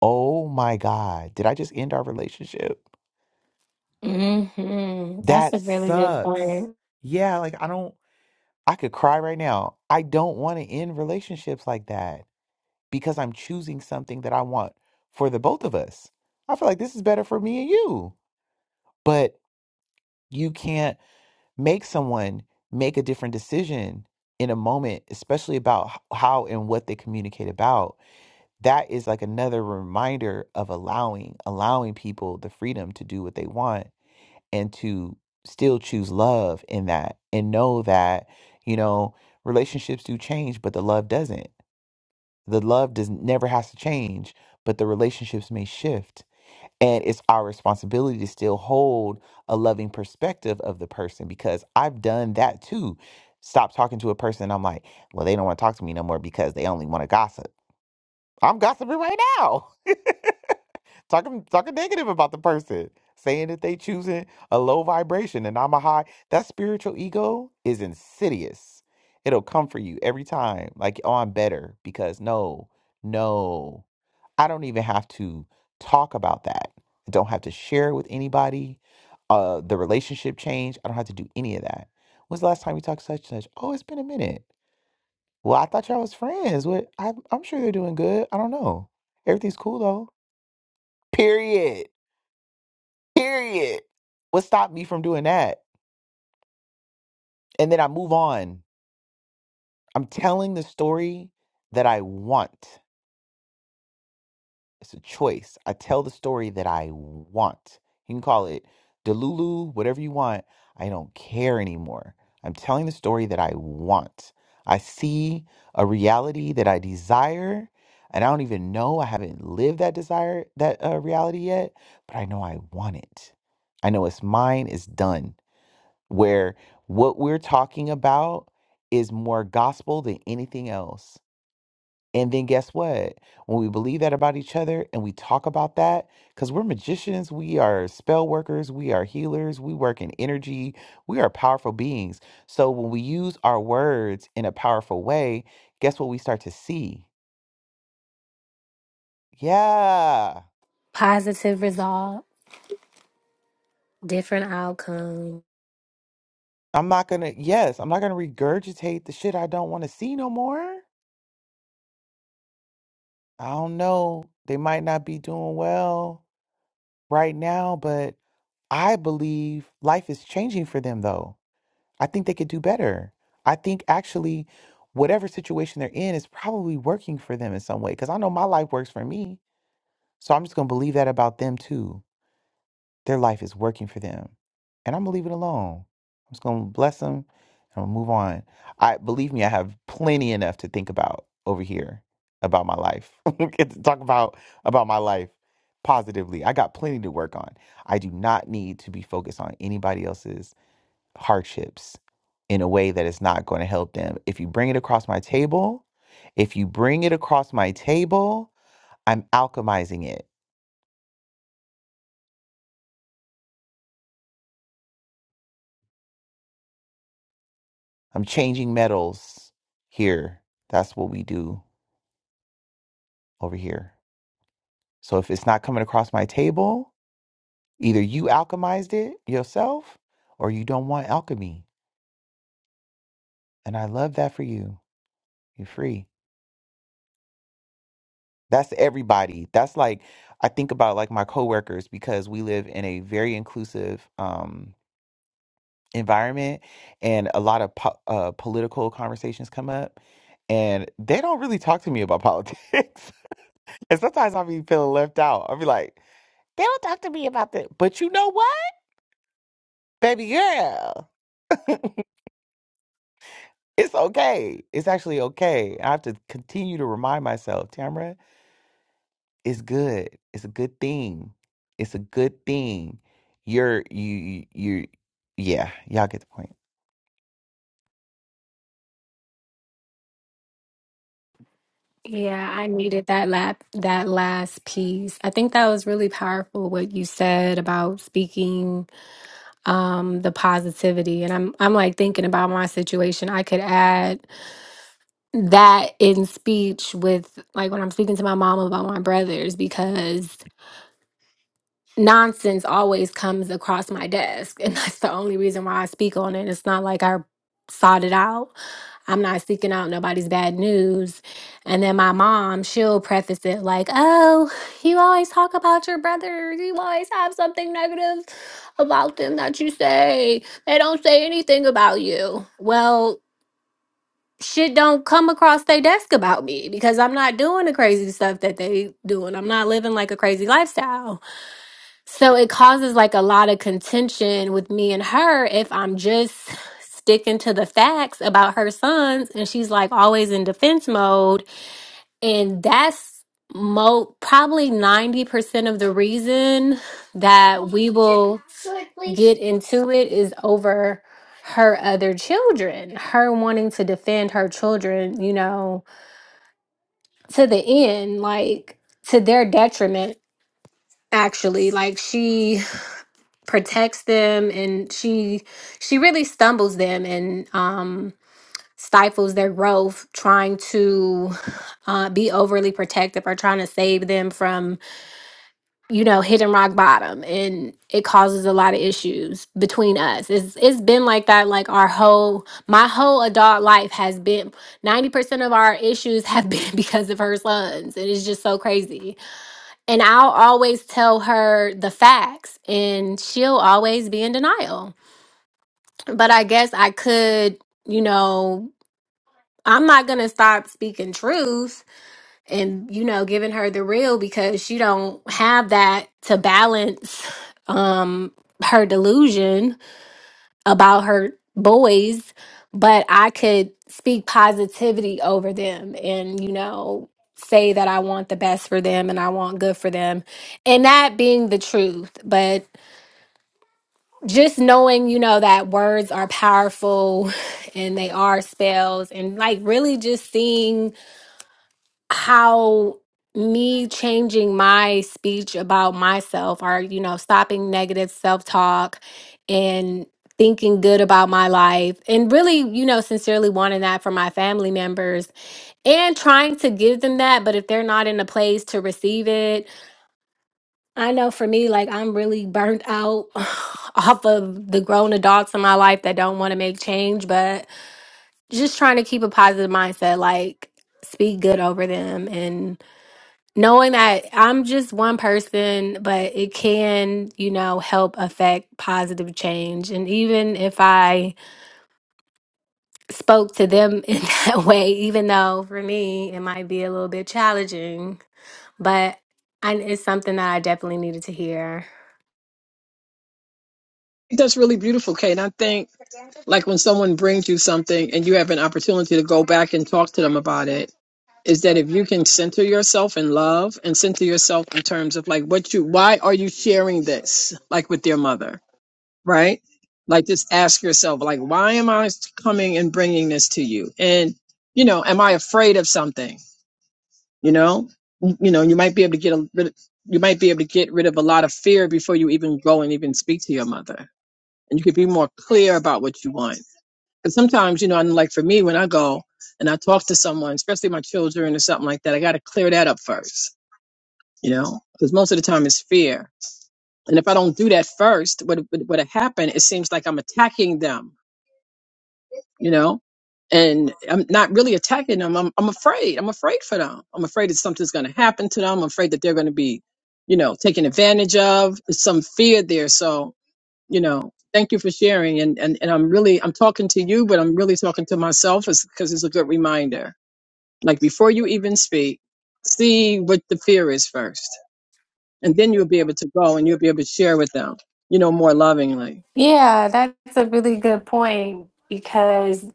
S1: Oh my God. Did I just end our relationship?
S6: hmm That's
S1: That
S6: a really good
S1: sucks.
S6: point.
S1: Yeah. Like, I don't, I could cry right now. I don't want to end relationships like that because I'm choosing something that I want for the both of us. I feel like this is better for me and you. But you can't make someone make a different decision in a moment especially about h- how and what they communicate about that is like another reminder of allowing allowing people the freedom to do what they want and to still choose love in that and know that you know relationships do change but the love doesn't the love does never has to change but the relationships may shift and it's our responsibility to still hold a loving perspective of the person because I've done that too. Stop talking to a person, and I'm like, well, they don't want to talk to me no more because they only want to gossip. I'm gossiping right now. talking talking negative about the person, saying that they choosing a low vibration and I'm a high. That spiritual ego is insidious. It'll come for you every time. Like, oh, I'm better because no, no, I don't even have to talk about that. I don't have to share it with anybody. Uh, the relationship change. I don't have to do any of that. When's the last time we talked to such and such? Oh, it's been a minute. Well, I thought y'all was friends. What? I, I'm sure they're doing good. I don't know. Everything's cool though. Period. Period. What stopped me from doing that? And then I move on. I'm telling the story that I want. It's a choice. I tell the story that I want. You can call it Delulu, whatever you want. I don't care anymore. I'm telling the story that I want. I see a reality that I desire, and I don't even know I haven't lived that desire, that uh, reality yet, but I know I want it. I know it's mine, it's done. where what we're talking about is more gospel than anything else. And then guess what? When we believe that about each other and we talk about that, because we're magicians, we are spell workers, we are healers, we work in energy, we are powerful beings. So when we use our words in a powerful way, guess what we start to see? Yeah,
S6: Positive result, different outcome.
S1: I'm not gonna, yes, I'm not gonna regurgitate the shit I don't wanna see no more. I don't know. They might not be doing well right now, but I believe life is changing for them though. I think they could do better. I think actually whatever situation they're in is probably working for them in some way cuz I know my life works for me. So I'm just going to believe that about them too. Their life is working for them. And I'm gonna leave it alone. I'm just gonna bless them and I'm gonna move on. I believe me, I have plenty enough to think about over here about my life. Get to talk about about my life positively. I got plenty to work on. I do not need to be focused on anybody else's hardships in a way that is not going to help them. If you bring it across my table, if you bring it across my table, I'm alchemizing it. I'm changing metals here. That's what we do over here. So if it's not coming across my table, either you alchemized it yourself or you don't want alchemy. And I love that for you. You're free. That's everybody. That's like I think about like my coworkers because we live in a very inclusive um environment and a lot of po- uh, political conversations come up and they don't really talk to me about politics. and sometimes I'll be feeling left out. I'll be like, They don't talk to me about that. But you know what? Baby girl, it's okay. It's actually okay. I have to continue to remind myself, Tamra, it's good. It's a good thing. It's a good thing. You're you you yeah, y'all get the point.
S6: Yeah, I needed that lap that last piece. I think that was really powerful what you said about speaking um the positivity. And I'm I'm like thinking about my situation. I could add that in speech with like when I'm speaking to my mom about my brothers because nonsense always comes across my desk and that's the only reason why i speak on it it's not like i sought it out i'm not seeking out nobody's bad news and then my mom she'll preface it like oh you always talk about your brother you always have something negative about them that you say they don't say anything about you well shit don't come across their desk about me because i'm not doing the crazy stuff that they doing i'm not living like a crazy lifestyle so it causes like a lot of contention with me and her if I'm just sticking to the facts about her sons and she's like always in defense mode and that's mo probably 90% of the reason that we will get into it is over her other children her wanting to defend her children you know to the end like to their detriment actually like she protects them and she she really stumbles them and um stifles their growth trying to uh, be overly protective or trying to save them from you know hitting rock bottom and it causes a lot of issues between us it's it's been like that like our whole my whole adult life has been 90% of our issues have been because of her sons and it's just so crazy and I'll always tell her the facts, and she'll always be in denial but I guess I could, you know, I'm not gonna stop speaking truth and you know giving her the real because she don't have that to balance um her delusion about her boys, but I could speak positivity over them and you know say that I want the best for them and I want good for them and that being the truth. just knowing, you know, that words are powerful and they are spells, and like really just seeing how me changing my speech about myself or, you know, stopping negative self talk and thinking good about my life and really, you know, sincerely wanting that for my family members and trying to give them that. But if they're not in a place to receive it, I know for me, like I'm really burnt out off of the grown adults in my life that don't want to make change, but just trying to keep a positive mindset, like speak good over them and knowing that I'm just one person, but it can, you know, help affect positive change. And even if I spoke to them in that way, even though for me it might be a little bit challenging, but I, it's something that I definitely needed to hear.
S4: That's really beautiful, Kate. I think like when someone brings you something and you have an opportunity to go back and talk to them about it is that if you can center yourself in love and center yourself in terms of like what you why are you sharing this like with your mother right like just ask yourself like why am i coming and bringing this to you and you know am i afraid of something you know you you know you might be able to get a rid you might be able to get rid of a lot of fear before you even go and even speak to your mother and you could be more clear about what you want because sometimes, you know, and like for me, when I go and I talk to someone, especially my children or something like that, I got to clear that up first, you know, because most of the time it's fear. And if I don't do that first, what what what happen? It seems like I'm attacking them, you know, and I'm not really attacking them. I'm I'm afraid. I'm afraid for them. I'm afraid that something's going to happen to them. I'm afraid that they're going to be, you know, taken advantage of. There's some fear there, so you know thank you for sharing and and, and i'm really i'm talking to you but i'm really talking to myself because it's a good reminder like before you even speak see what the fear is first and then you'll be able to go and you'll be able to share with them you know more lovingly
S6: Yeah, that's a really good point because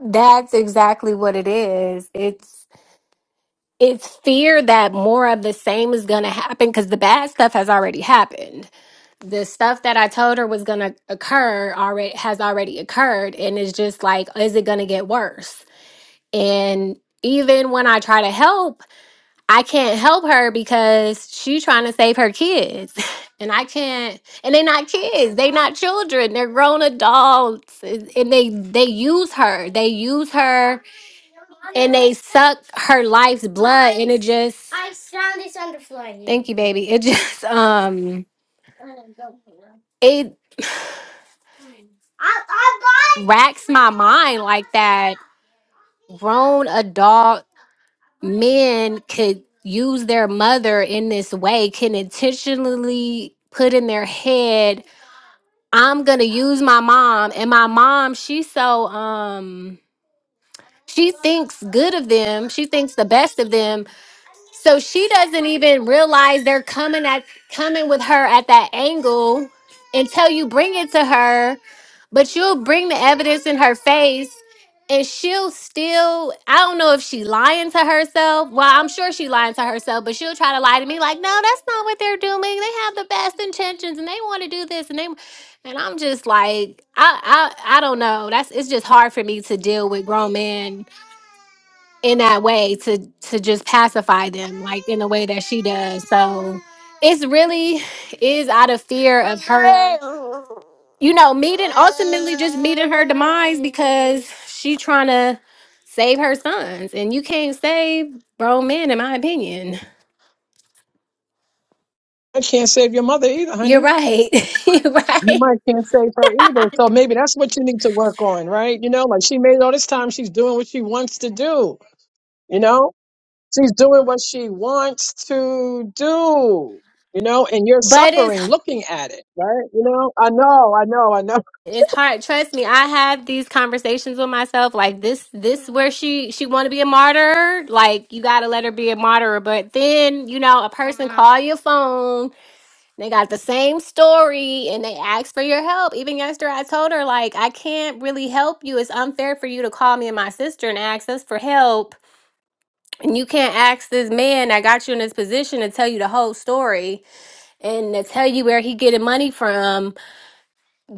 S6: that's exactly what it is. It's it's fear that more of the same is going to happen because the bad stuff has already happened. The stuff that I told her was going to occur already has already occurred and it's just like is it going to get worse? And even when I try to help I can't help her because she trying to save her kids. And I can't and they're not kids. They not children. They're grown adults. And and they they use her. They use her and they suck her life's blood and it just Thank you, baby. It just um it racks my mind like that grown adult men could use their mother in this way can intentionally put in their head i'm gonna use my mom and my mom she's so um she thinks good of them she thinks the best of them so she doesn't even realize they're coming at coming with her at that angle until you bring it to her, but you'll bring the evidence in her face and she'll still I don't know if she lying to herself. Well, I'm sure she lying to herself, but she'll try to lie to me like, "No, that's not what they're doing. They have the best intentions and they want to do this and they and I'm just like, I I I don't know. That's it's just hard for me to deal with grown men in that way to to just pacify them like in the way that she does so it's really is out of fear of her you know meeting ultimately just meeting her demise because she trying to save her sons and you can't save grown men in my opinion
S4: i can't save your mother either
S6: you're
S4: honey
S6: right you're
S4: your
S6: right
S4: mother can't save her either so maybe that's what you need to work on right you know like she made all this time she's doing what she wants to do you know She's doing what she wants to do, you know, and you're
S6: but it's
S4: suffering looking at it, right? You know, I know, I know, I know.
S6: It's hard. Trust me, I have these conversations with myself. Like this, this where she she want to be a martyr. Like you gotta let her be a martyr. But then you know, a person call your phone. They got the same story and they ask for your help. Even yesterday, I told her like I can't really help you. It's unfair for you to call me and my sister and ask us for help. And you can't ask this man that got you in this position to tell you the whole story and to tell you where he getting money from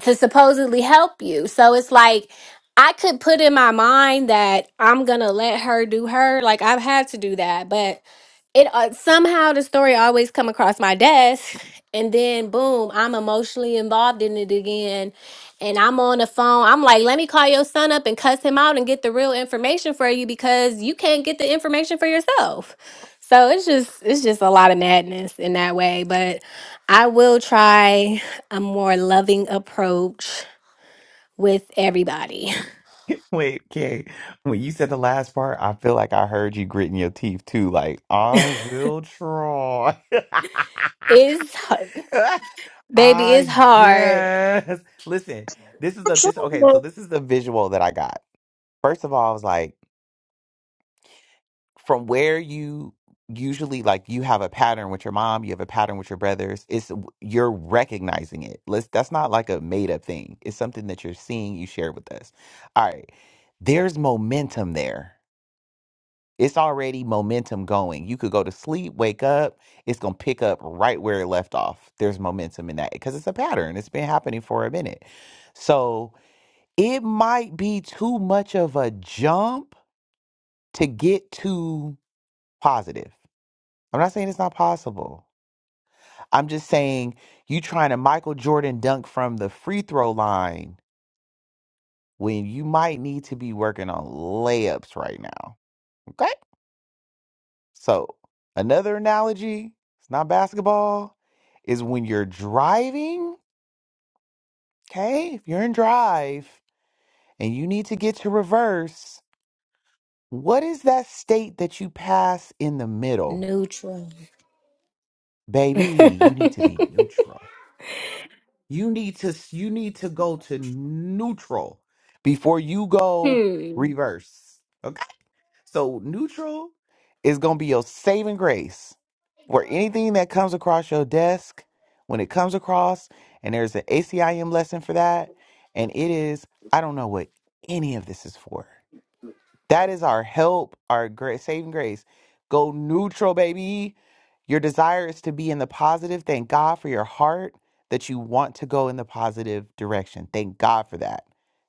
S6: to supposedly help you. So it's like I could put in my mind that I'm going to let her do her. Like I've had to do that, but it uh, somehow the story always come across my desk and then boom i'm emotionally involved in it again and i'm on the phone i'm like let me call your son up and cuss him out and get the real information for you because you can't get the information for yourself so it's just it's just a lot of madness in that way but i will try a more loving approach with everybody
S1: Wait, okay. When you said the last part, I feel like I heard you gritting your teeth too. Like, I will try.
S6: it's hard baby it's
S1: I
S6: hard
S1: guess. Listen, this is the this okay, so this is the visual that I got. First of all, I was like, from where you usually like you have a pattern with your mom, you have a pattern with your brothers, it's you're recognizing it. Let's that's not like a made up thing. It's something that you're seeing you share with us. All right. There's momentum there It's already momentum going. You could go to sleep, wake up, it's going to pick up right where it left off. There's momentum in that because it's a pattern. It's been happening for a minute. So it might be too much of a jump to get to positive. I'm not saying it's not possible. I'm just saying you trying to Michael Jordan dunk from the free throw line when you might need to be working on layups right now. Okay? So, another analogy, it's not basketball, is when you're driving, okay? If you're in drive and you need to get to reverse, what is that state that you pass in the middle?
S6: neutral
S1: Baby, you need to be neutral. You need to you need to go to neutral before you go
S6: Hmm.
S1: reverse. okay? So neutral is gonna be your saving grace. Where anything that comes across your desk, when it comes across, and there's an ACIM lesson for that, and it is, I don't know what any of this is for. That is our help, our gra- saving grace. Go neutral, baby. Your desire is to be in the positive. Thank God for your heart that you want to go in the positive direction. Thank God for that.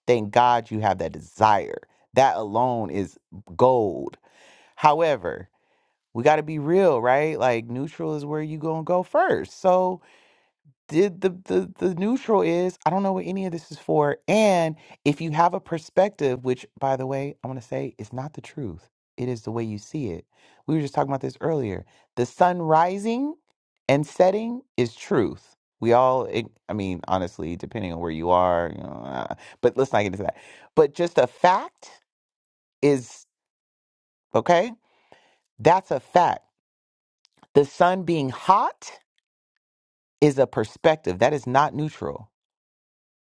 S1: Thank God you have that desire. That alone is gold. However, we got to be real, right? Like neutral is where you going to go first. So did the, the the neutral is I don't know what any of this is for and if you have a perspective which by the way, I want to say is not the truth. It is the way you see it. We were just talking about this earlier. The sun rising and setting is truth. We all ig- I mean, honestly, depending on where you are, you know, uh, but let's not get into that. But just a fact is okay? That's a fact. The sun being hot is a perspective. That is not neutral.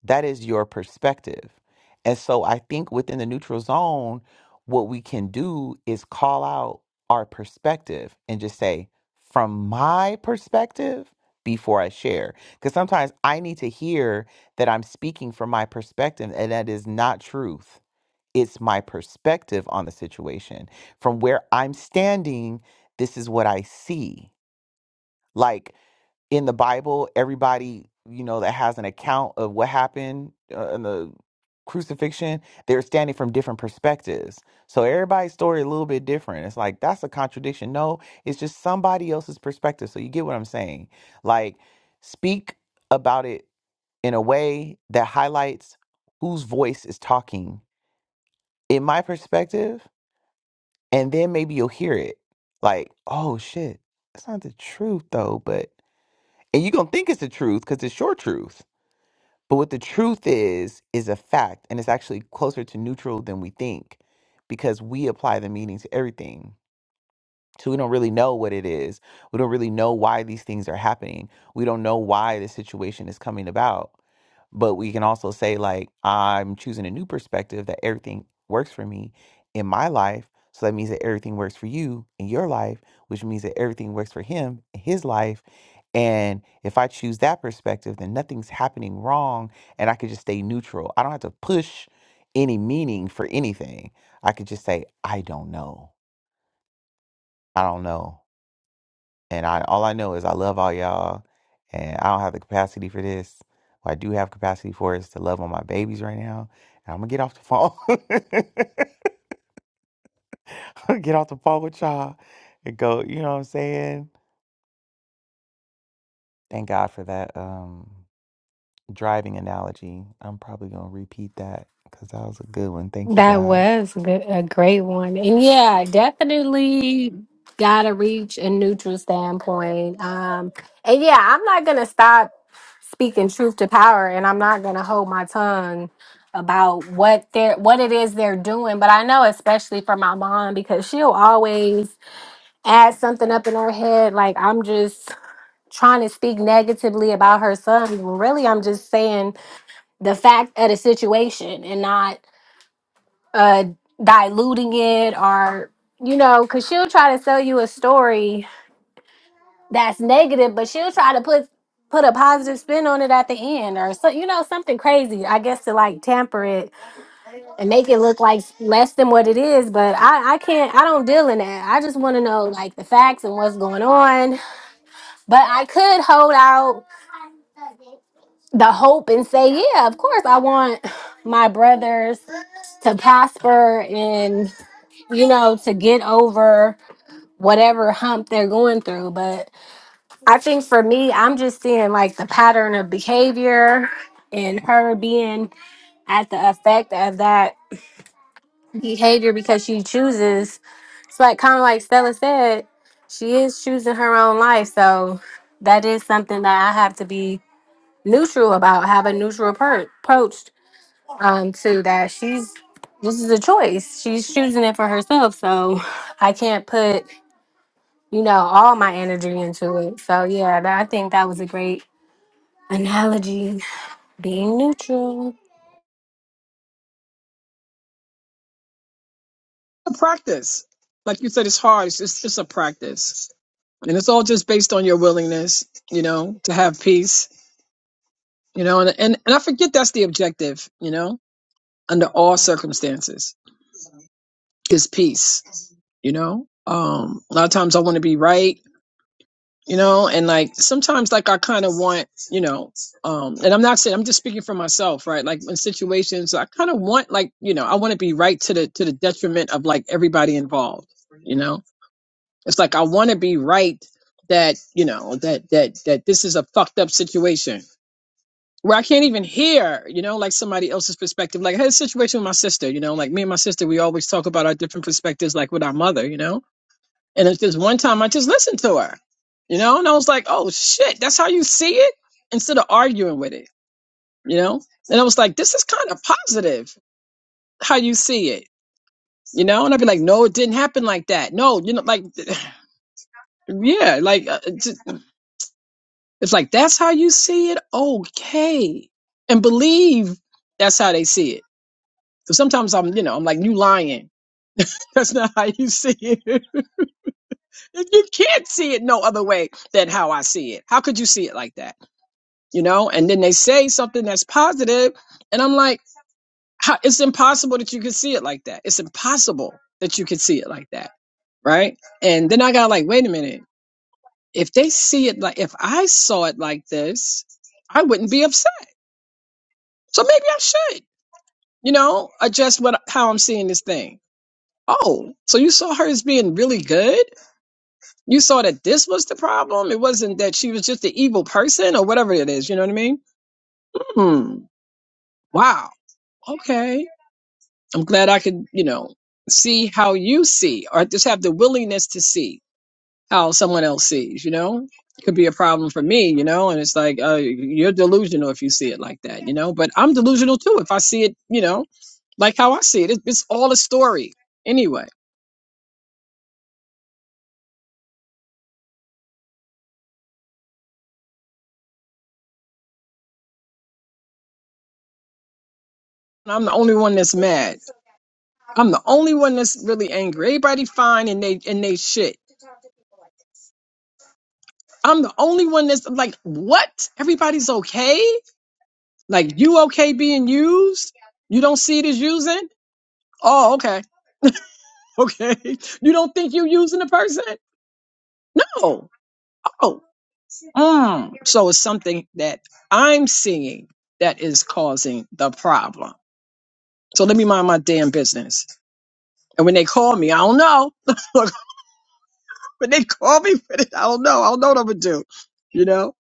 S1: That is your perspective. And so I think within the neutral zone, what we can do is call out our perspective and just say, from my perspective, before I share. Because sometimes I need to hear that I'm speaking from my perspective, and that is not truth. It's my perspective on the situation. From where I'm standing, this is what I see. Like, in the Bible, everybody you know that has an account of what happened uh, in the crucifixion, they're standing from different perspectives. So everybody's story a little bit different. It's like that's a contradiction. No, it's just somebody else's perspective. So you get what I'm saying? Like speak about it in a way that highlights whose voice is talking in my perspective and then maybe you'll hear it. Like, oh shit, that's not the truth though, but and you're gonna think it's the truth because it's your truth but what the truth is is a fact and it's actually closer to neutral than we think because we apply the meaning to everything so we don't really know what it is we don't really know why these things are happening we don't know why the situation is coming about but we can also say, like, I'm choosing a new perspective that everything works for me in my life. So that means that everything works for you in your life, which means that everything works for him in his life. And if I choose that perspective, then nothing's happening wrong and I could just stay neutral. I don't have to push any meaning for anything. I could just say, I don't know. I don't know. And I all I know is I love all y'all and I don't have the capacity for this. What I do have capacity for is to love on my babies right now. And I'm gonna get off the phone. I'm gonna get off the phone with y'all and go, you know what I'm saying? Thank God for that um driving analogy. I'm probably gonna repeat that because that was a good one. Thank you,
S6: That
S1: God.
S6: was good, a great one. And yeah, definitely got to reach a neutral standpoint. Um, and yeah, I'm not going to stop speaking truth to power and I'm not going to hold my tongue about what they're what it is they're doing but i know especially for my mom because she'll always add something up in her head like i'm just trying to speak negatively about her son really i'm just saying the fact of the situation and not uh diluting it or you know because she'll try to sell you a story that's negative but she'll try to put put a positive spin on it at the end or so you know something crazy i guess to like tamper it and make it look like less than what it is but i i can't i don't deal in that i just want to know like the facts and what's going on but i could hold out the hope and say yeah of course i want my brothers to prosper and you know to get over whatever hump they're going through. But I think for me, I'm just seeing like the pattern of behavior and her being at the effect of that behavior because she chooses. It's like kind of like Stella said, she is choosing her own life. So that is something that I have to be neutral about, have a neutral appro- approach um, to that. She's this is a choice. She's choosing it for herself. So I can't put you know, all my energy into it. So yeah, that, I think that was a great analogy. Being neutral.
S4: A practice. Like you said, it's hard. It's just, it's a practice. And it's all just based on your willingness, you know, to have peace, you know, and, and, and I forget that's the objective, you know? under all circumstances is peace you know um a lot of times i want to be right you know and like sometimes like i kind of want you know um and i'm not saying i'm just speaking for myself right like in situations i kind of want like you know i want to be right to the to the detriment of like everybody involved you know it's like i want to be right that you know that that that this is a fucked up situation where I can't even hear, you know, like somebody else's perspective. Like I had a situation with my sister, you know, like me and my sister, we always talk about our different perspectives, like with our mother, you know. And it's just one time I just listened to her, you know, and I was like, oh shit, that's how you see it? Instead of arguing with it, you know? And I was like, this is kind of positive how you see it, you know? And I'd be like, no, it didn't happen like that. No, you know, like, yeah, like, uh, it's it's like, that's how you see it? Okay. And believe that's how they see it Because sometimes I'm, you know, I'm like, you lying. That's not how you see it. you can't see it no other way than how I see it. How could you see it like that? You know? And then they say something that's positive, and I'm like, how, it's impossible that you could see it like that. It's impossible that you could see it like that. Right. And then I got like, wait a minute. If they see it like, if I saw it like this, I wouldn't be upset. So maybe I should, you know, adjust what, how I'm seeing this thing. Oh, so you saw her as being really good? you saw that this was the problem. It wasn't that she was just an evil person or whatever it is. You know what I mean? Hmm. Wow. Okay. I'm glad I could, you know, see how you see or just have the willingness to see how someone else sees, you know? Could be a problem for me, you know? And it's like, uh, you're delusional if you see it like that, you know? But I'm delusional too if I see it, you know, like how I see it. It's, it's all a story anyway. I'm the only one that's mad. I'm the only one that's really angry. Everybody fine and they and they shit. I'm the only one that's like, what? Everybody's okay? Like you okay being used? You don't see it as using? Oh, okay. Okay. You don't think you using a person? No. Oh. Mm. So it's something that I'm seeing that is causing the problem. So let me mind my damn business. And when they call me, I don't know. when they call me for this, I don't know. I don't know what I'm gonna do. You know?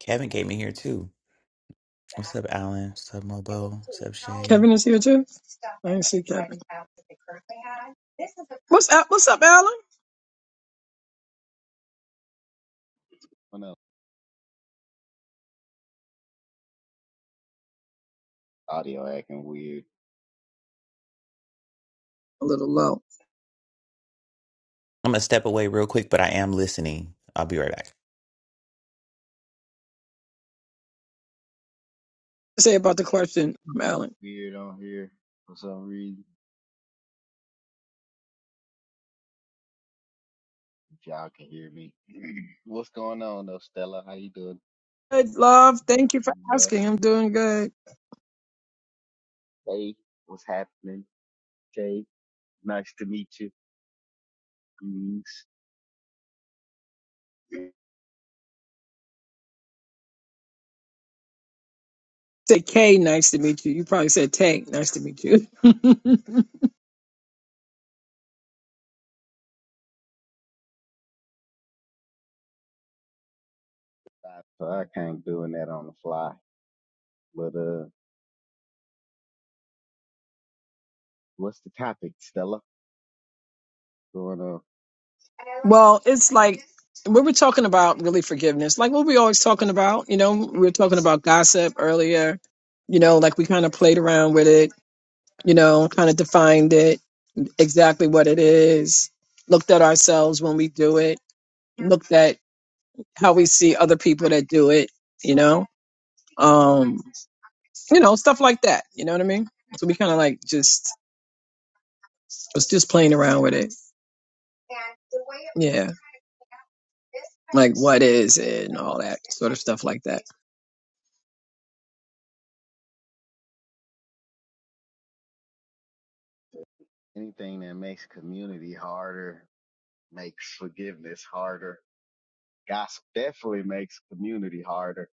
S1: Kevin came in here too. What's up, Alan? What's up, Mobo? What's up, Shay?
S4: Kevin is here too. I didn't see Kevin. What's up? What's up, Alan?
S7: When the audio acting weird,
S4: A little low.
S1: I'm gonna step away real quick, but I am listening. I'll be right back.
S4: Say about the question,
S7: acting
S4: Alan.
S7: weird on here for some reason. If y'all can hear me, what's going on though, Stella? How you doing?
S4: Good, love. Thank
S7: How
S4: you for
S7: you, uh,
S4: asking. I'm doing good.
S7: Hey, what's happening? Jay, nice to meet you. Greetings.
S4: Say Kay, nice to meet you. You probably said Tay, nice to meet you.
S7: So I can't doing that on the fly, but uh, what's the topic, Stella? Going on
S4: well, it's like we were talking about really forgiveness, like what we always talking about. You know, we were talking about gossip earlier. You know, like we kind of played around with it. You know, kind of defined it exactly what it is. Looked at ourselves when we do it. Looked at how we see other people that do it. You know, um, you know, stuff like that. You know what I mean? So we kind of like just was just playing around with it. Yeah, like what is it and all that sort of stuff like that.
S7: anything that makes community harder, makes forgiveness harder. Gossip definitely makes community harder.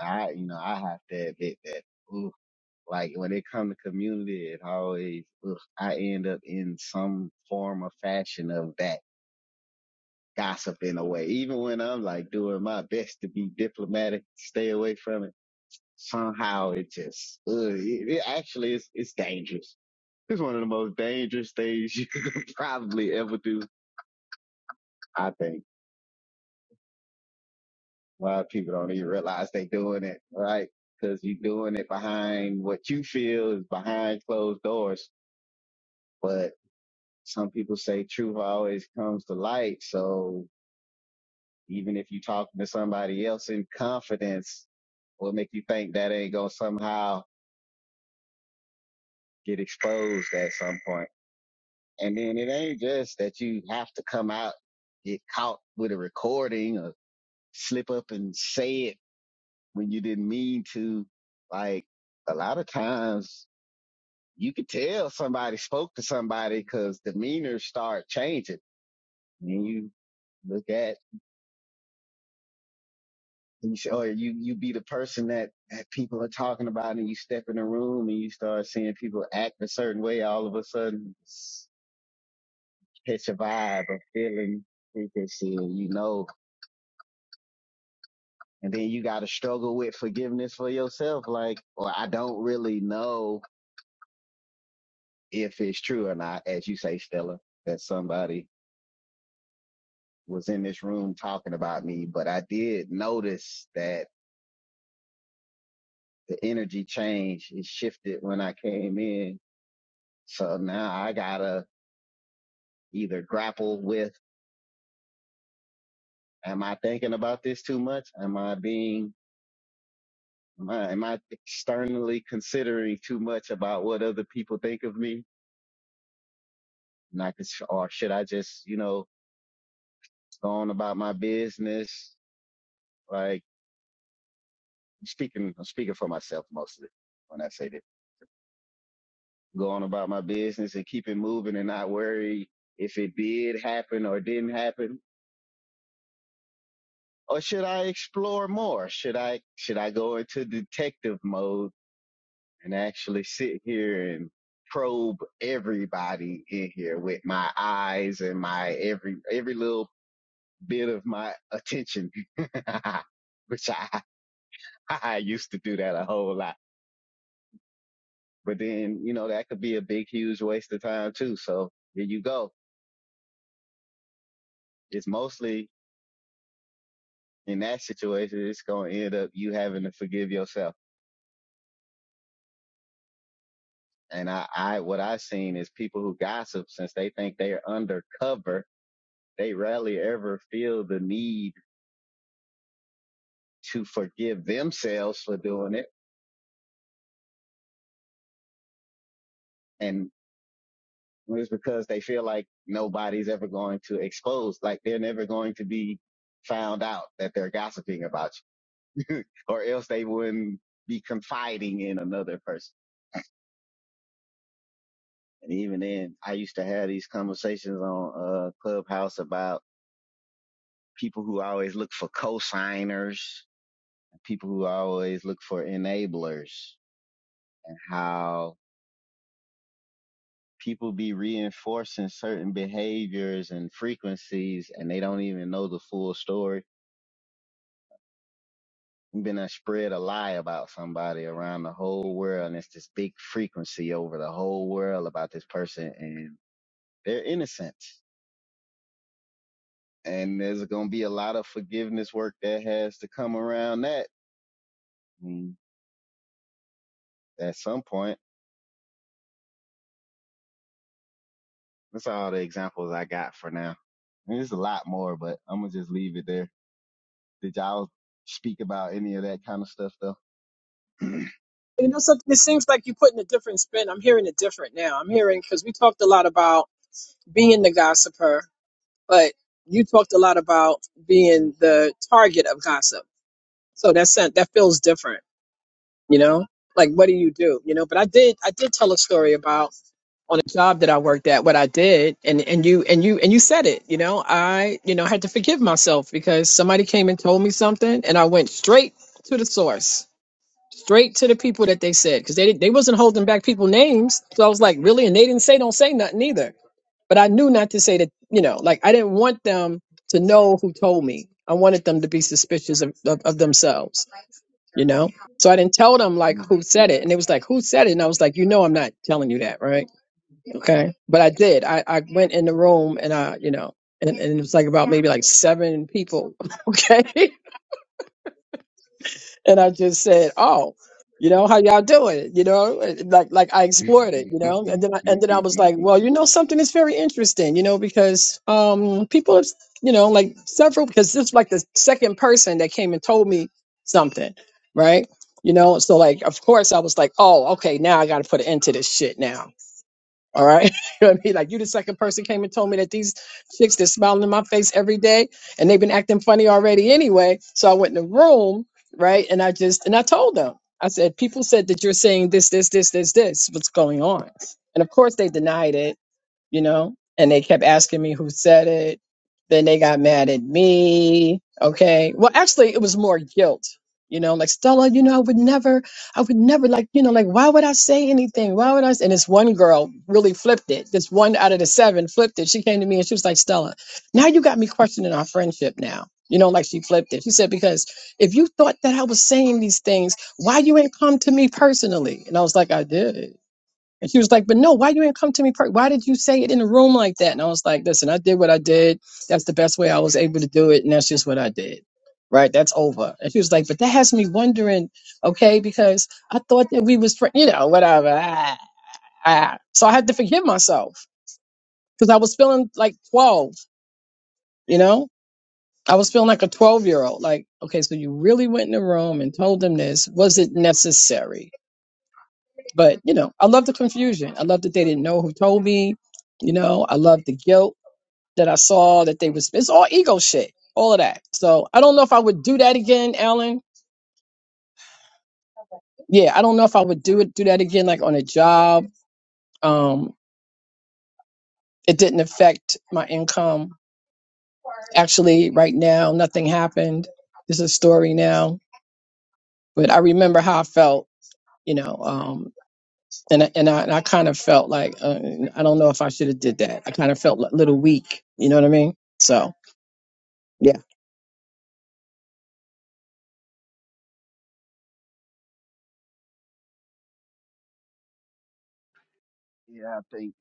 S7: I, you know, I have to admit that. Ooh, Like when it come to community, it always ugh, I end up in some form or fashion of that gossip in a way. Even when I'm like doing my best to be diplomatic, stay away from it. Somehow it just ugh, it, it actually is it's dangerous. It's one of the most dangerous things you could probably ever do. I think a lot of people don't even realize they doing it, right? Because you are doing it behind what you feel is behind closed doors. but. some people say truth always comes to light. So even if you're talking to somebody else in confidence, will make you think that ain't gonna somehow get exposed at some point. And then it ain't just that you have to come out, get caught with a recording or slip up and say it when you didn't mean to. Like a lot of times you could tell somebody spoke to somebody because demeanors start changing. And you look at And you say, or you, you be the person that, that people are talking about and you step in a room and you start seeing people act a certain way. All of a sudden it's it's a vibe, a feeling, frequency, you know, and then you got to struggle with forgiveness for yourself. Like, or I don't really know if it's true or not. As you say, Stella, that somebody was in this room talking about me, but I did notice that the energy changed. It shifted when I came in. So now I gotta either grapple with am I thinking about this too much? Am I being am I, am I externally considering too much about what other people think of me? And I could, or should I just, you know, go on about my business? Like I'm speaking, I'm speaking for myself mostly when I say that. Go on about my business and keep it moving and not worry if it did happen or didn't happen. Or should I explore more? Should I, should I go into detective mode and actually sit here and probe everybody in here with my eyes and my every every little bit of my attention which I, I used to do that a whole lot but then you know that could be a big huge waste of time too so here you go it's mostly in that situation it's going to end up you having to forgive yourself and I, I what i've seen is people who gossip since they think they're undercover they rarely ever feel the need to forgive themselves for doing it. And it's because they feel like nobody's ever going to expose, like they're never going to be found out that they're gossiping about you, or else they wouldn't be confiding in another person. And even then, I used to have these conversations on uh, Clubhouse about people who always look for cosigners, people who always look for enablers, and how people be reinforcing certain behaviors and frequencies and they don't even know the full story. You've been uh, spread a lie about somebody around the whole world and it's this big frequency over the whole world about this person and they're innocent. And there's going to be a lot of forgiveness work that has to come around that mm, at some point. That's all the examples I got for now. And There's a lot more, but I'm going to just leave it there. Did y'all speak about any of that kind of stuff though?
S4: You know, something. It seems like you're putting a different spin. I'm hearing it different now. I'm hearing because we talked a lot about being the gossiper but you talked a lot about being the target of gossip. So that's that feels different, you know? Like what do you do? You know, but I did I did tell a story about on a job that I worked at, what I did and, and you and you and you said it, you know, I, you know, had to forgive myself because somebody came and told me something and I went straight to the source. Straight to the people that they said, because they didn't- they wasn't holding back people names. So I was like, really, and they didn't say don't say nothing either. But I knew not to say that, you know, like I didn't want them to know who told me. I wanted them to be suspicious of, of, of themselves, you know? So I didn't tell them like who said it. And it was like, who said it? And I was like, you know, I'm not telling you that, right? Okay. But I did. I, I went in the room and I, you know, and, and it was like about maybe like seven people. Okay and I just said, "Oh, you know how y'all doing?" You know, and like like I explored it, you know, and then I, and then I was like, "Well, you know, something is very interesting, you know, because um people have, you know, like several because this is like the second person that came and told me something, right?" You know, so like, of course, I was like, "Oh, okay, now I got to put an end to this shit now." All right. You know what I mean? Like you the second person came and told me that these chicks they're smiling in my face every day and they've been acting funny already anyway. So I went in the room, right? And I just and I told them. I said, people said that you're saying this, this, this, this, this. What's going on? And of course they denied it you know, and they kept asking me who said it. Then they got mad at me. Okay. Well, actually, it was more guilt, you know, like Stella, you know, I would never, I would never like, you know, like, why would I say anything? Why would I? s-" And this one girl really flipped it. This one out of the seven flipped it. She came to me and she was like, Stella, now you got me questioning our friendship now. You know, like she flipped it. She said, because if you thought that I was saying these things, why you ain't come to me personally? And I was like, I did. And she was like, "But no, why you ain't come to me? Per- why did you say it in the room like that?" And I was like, "Listen, I did what I did. That's the best way I was able to do it, and that's just what I did. Right? That's over." And she was like, "But that has me wondering, okay? Because I thought that we was, fri you know, whatever." Ah, ah. So I had to forgive myself because I was feeling like twelve. You know, I was feeling like a twelve year old. Like, okay, so you really went in the room and told them this. Was it necessary? But you know, I love the confusion. I love that they didn't know who told me. You know, I love the guilt that I saw that they was. It's all ego shit, all of that. So I don't know if I would do that again, Alan. Yeah, I don't know if I would do it do that again, like on a job. Um, it didn't affect my income. Actually, right now, nothing happened. It's a story now, but I remember how I felt. You know, um, and I- and I, and I kind of felt like uh, I don't know if I should have did that. I kind of felt a little weak. You know what I mean? So yeah,
S7: Yeah, I think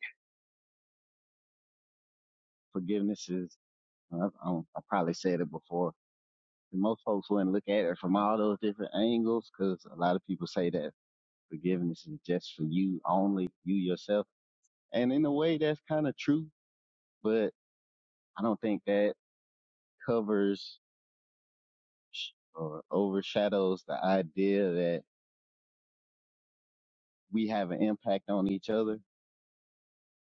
S7: forgiveness is, I, I, I probably said it before. And most folks wouldn't look at it from all those different angles because a lot of people say that forgiveness is just for you only, you yourself. And in a way, that's kind of true, but I don't think that covers sh- or overshadows the idea that we have an impact on each other.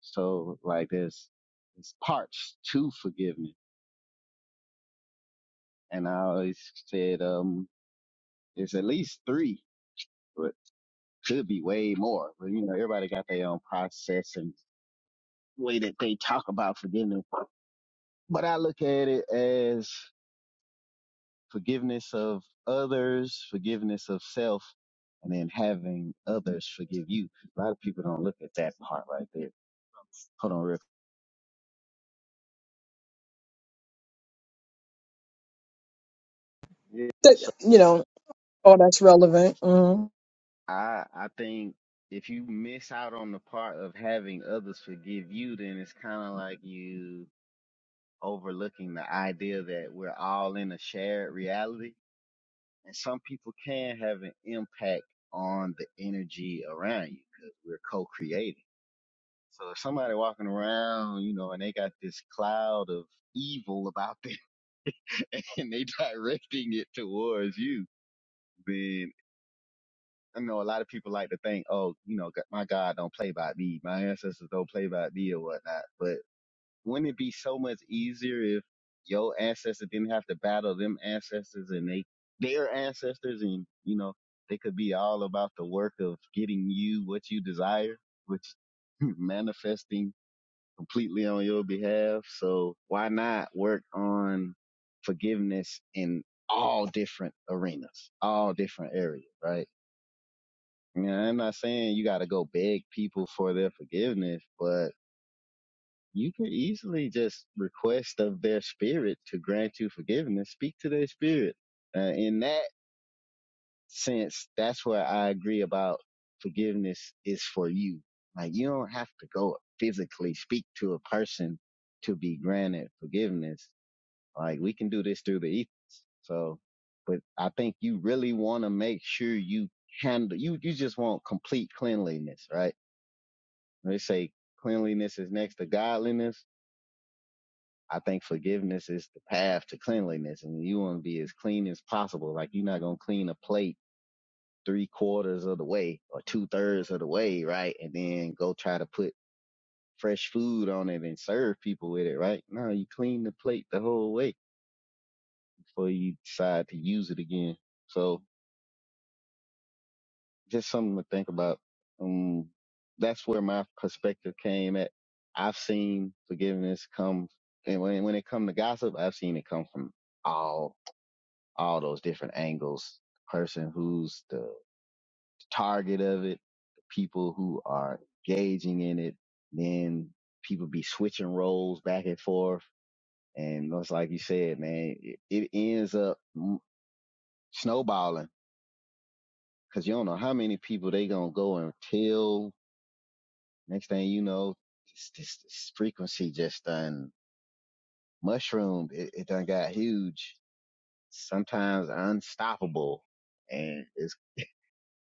S7: So, like, there's, there's parts to forgiveness. And I always said, um. It's at least three, but could be way more. But you know, everybody got their own process and way that they talk about forgiveness. But I look at it as forgiveness of others, forgiveness of self, and then having others forgive you. A lot of people don't look at that part right there. Hold on, real. quick. Yeah.
S4: That- you
S7: So
S4: know, oh, that's relevant. Mm,
S7: I I think if you miss out on the part of having others forgive you, then it's kind of like you. overlooking the idea that we're all in a shared reality. And some people can have an impact on the energy around you because we're co-creating. So if somebody walking around, you know, and they got this cloud of evil about them and they directing it towards you, then I know a lot of people like to think, oh, you know, g- my God don't play by me. My ancestors don't play by me or whatnot. but. Wouldn't it be so much easier if your ancestors didn't have to battle them ancestors and they their ancestors and you know they could be all about the work of getting you what you desire, which manifesting completely on your behalf. So why not work on forgiveness in all different arenas, all different areas, right? You know, I'm not saying you got to go beg people for their forgiveness, but you can easily just request of their spirit to grant you forgiveness. Speak to their spirit. Uh, in that sense, that's where I agree about forgiveness is for you. Like you don't have to go physically speak to a person to be granted forgiveness. Like we can do this through the ethers. So, but I think you really want to make sure you handle, you, you just want complete cleanliness, right? They say cleanliness is next to godliness I think forgiveness is the path to cleanliness, and you want to be as clean as possible. Like you're not gonna clean a plate three quarters of the way or two thirds of the way, right? And then go try to put fresh food on it and serve people with it, right? No, you clean the plate the whole way before you decide to use it again. So just something to think about. Um, that's where my perspective came at. I've seen forgiveness come, and when when it come to gossip, I've seen it come from all all those different angles. Person who's the target of it, the people who are engaging in it, then people be switching roles back and forth. And it's like you said, man, it, it ends up snowballing because you don't know how many people they gonna go until next thing you know, this, this, this frequency just done mushroomed. It, it done got huge, sometimes unstoppable. And it's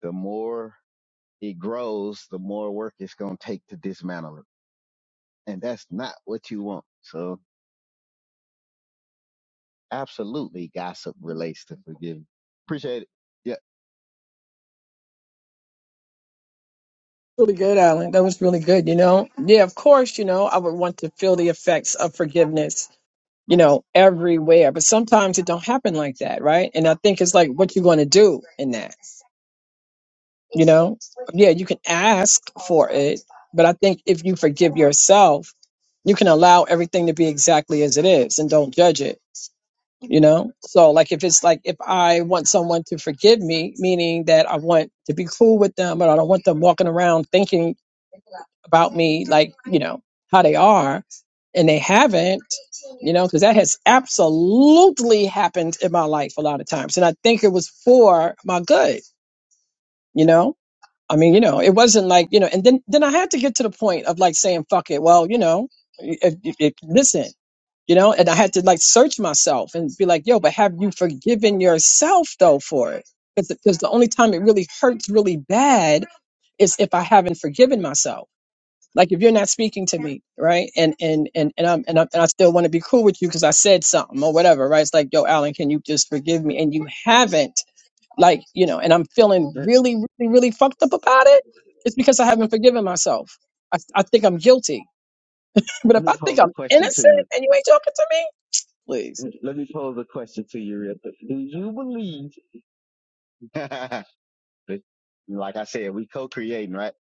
S7: the more it grows, the more work it's going to take to dismantle it. And that's not what you want. So absolutely gossip relates to forgiving. Appreciate it. Yeah.
S4: really good, Alan. That was really good. You know, yeah, of course. You know, I would want to feel the effects of forgiveness. You know, everywhere, but sometimes it don't happen like that, right? And I think it's like what you're going to do in that. You know, yeah, you can ask for it, but I think if you forgive yourself, you can allow everything to be exactly as it is and don't judge it you know so like if it's like if i want someone to forgive me meaning that i want to be cool with them but i don't want them walking around thinking about me like you know how they are and they haven't you know because that has absolutely happened in my life a lot of times and i think it was for my good you know i mean you know it wasn't like you know and then then i had to get to the point of like saying fuck it well you know if, if, if- listen you know and i had to like search myself and be like yo but have you forgiven yourself though for it because the only time it really hurts really bad is if i haven't forgiven myself like if you're not speaking to me right and and and and i'm and, I'm, and i still want to be cool with you because i said something or whatever right it's like yo alan can you just forgive me and you haven't like you know and i'm feeling
S7: Let,
S4: really really really fucked up about it it's because i haven't forgiven myself i, I think i'm guilty but
S7: let
S4: if i
S7: me
S4: think
S7: pose a
S4: i'm
S7: question to
S4: innocent
S7: you.
S4: and you ain't talking to me please
S7: Let me pose a question to you real quick. Do you believe, like I said, we co-creating, right?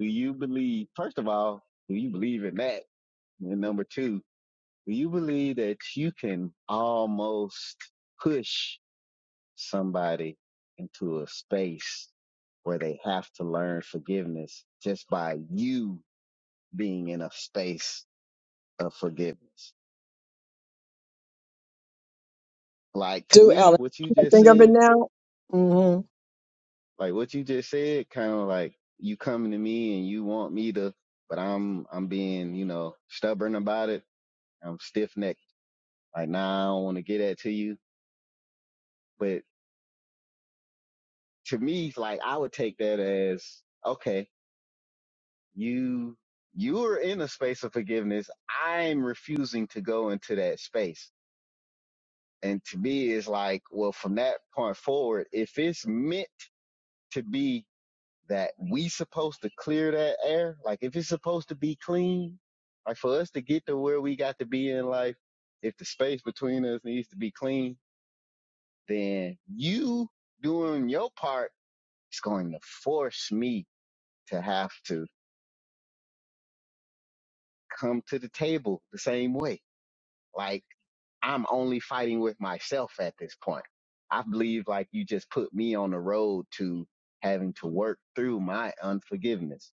S7: Do you believe, first of all, do you believe in that? And number two, do you believe that you can almost push? somebody into a space where they have to learn forgiveness just by you being in a space of forgiveness. Like to
S4: do,
S7: me,
S4: Alan.
S7: what you
S4: I
S7: just
S4: think of it
S7: said,
S4: now. hmm
S7: like what you just said, kind of like you coming to me and you want me to, but I'm, I'm being, you know, stubborn about it. I'm stiff necked. Like, nah, I don't want to get that to you. But to me, like I would take that as, okay, You you're in a space of forgiveness. I'm refusing to go into that space. And to me it's like, well, from that point forward, if it's meant to be that we supposed to clear that air, like if it's supposed to be clean, like for us to get to where we got to be in life, if the space between us needs to be clean, then you doing your part is going to force me to have to come to the table the same way. Like I'm only fighting with myself at this point. I believe like you just put me on the road to having to work through my unforgiveness.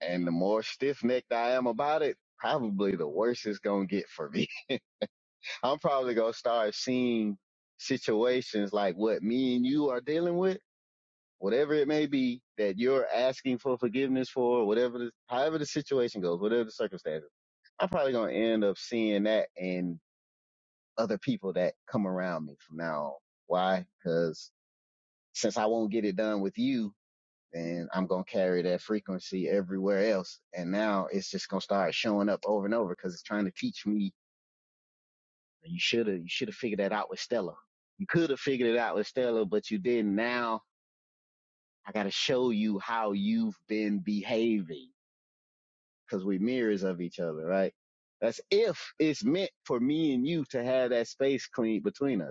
S7: And the more stiff necked I am about it, probably the worse it's going to get for me. I'm probably going to start seeing situations like what me and you are dealing with, whatever it may be that you're asking for forgiveness for, whatever the, however the situation goes, whatever the circumstances. I'm probably going to end up seeing that and other people that come around me from now on. Why? Because since I won't get it done with you, then I'm going to carry that frequency everywhere else. And now it's just going to start showing up over and over because it's trying to teach me you should have, you should have figured that out with Stella. You could have figured it out with Stella, but you didn't. Now I got to show you how you've been behaving because we're mirrors of each other, right? That's if it's meant for me and you to have that space clean between us.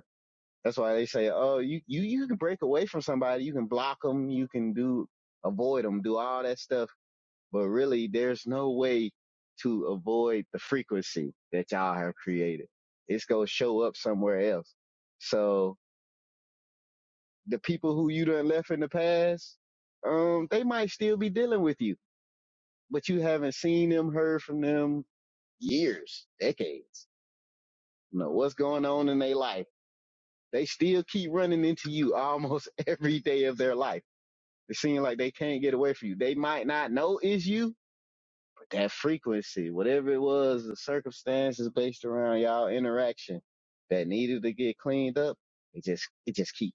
S7: That's why they say, oh, you, you, you can break away from somebody. You can block them. You can do, avoid them, do all that stuff. But really, there's no way to avoid the frequency that y'all have created. It's going to show up somewhere else. So the people who you done left in the past, um, they might still be dealing with you, but you haven't seen them, heard from them years, decades. You know, what's going on in their life? They still keep running into you almost every day of their life It seems like they can't get away from you. They might not know it's you, but that frequency, whatever it was, the circumstances based around y'all interaction that needed to get cleaned up, it just it just keep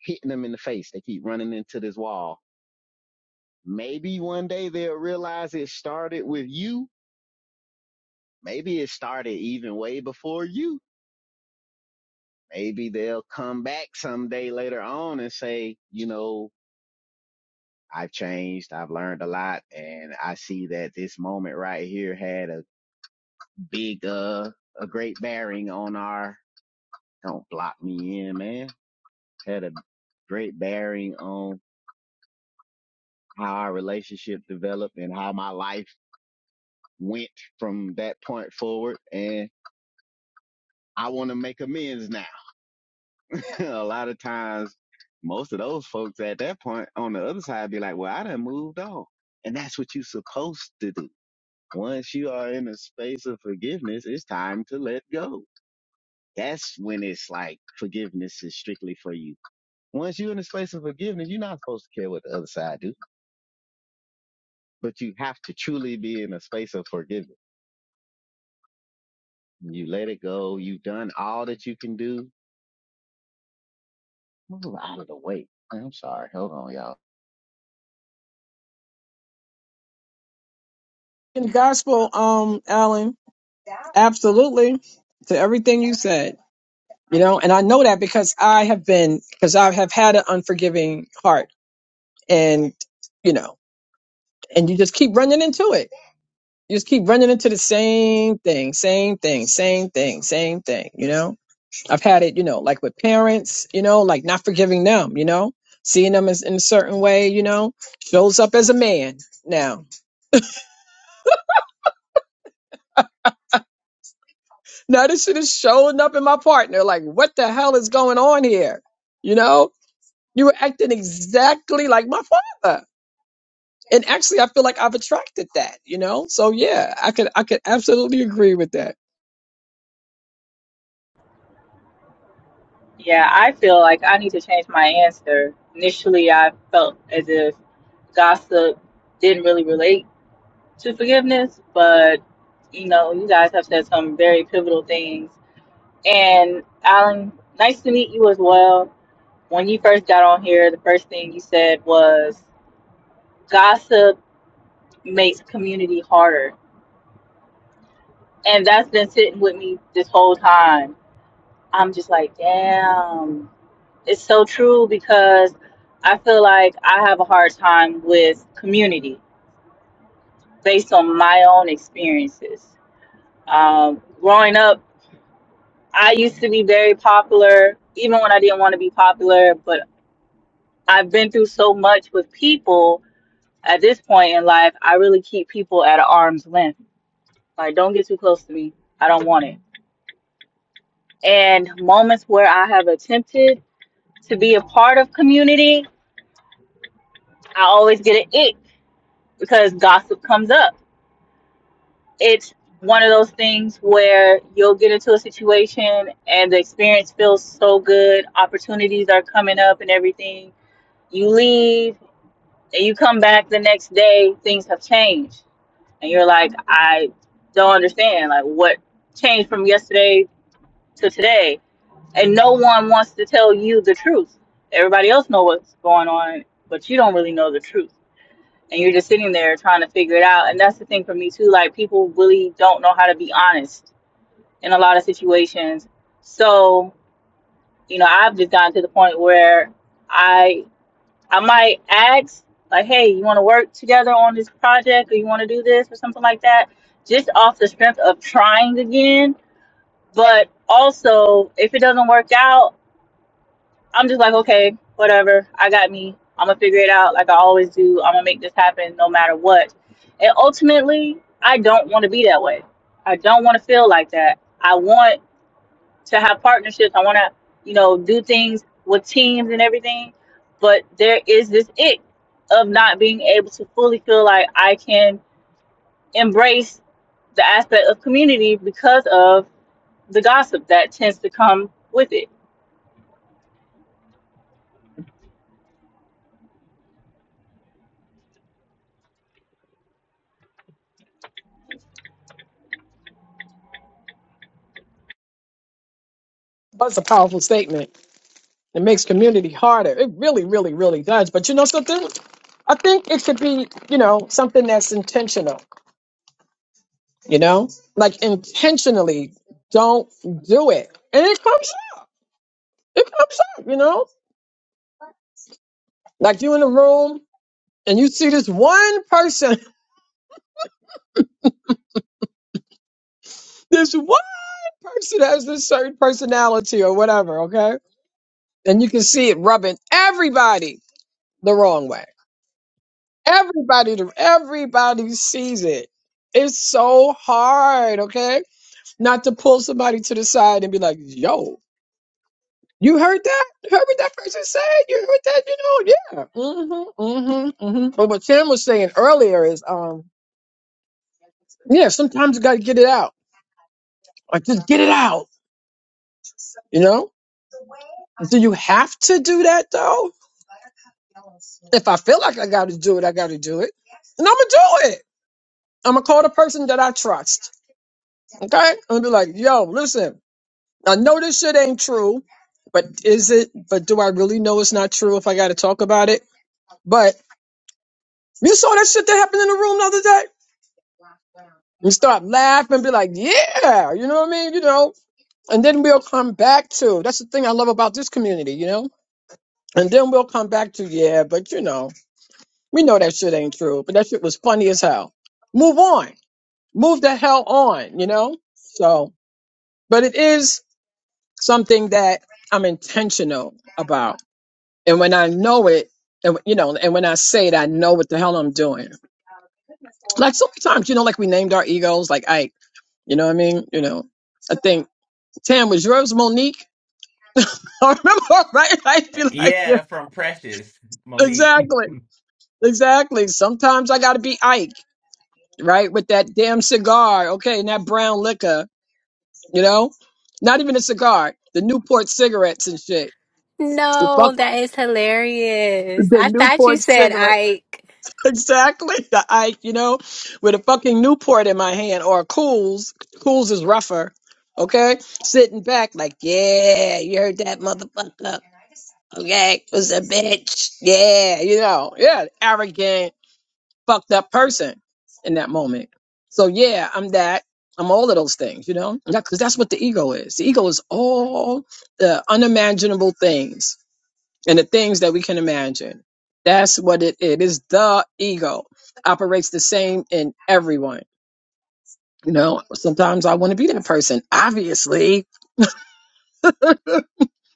S7: hitting them in the face. They keep running into this wall. Maybe one day they'll realize it started with you. Maybe it started even way before you. Maybe they'll come back someday later on and say, you know, I've changed. I've learned a lot. And I see that this moment right here had a big, uh, a great bearing on our, don't block me in, man. Had a great bearing on how our relationship developed and how my life went from that point forward. And I want to make amends now. a lot of times, most of those folks at that point on the other side be like, well, I done moved on. And that's what you're supposed to do. Once you are in a space of forgiveness, it's time to let go. That's when it's like forgiveness is strictly for you Once you're in a space of forgiveness, you're not supposed to care what the other side do, but you have to truly be in a space of forgiveness. You let it go. You've done all that you can do. Move out of the way. I'm sorry. Hold on, y'all.
S4: In the gospel, um, Alan, absolutely to everything you said. You know, and I know that because I have been because I have had an unforgiving heart, and you know, and you just keep running into it. You just keep running into the same thing, same thing, same thing, same thing. You know, I've had it. You know, like with parents. You know, like not forgiving them. You know, seeing them as in a certain way. You know, shows up as a man now. Now this shit is showing up in my partner. Like, what the hell is going on here? You know, you were acting exactly like my father. And actually, I feel like I've attracted that. You know, so yeah, I could I could absolutely agree with that.
S3: Yeah, I feel like I need to change my answer. Initially, I felt as if gossip didn't really relate to forgiveness, but you know, you guys have said some very pivotal things And Alan, nice to meet you as well. When you first got on here, the first thing you said was gossip makes community harder. And that's been sitting with me this whole time. I'm just like, damn, it's so true because I feel like I have a hard time with community based on my own experiences. Um, growing up, I used to be very popular, even when I didn't want to be popular. But I've been through so much with people at this point in life. I really keep people at an arm's length. Like, don't get too close to me. I don't want it. And moments where I have attempted to be a part of community, I always get an ick because gossip comes up. It's one of those things where you'll get into a situation and the experience feels so good, opportunities are coming up and everything. You leave and you come back the next day, things have changed and you're like, I don't understand, like what changed from yesterday to today, and no one wants to tell you the truth. Everybody else know what's going on, but you don't really know the truth, and you're just sitting there trying to figure it out. And that's the thing for me too, like people really don't know how to be honest in a lot of situations. So you know, I've just gotten to the point where. I. I might ask, like, hey, you want to work together on this project or you want to do this or something like that, just off the strength of trying again. But also, if it doesn't work out, I'm just like, okay, whatever. I got me. I'm going to figure it out like I always do. I'm going to make this happen no matter what. And ultimately, I don't want to be that way. I don't want to feel like that. I want to have partnerships. I want to, you know, do things with teams and everything. But there is this ick of not being able to fully feel like I can embrace the aspect of community because of the gossip that tends to come with it.
S4: That's a powerful statement. It makes community harder. It really, really, really does. But you know something? I think it should be, you know, something that's intentional, you know? Like intentionally don't do it. And it comes it comes up, you know? Like you in a room and you see this one person, this one person has this certain personality or whatever, okay? And you can see it rubbing everybody the wrong way. Everybody everybody sees it. It's so hard, okay? Not to pull somebody to the side and be like, yo, you heard that? You heard what that person said? You heard that? You know, yeah. Mm-hmm. Mm-hmm. Mm-hmm. But what Tim was saying earlier is um, yeah, sometimes you gotta get it out. Like just get it out, you know? Do you have to do that though? If I feel like I gotta do it, I gotta do it. And I'ma do it. I'ma call the person that I trust. Okay? I'm gonna be like, yo, listen. I know this shit ain't true, but is it? But do I really know it's not true if I got to talk about it? But you saw that shit that happened in the room the other day? And start laughing and be like, yeah, you know what I mean? You know? And then we'll come back to, that's the thing I love about this community, you know? And then we'll come back to, yeah, but you know, we know that shit ain't true, but that shit was funny as hell. Move on. Move the hell on, you know? So, but it is something that I'm intentional about And when I know it, and you know, and when I say it, I know what the hell I'm doing. Like so many times, you know, like we named our egos, like Ike. You know what I mean? You know, I think Tam was yours, Monique. I remember, right? I'd be like,
S1: Yeah, from Precious Monique.
S4: exactly, exactly. Sometimes I got to be Ike, right, with that damn cigar, okay, and that brown liquor. You know, not even a cigar, the Newport cigarettes and shit. The fuck,
S6: No, that is hilarious.
S4: the
S6: I thought you
S4: Newport
S6: said
S4: cigarette.
S6: Ike.
S4: Exactly. The I, you know, with a fucking Newport in my hand or a Cools. Cools is rougher. Okay? Sitting back like, yeah, you heard that motherfucker. Okay? It was a bitch. Yeah, you know, yeah, arrogant, fucked up person in that moment. So yeah, I'm that. I'm all of those things, you know? Because that's what the ego is. The ego is all the unimaginable things and the things that we can imagine. That's what it is. It's the ego operates the same in everyone. You know, sometimes I want to be that person, obviously,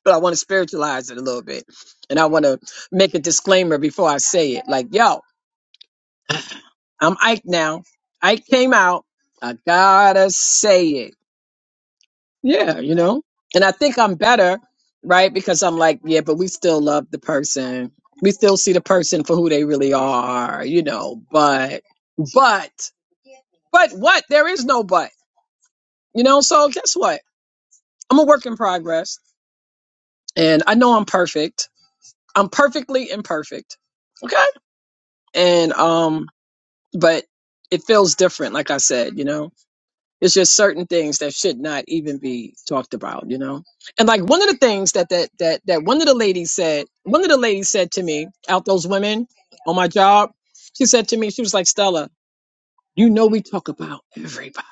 S4: but I want to spiritualize it a little bit. And I want to make a disclaimer before I say it. Like, yo, I'm Ike now. Ike came out. I gotta say it. Yeah, you know? And I think I'm better, right? Because I'm like, yeah, but we still love the person. We still see the person for who they really are, you know, but, but, but what? There is no but, you know? So guess what? I'm a work in progress and I know I'm perfect. I'm perfectly imperfect. Okay. And, um, but it feels different, like I said, you know? It's just certain things that should not even be talked about, you know. And like one of the things that that that that one of the ladies said, one of the ladies said to me out those women on my job, she said to me, she was like, Stella, you know, we talk about everybody.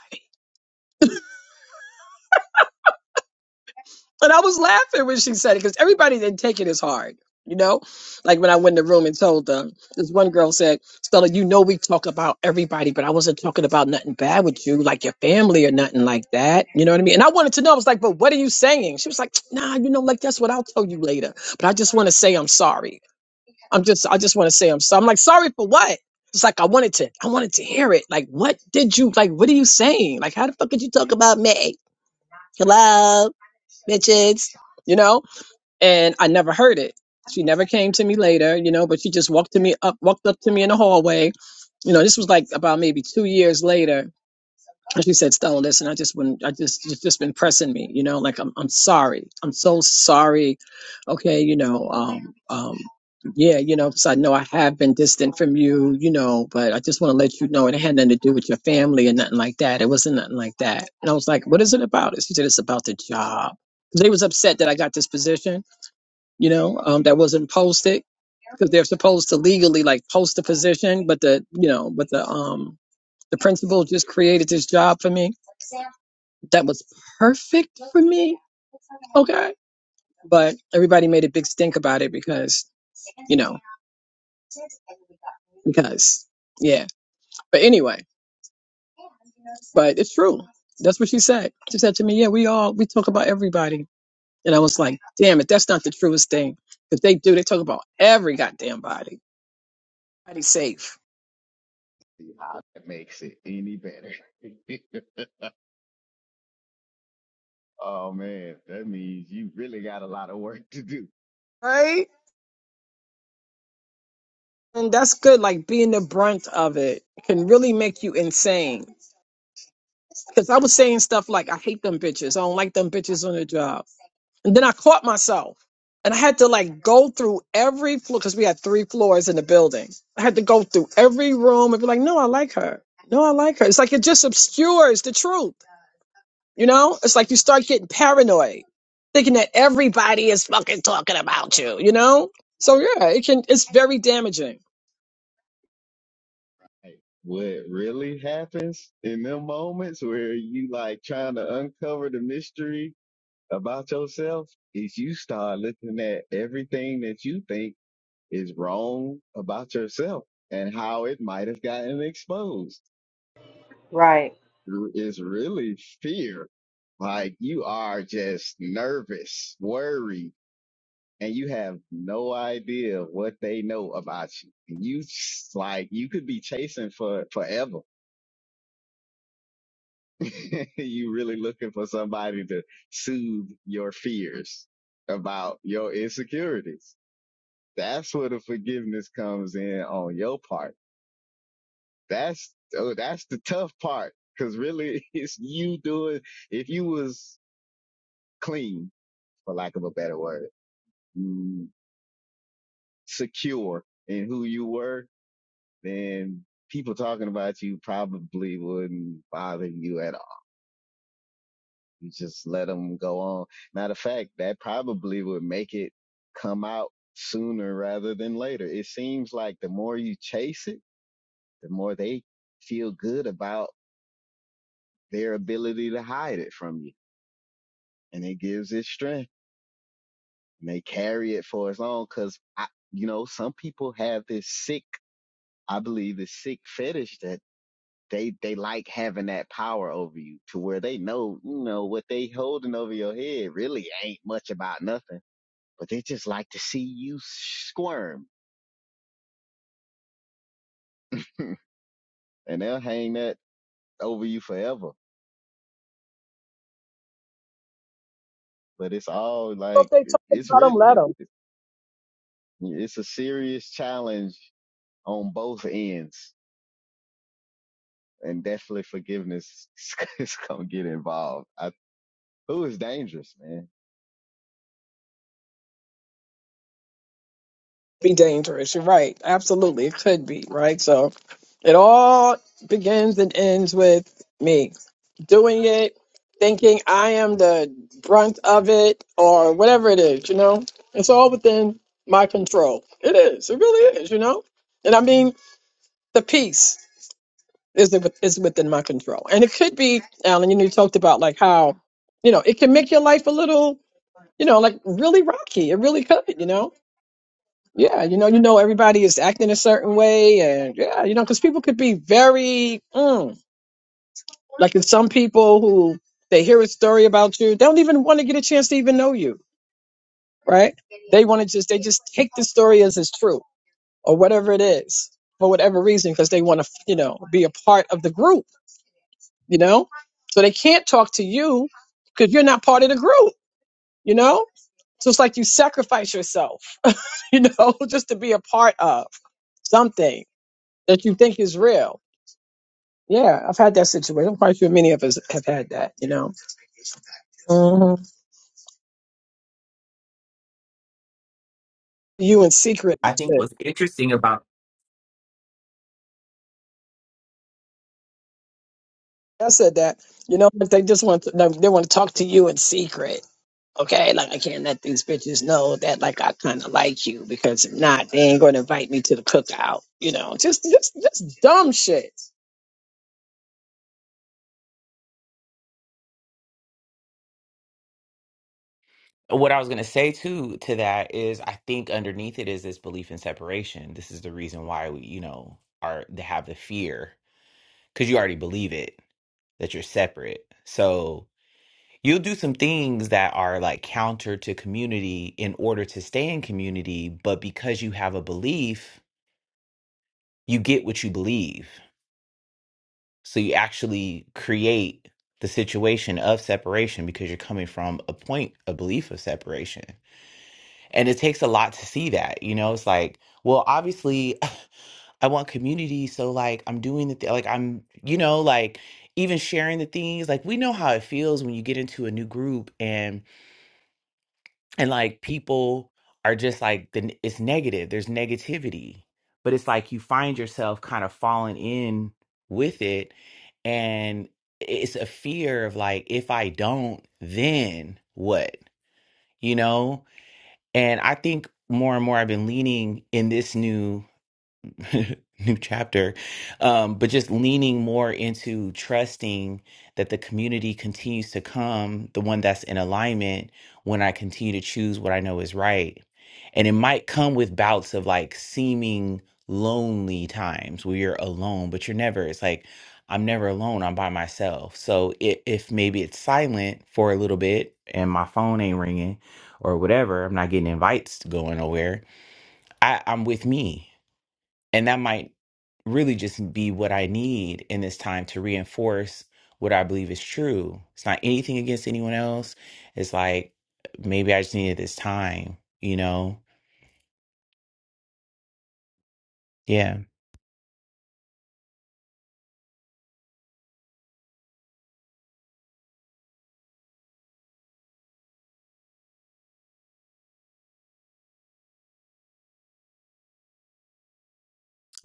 S4: And I was laughing when she said it because everybody didn't take it as hard, you know? Like when I went in the room and told them, this one girl said, Stella, you know, we talk about everybody, but I wasn't talking about nothing bad with you, like your family or nothing like that. You know what I mean? And I wanted to know, I was like, but what are you saying? She was like, nah, you know, like that's what I'll tell you later. But I just want to say I'm sorry. I'm just, I just want to say I'm sorry. I'm like, sorry for what? It's like I wanted to, I wanted to hear it. Like, what did you like? What are you saying? Like, how the fuck did you talk about me? Hello, bitches. You know? And I never heard it. She never came to me later, you know, but she just walked to me up walked up to me in the hallway. You know, this was like about maybe two years later and she said, Stella, listen, I just wouldn't, I just, it's just been pressing me, you know, like I'm, I'm sorry. I'm so sorry. Okay. You know, um, um, yeah, you know, because I know I have been distant from you, you know, but I just want to let you know it had nothing to do with your family and nothing like that. It wasn't nothing like that. And I was like, what is it about? And she said, it's about the job. 'Cause They was upset that I got this position, you know, um, that wasn't posted because they're supposed to legally like post the position, but the, you know, but the, um, the principal just created this job for me that was perfect for me. Okay. But everybody made a big stink about it because, you know, because, yeah. But anyway, but it's true. That's what she said. She said to me, yeah, we all, we talk about everybody. And I was like, damn it, that's not the truest thing. But they do, they talk about every goddamn body. Body safe.
S7: See how that makes it any better. oh man, that means you really got a lot of work to do.
S4: Right? And that's good. Like being the brunt of it can really make you insane. Because I was saying stuff like, I hate them bitches. I don't like them bitches on the job. And then I caught myself and I had to like go through every floor because we had three floors in the building. I had to go through every room and be like, no, I like her. No, I like her. It's like it just obscures the truth. You know, it's like you start getting paranoid, thinking that everybody is fucking talking about you, you know? So yeah, it can it's very damaging.
S7: Hey, What really happens in them moments where you like trying to uncover the mystery about yourself is you start looking at everything that you think is wrong about yourself and how it might have gotten exposed
S3: Right.
S7: is really fear. Like you are just nervous, worried, and you have no idea what they know about you. And You s- like you could be chasing for forever. you really looking for somebody to soothe your fears about your insecurities. That's where the forgiveness comes in on your part That's oh, that's the tough part because really it's you doing. If you was clean, for lack of a better word, mm, secure in who you were, then people talking about you probably wouldn't bother you at all. You just let them go on. Matter of fact, that probably would make it come out sooner rather than later. It seems like the more you chase it, the more they feel good about their ability to hide it from you and it gives it strength and they carry it for as long because I, you know, some people have this sick, I believe this sick fetish that they, they like having that power over you to where they know, you know, what they holding over your head really ain't much about nothing, but they just like to see you squirm and they'll hang that over you forever. But it's all
S4: So
S7: like,
S4: if they
S7: it,
S4: talking
S7: it's
S4: about them,
S7: really,
S4: let
S7: it,
S4: 'em.
S7: it's a serious challenge on both ends and definitely forgiveness is gonna get involved. I, food is dangerous, man.
S4: be dangerous. You're right. Absolutely. It could be, right? So it all begins and ends with me doing it, thinking I am the brunt of it or whatever it is, you know? It's all within my control. It is. It really is, you know? And I mean, the peace is, is within my control. And it could be, Alan, you know, you talked about like how, you know, it can make your life a little, you know, like really rocky. It really could, you know? Yeah, you know, you know, everybody is acting a certain way, and yeah, you know, because people could be very mm, like there's some people who they hear a story about you, they don't even want to get a chance to even know you, right? They want to just they just take the story as it's true or whatever it is for whatever reason because they want to you know be a part of the group, you know, so they can't talk to you because you're not part of the group, you know. So it's like you sacrifice yourself, you know, just to be a part of something that you think is real. Yeah, I've had that situation. I'm quite sure many of us have had that, you know. hmm You in secret.
S1: I
S4: and
S1: think
S4: shit.
S1: was
S4: I said that, you know, if they just want to, like, they want to talk to you in secret. Okay, like I can't let these bitches know that like I kind of like you because if not, they ain't going to invite me to the cookout. You know, just just just dumb shit.
S1: what I was gonna say too to that is I think underneath it is this belief in separation. This is the reason why we, you know, are to have the fear because you already believe it that you're separate. So you'll do some things that are like counter to community in order to stay in community, but because you have a belief, you get what you believe. So you actually create the situation of separation because you're coming from a point, a belief of separation. And it takes a lot to see that. You know, it's like, well, obviously I want community. So like I'm doing the thing, like I'm, you know, like even sharing the things. Like we know how it feels when you get into a new group and like people are just like the, n- it's negative there's negativity but it's like you find yourself kind of falling in with it and it's a fear of like if i don't then what you know and i think more and more i've been leaning in this new new chapter, um, but just leaning more into trusting that the community continues to come, the one that's in alignment, when I continue to choose what I know is right. And it might come with bouts of like seeming lonely times where you're alone, but you're never, it's like, I'm never alone, I'm by myself. So i if maybe it's silent for a little bit and my phone ain't ringing or whatever, I'm not getting invites to going nowhere, I, I'm with me and that might really just be what I need in this time to reinforce what I believe is true. It's not anything against anyone else. It's like maybe I just needed this time, you know? Yeah.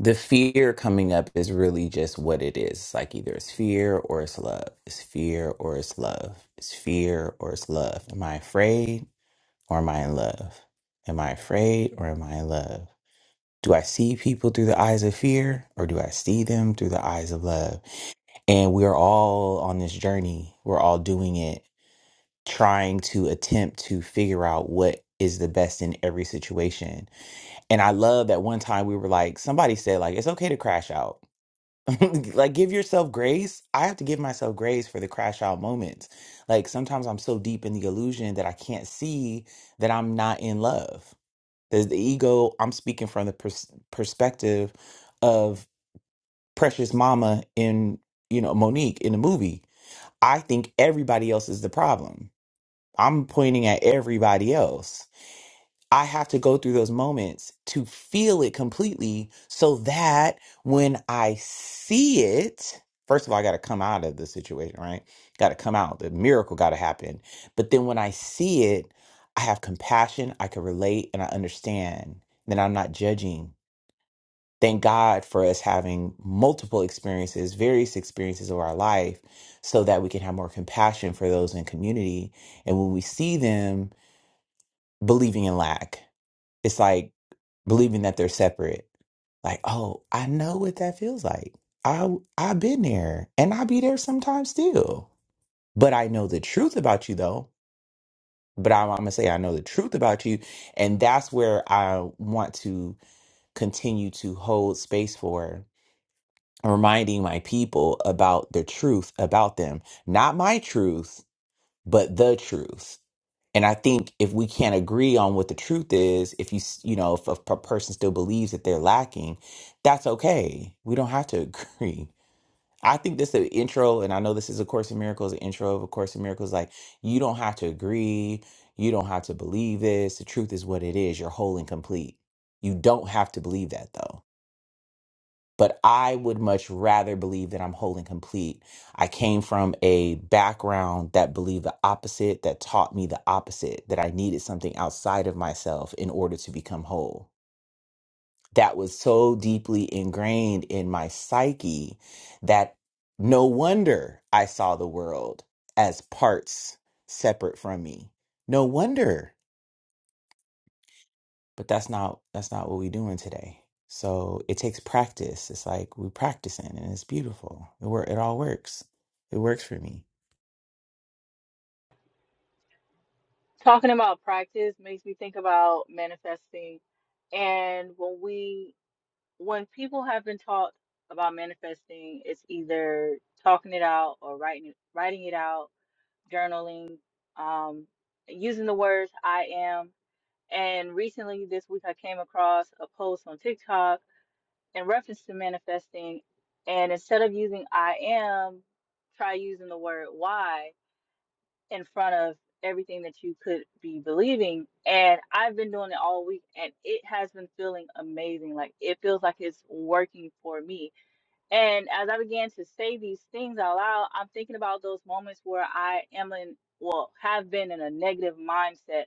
S1: The fear coming up is really just what it is. It's like either it's fear or it's love. It's fear or it's love. It's fear or it's love. Am I afraid or am I in love? Am I afraid or am I in love? Do I see people through the eyes of fear or do I see them through the eyes of love? And we are all on this journey. We're all doing it, trying to attempt to figure out what is the best in every situation. And I love that one time we were like, somebody said, like, it's okay to crash out. like, give yourself grace. I have to give myself grace for the crash out moments. Like, sometimes I'm so deep in the illusion that I can't see that I'm not in love. There's the ego. I'm speaking from the pers- perspective of precious mama in, you know, Monique in the movie I think everybody else is the problem. I'm pointing at everybody else. I have to go through those moments to feel it completely so that when I see it, first of all, I got to come out of the situation, right? Got to come out. The miracle got to happen. But then when I see it, I have compassion, I can relate, and I understand. Then I'm not judging thank God for us having multiple experiences, various experiences of our life, so that we can have more compassion for those in community. And when we see them believing in lack, it's like believing that they're separate. Like, oh, I know what that feels like. I I've been there, and i be there sometimes still. But I know the truth about you, though. But I'm, I'm gonna say I know the truth about you, and that's where I want to continue to hold space for reminding my people about the truth about them. Not my truth, but the truth. And I think if we can't agree on what the truth is, if you, s- you know, if a p- person still believes that they're lacking, that's okay. We don't have to agree. I think this is an intro, and I know this is A Course in Miracles, an intro of A Course in Miracles. Like, you don't have to agree. You don't have to believe this. The truth is what it is. You're whole and complete. You don't have to believe that, though but I would much rather believe that I'm whole and complete. I came from a background that believed the opposite, that taught me the opposite, that I needed something outside of myself in order to become whole. That was so deeply ingrained in my psyche that no wonder I saw the world as parts separate from me. No wonder. but that's not that's not what we're doing today so it takes practice it's like we practicing and it's beautiful it work it all works it works for me
S3: Talking about practice makes me think about manifesting. And when we, when people have been taught about manifesting, it's either talking it out or writing it, writing it out journaling, um, using the words I am. And recently this week, I came across a post on TikTok in reference to manifesting. And instead of using I am, try using the word why in front of everything that you could be believing. And I've been doing it all week and it has been feeling amazing. Like it feels like it's working for me and as I began to say these things out loud, I'm thinking about those moments where I am in, well, have been in a negative mindset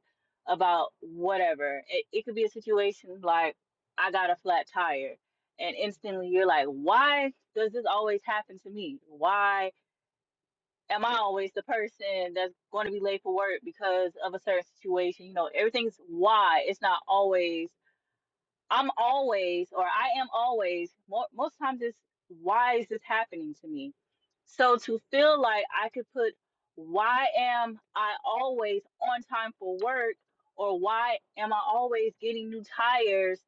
S3: about whatever. It, it could be a situation like I got a flat tire, and instantly you're like, why does this always happen to me? Why am I always the person that's going to be late for work because of a certain situation? You know, everything's why. It's not always I'm always, or I am always, mo most times it's why is this happening to me? So to feel like I could put why am I always on time for work, or why am I always getting new tires,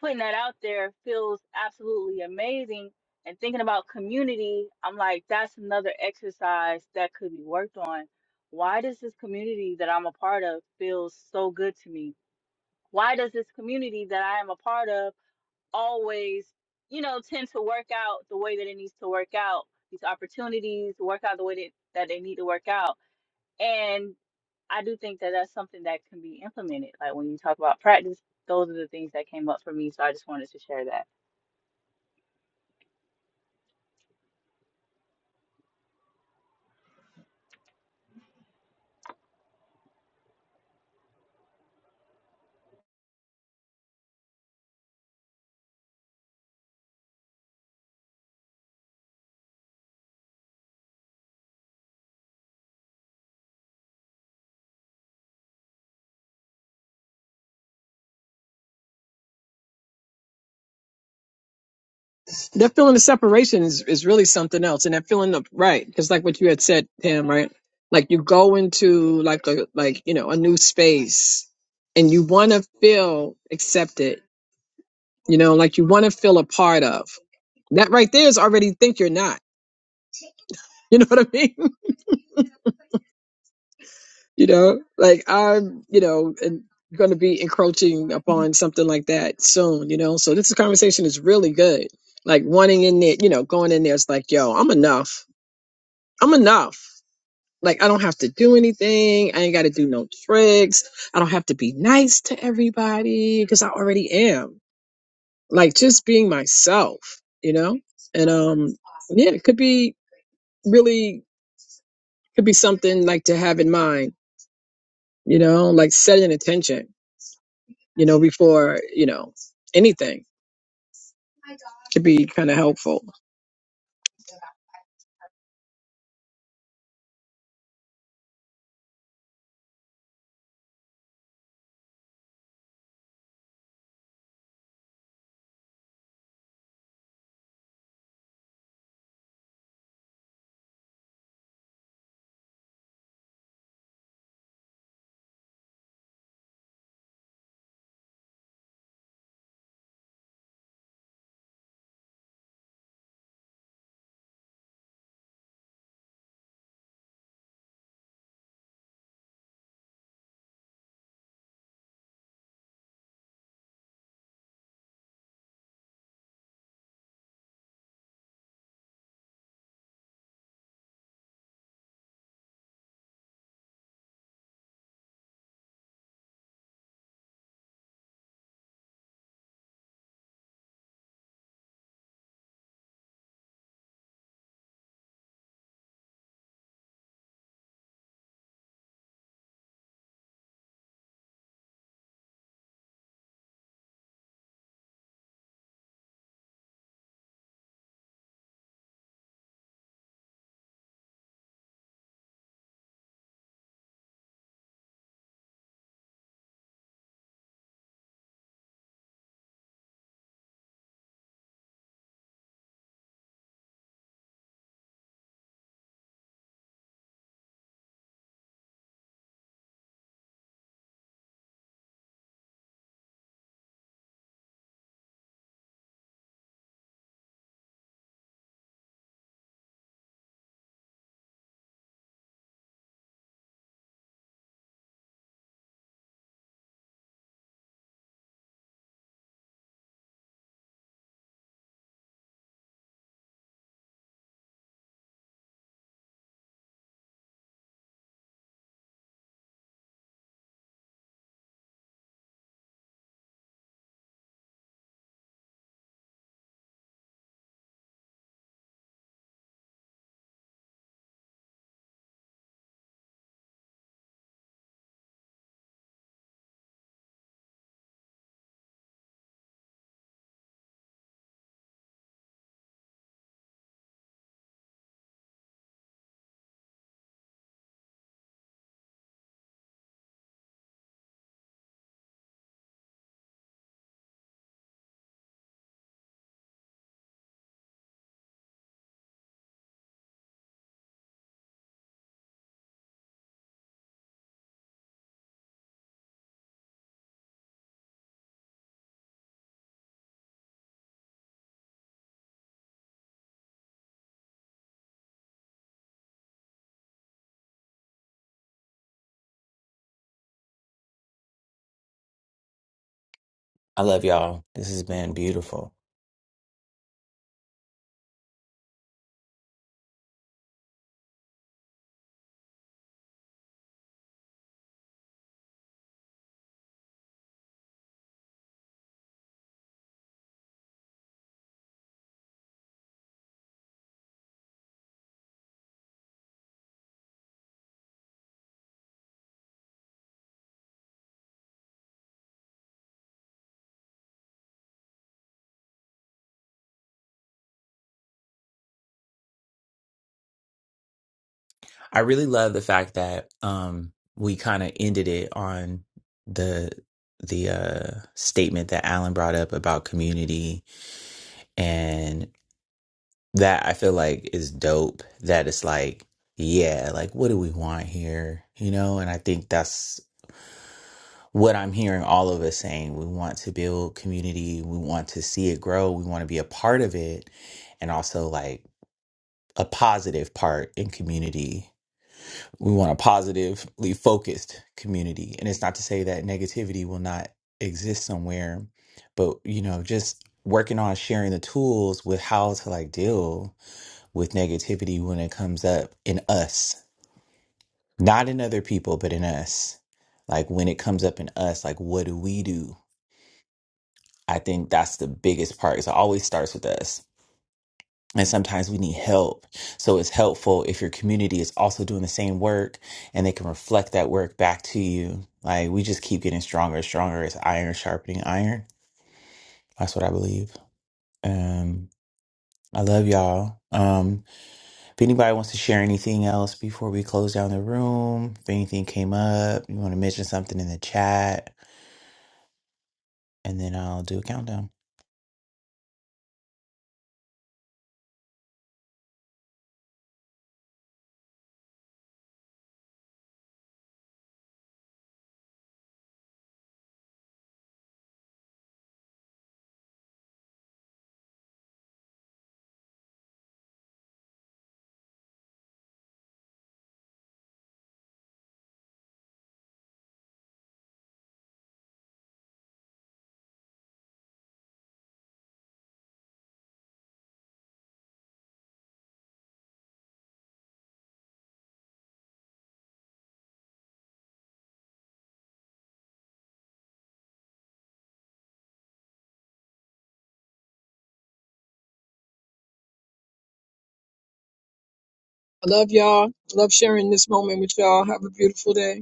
S3: putting that out there feels absolutely amazing. And thinking about community, I'm like, that's another exercise that could be worked on. Why does this community that I'm a part of feel so good to me? Why does this community that I am a part of? always, you know, tend to work out the way that it needs to work out. These opportunities work out the way that, that they need to work out. And I do think that that's something that can be implemented. Like when you talk about practice, those are the things that came up for me. So I just wanted to share that.
S4: That feeling of separation is, is really something else. And that feeling of, right. Cause like what you had said, Pam, right? Like you go into like a, like, you know, a new space and you want to feel accepted, you know, like you want to feel a part of. that right there is already think you're not. You know what I mean? You know, like I'm, you know, and going to be encroaching upon something like that soon. You know, so this conversation is really good. Like wanting in there, you know, going in there is like, yo, I'm enough. I'm enough. Like I don't have to do anything. I ain't got to do no tricks. I don't have to be nice to everybody because I already am. Like just being myself, you know? And um yeah, it could be really could be something like to have in mind, you know, like set an intention, you know, before, you know, anything could be kind of helpful.
S1: i love y'all this has been beautiful i really love the fact that um we kind of ended it on the the uh statement that alan brought up about community and that i feel like is dope that it's like yeah like what do we want here you know and i think that's what I'm hearing all of us saying. We want to build community, we want to see it grow, we want to be a part of it, and also like a positive part in community. We want a positively focused community. And it's not to say that negativity will not exist somewhere, but you know, just working on sharing the tools with how to like deal with negativity when it comes up in us, not in other people, but in us. Like when it comes up in us, like what do we do? I think that's the biggest part. it always starts with us. And sometimes we need help. So it's helpful if your community is also doing the same work and they can reflect that work back to you. Like we just keep getting stronger and stronger. It's iron sharpening iron. That's what I believe. Um, I love y'all. Um, if anybody wants to share anything else before we close down the room, if anything came up, you want to mention something in the chat, and then I'll do a countdown.
S4: I love y'all. Love sharing this moment with y'all. Have a beautiful day.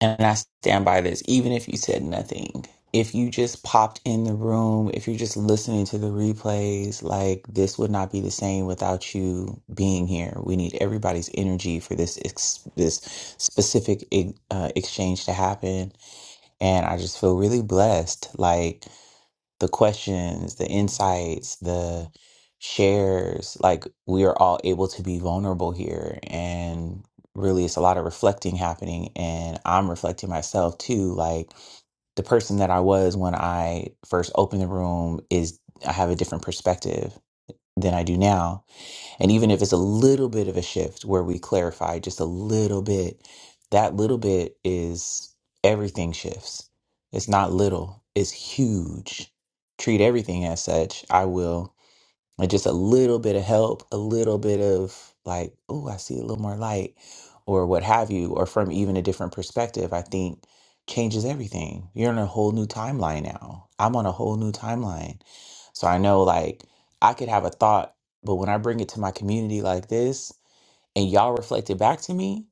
S1: And I stand by this, even if you said nothing. If you just popped in the room, if you're just listening to the replays, like this would not be the same without you being here. We need everybody's energy for this ex- this specific e- uh, exchange to happen, and I just feel really blessed. Like the questions, the insights, the shares. Like we are all able to be vulnerable here. And really, it's a lot of reflecting happening. And I'm reflecting myself too. Like the person that I was when I first opened the room is, I have a different perspective than I do now and even if it's a little bit of a shift where we clarify just a little bit, that little bit is everything shifts. It's not little, it's huge. Treat everything as such. I will. Like just a little bit of help, a little bit of like, oh, I see a little more light or what have you, or from even a different perspective, I think changes everything. You're in a whole new timeline now. I'm on a whole new timeline. So I know like I could have a thought, but when I bring it to my community like this and y'all reflect it back to me,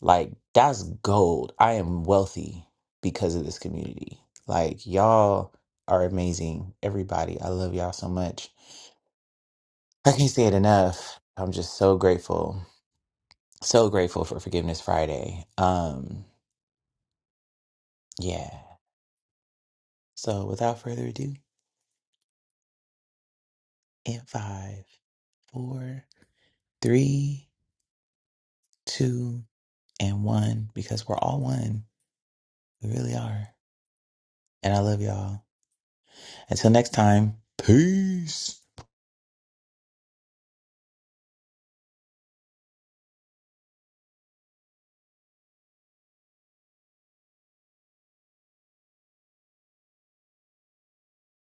S1: like that's gold. I am wealthy because of this community. Like y'all are amazing. Everybody, I love y'all so much. I can't say it enough. I'm just so grateful, so grateful for Forgiveness Friday. Um, yeah. So without further ado, in five, four, three, two, and one, because we're all one. We really are. And I love y'all. Until next time, peace.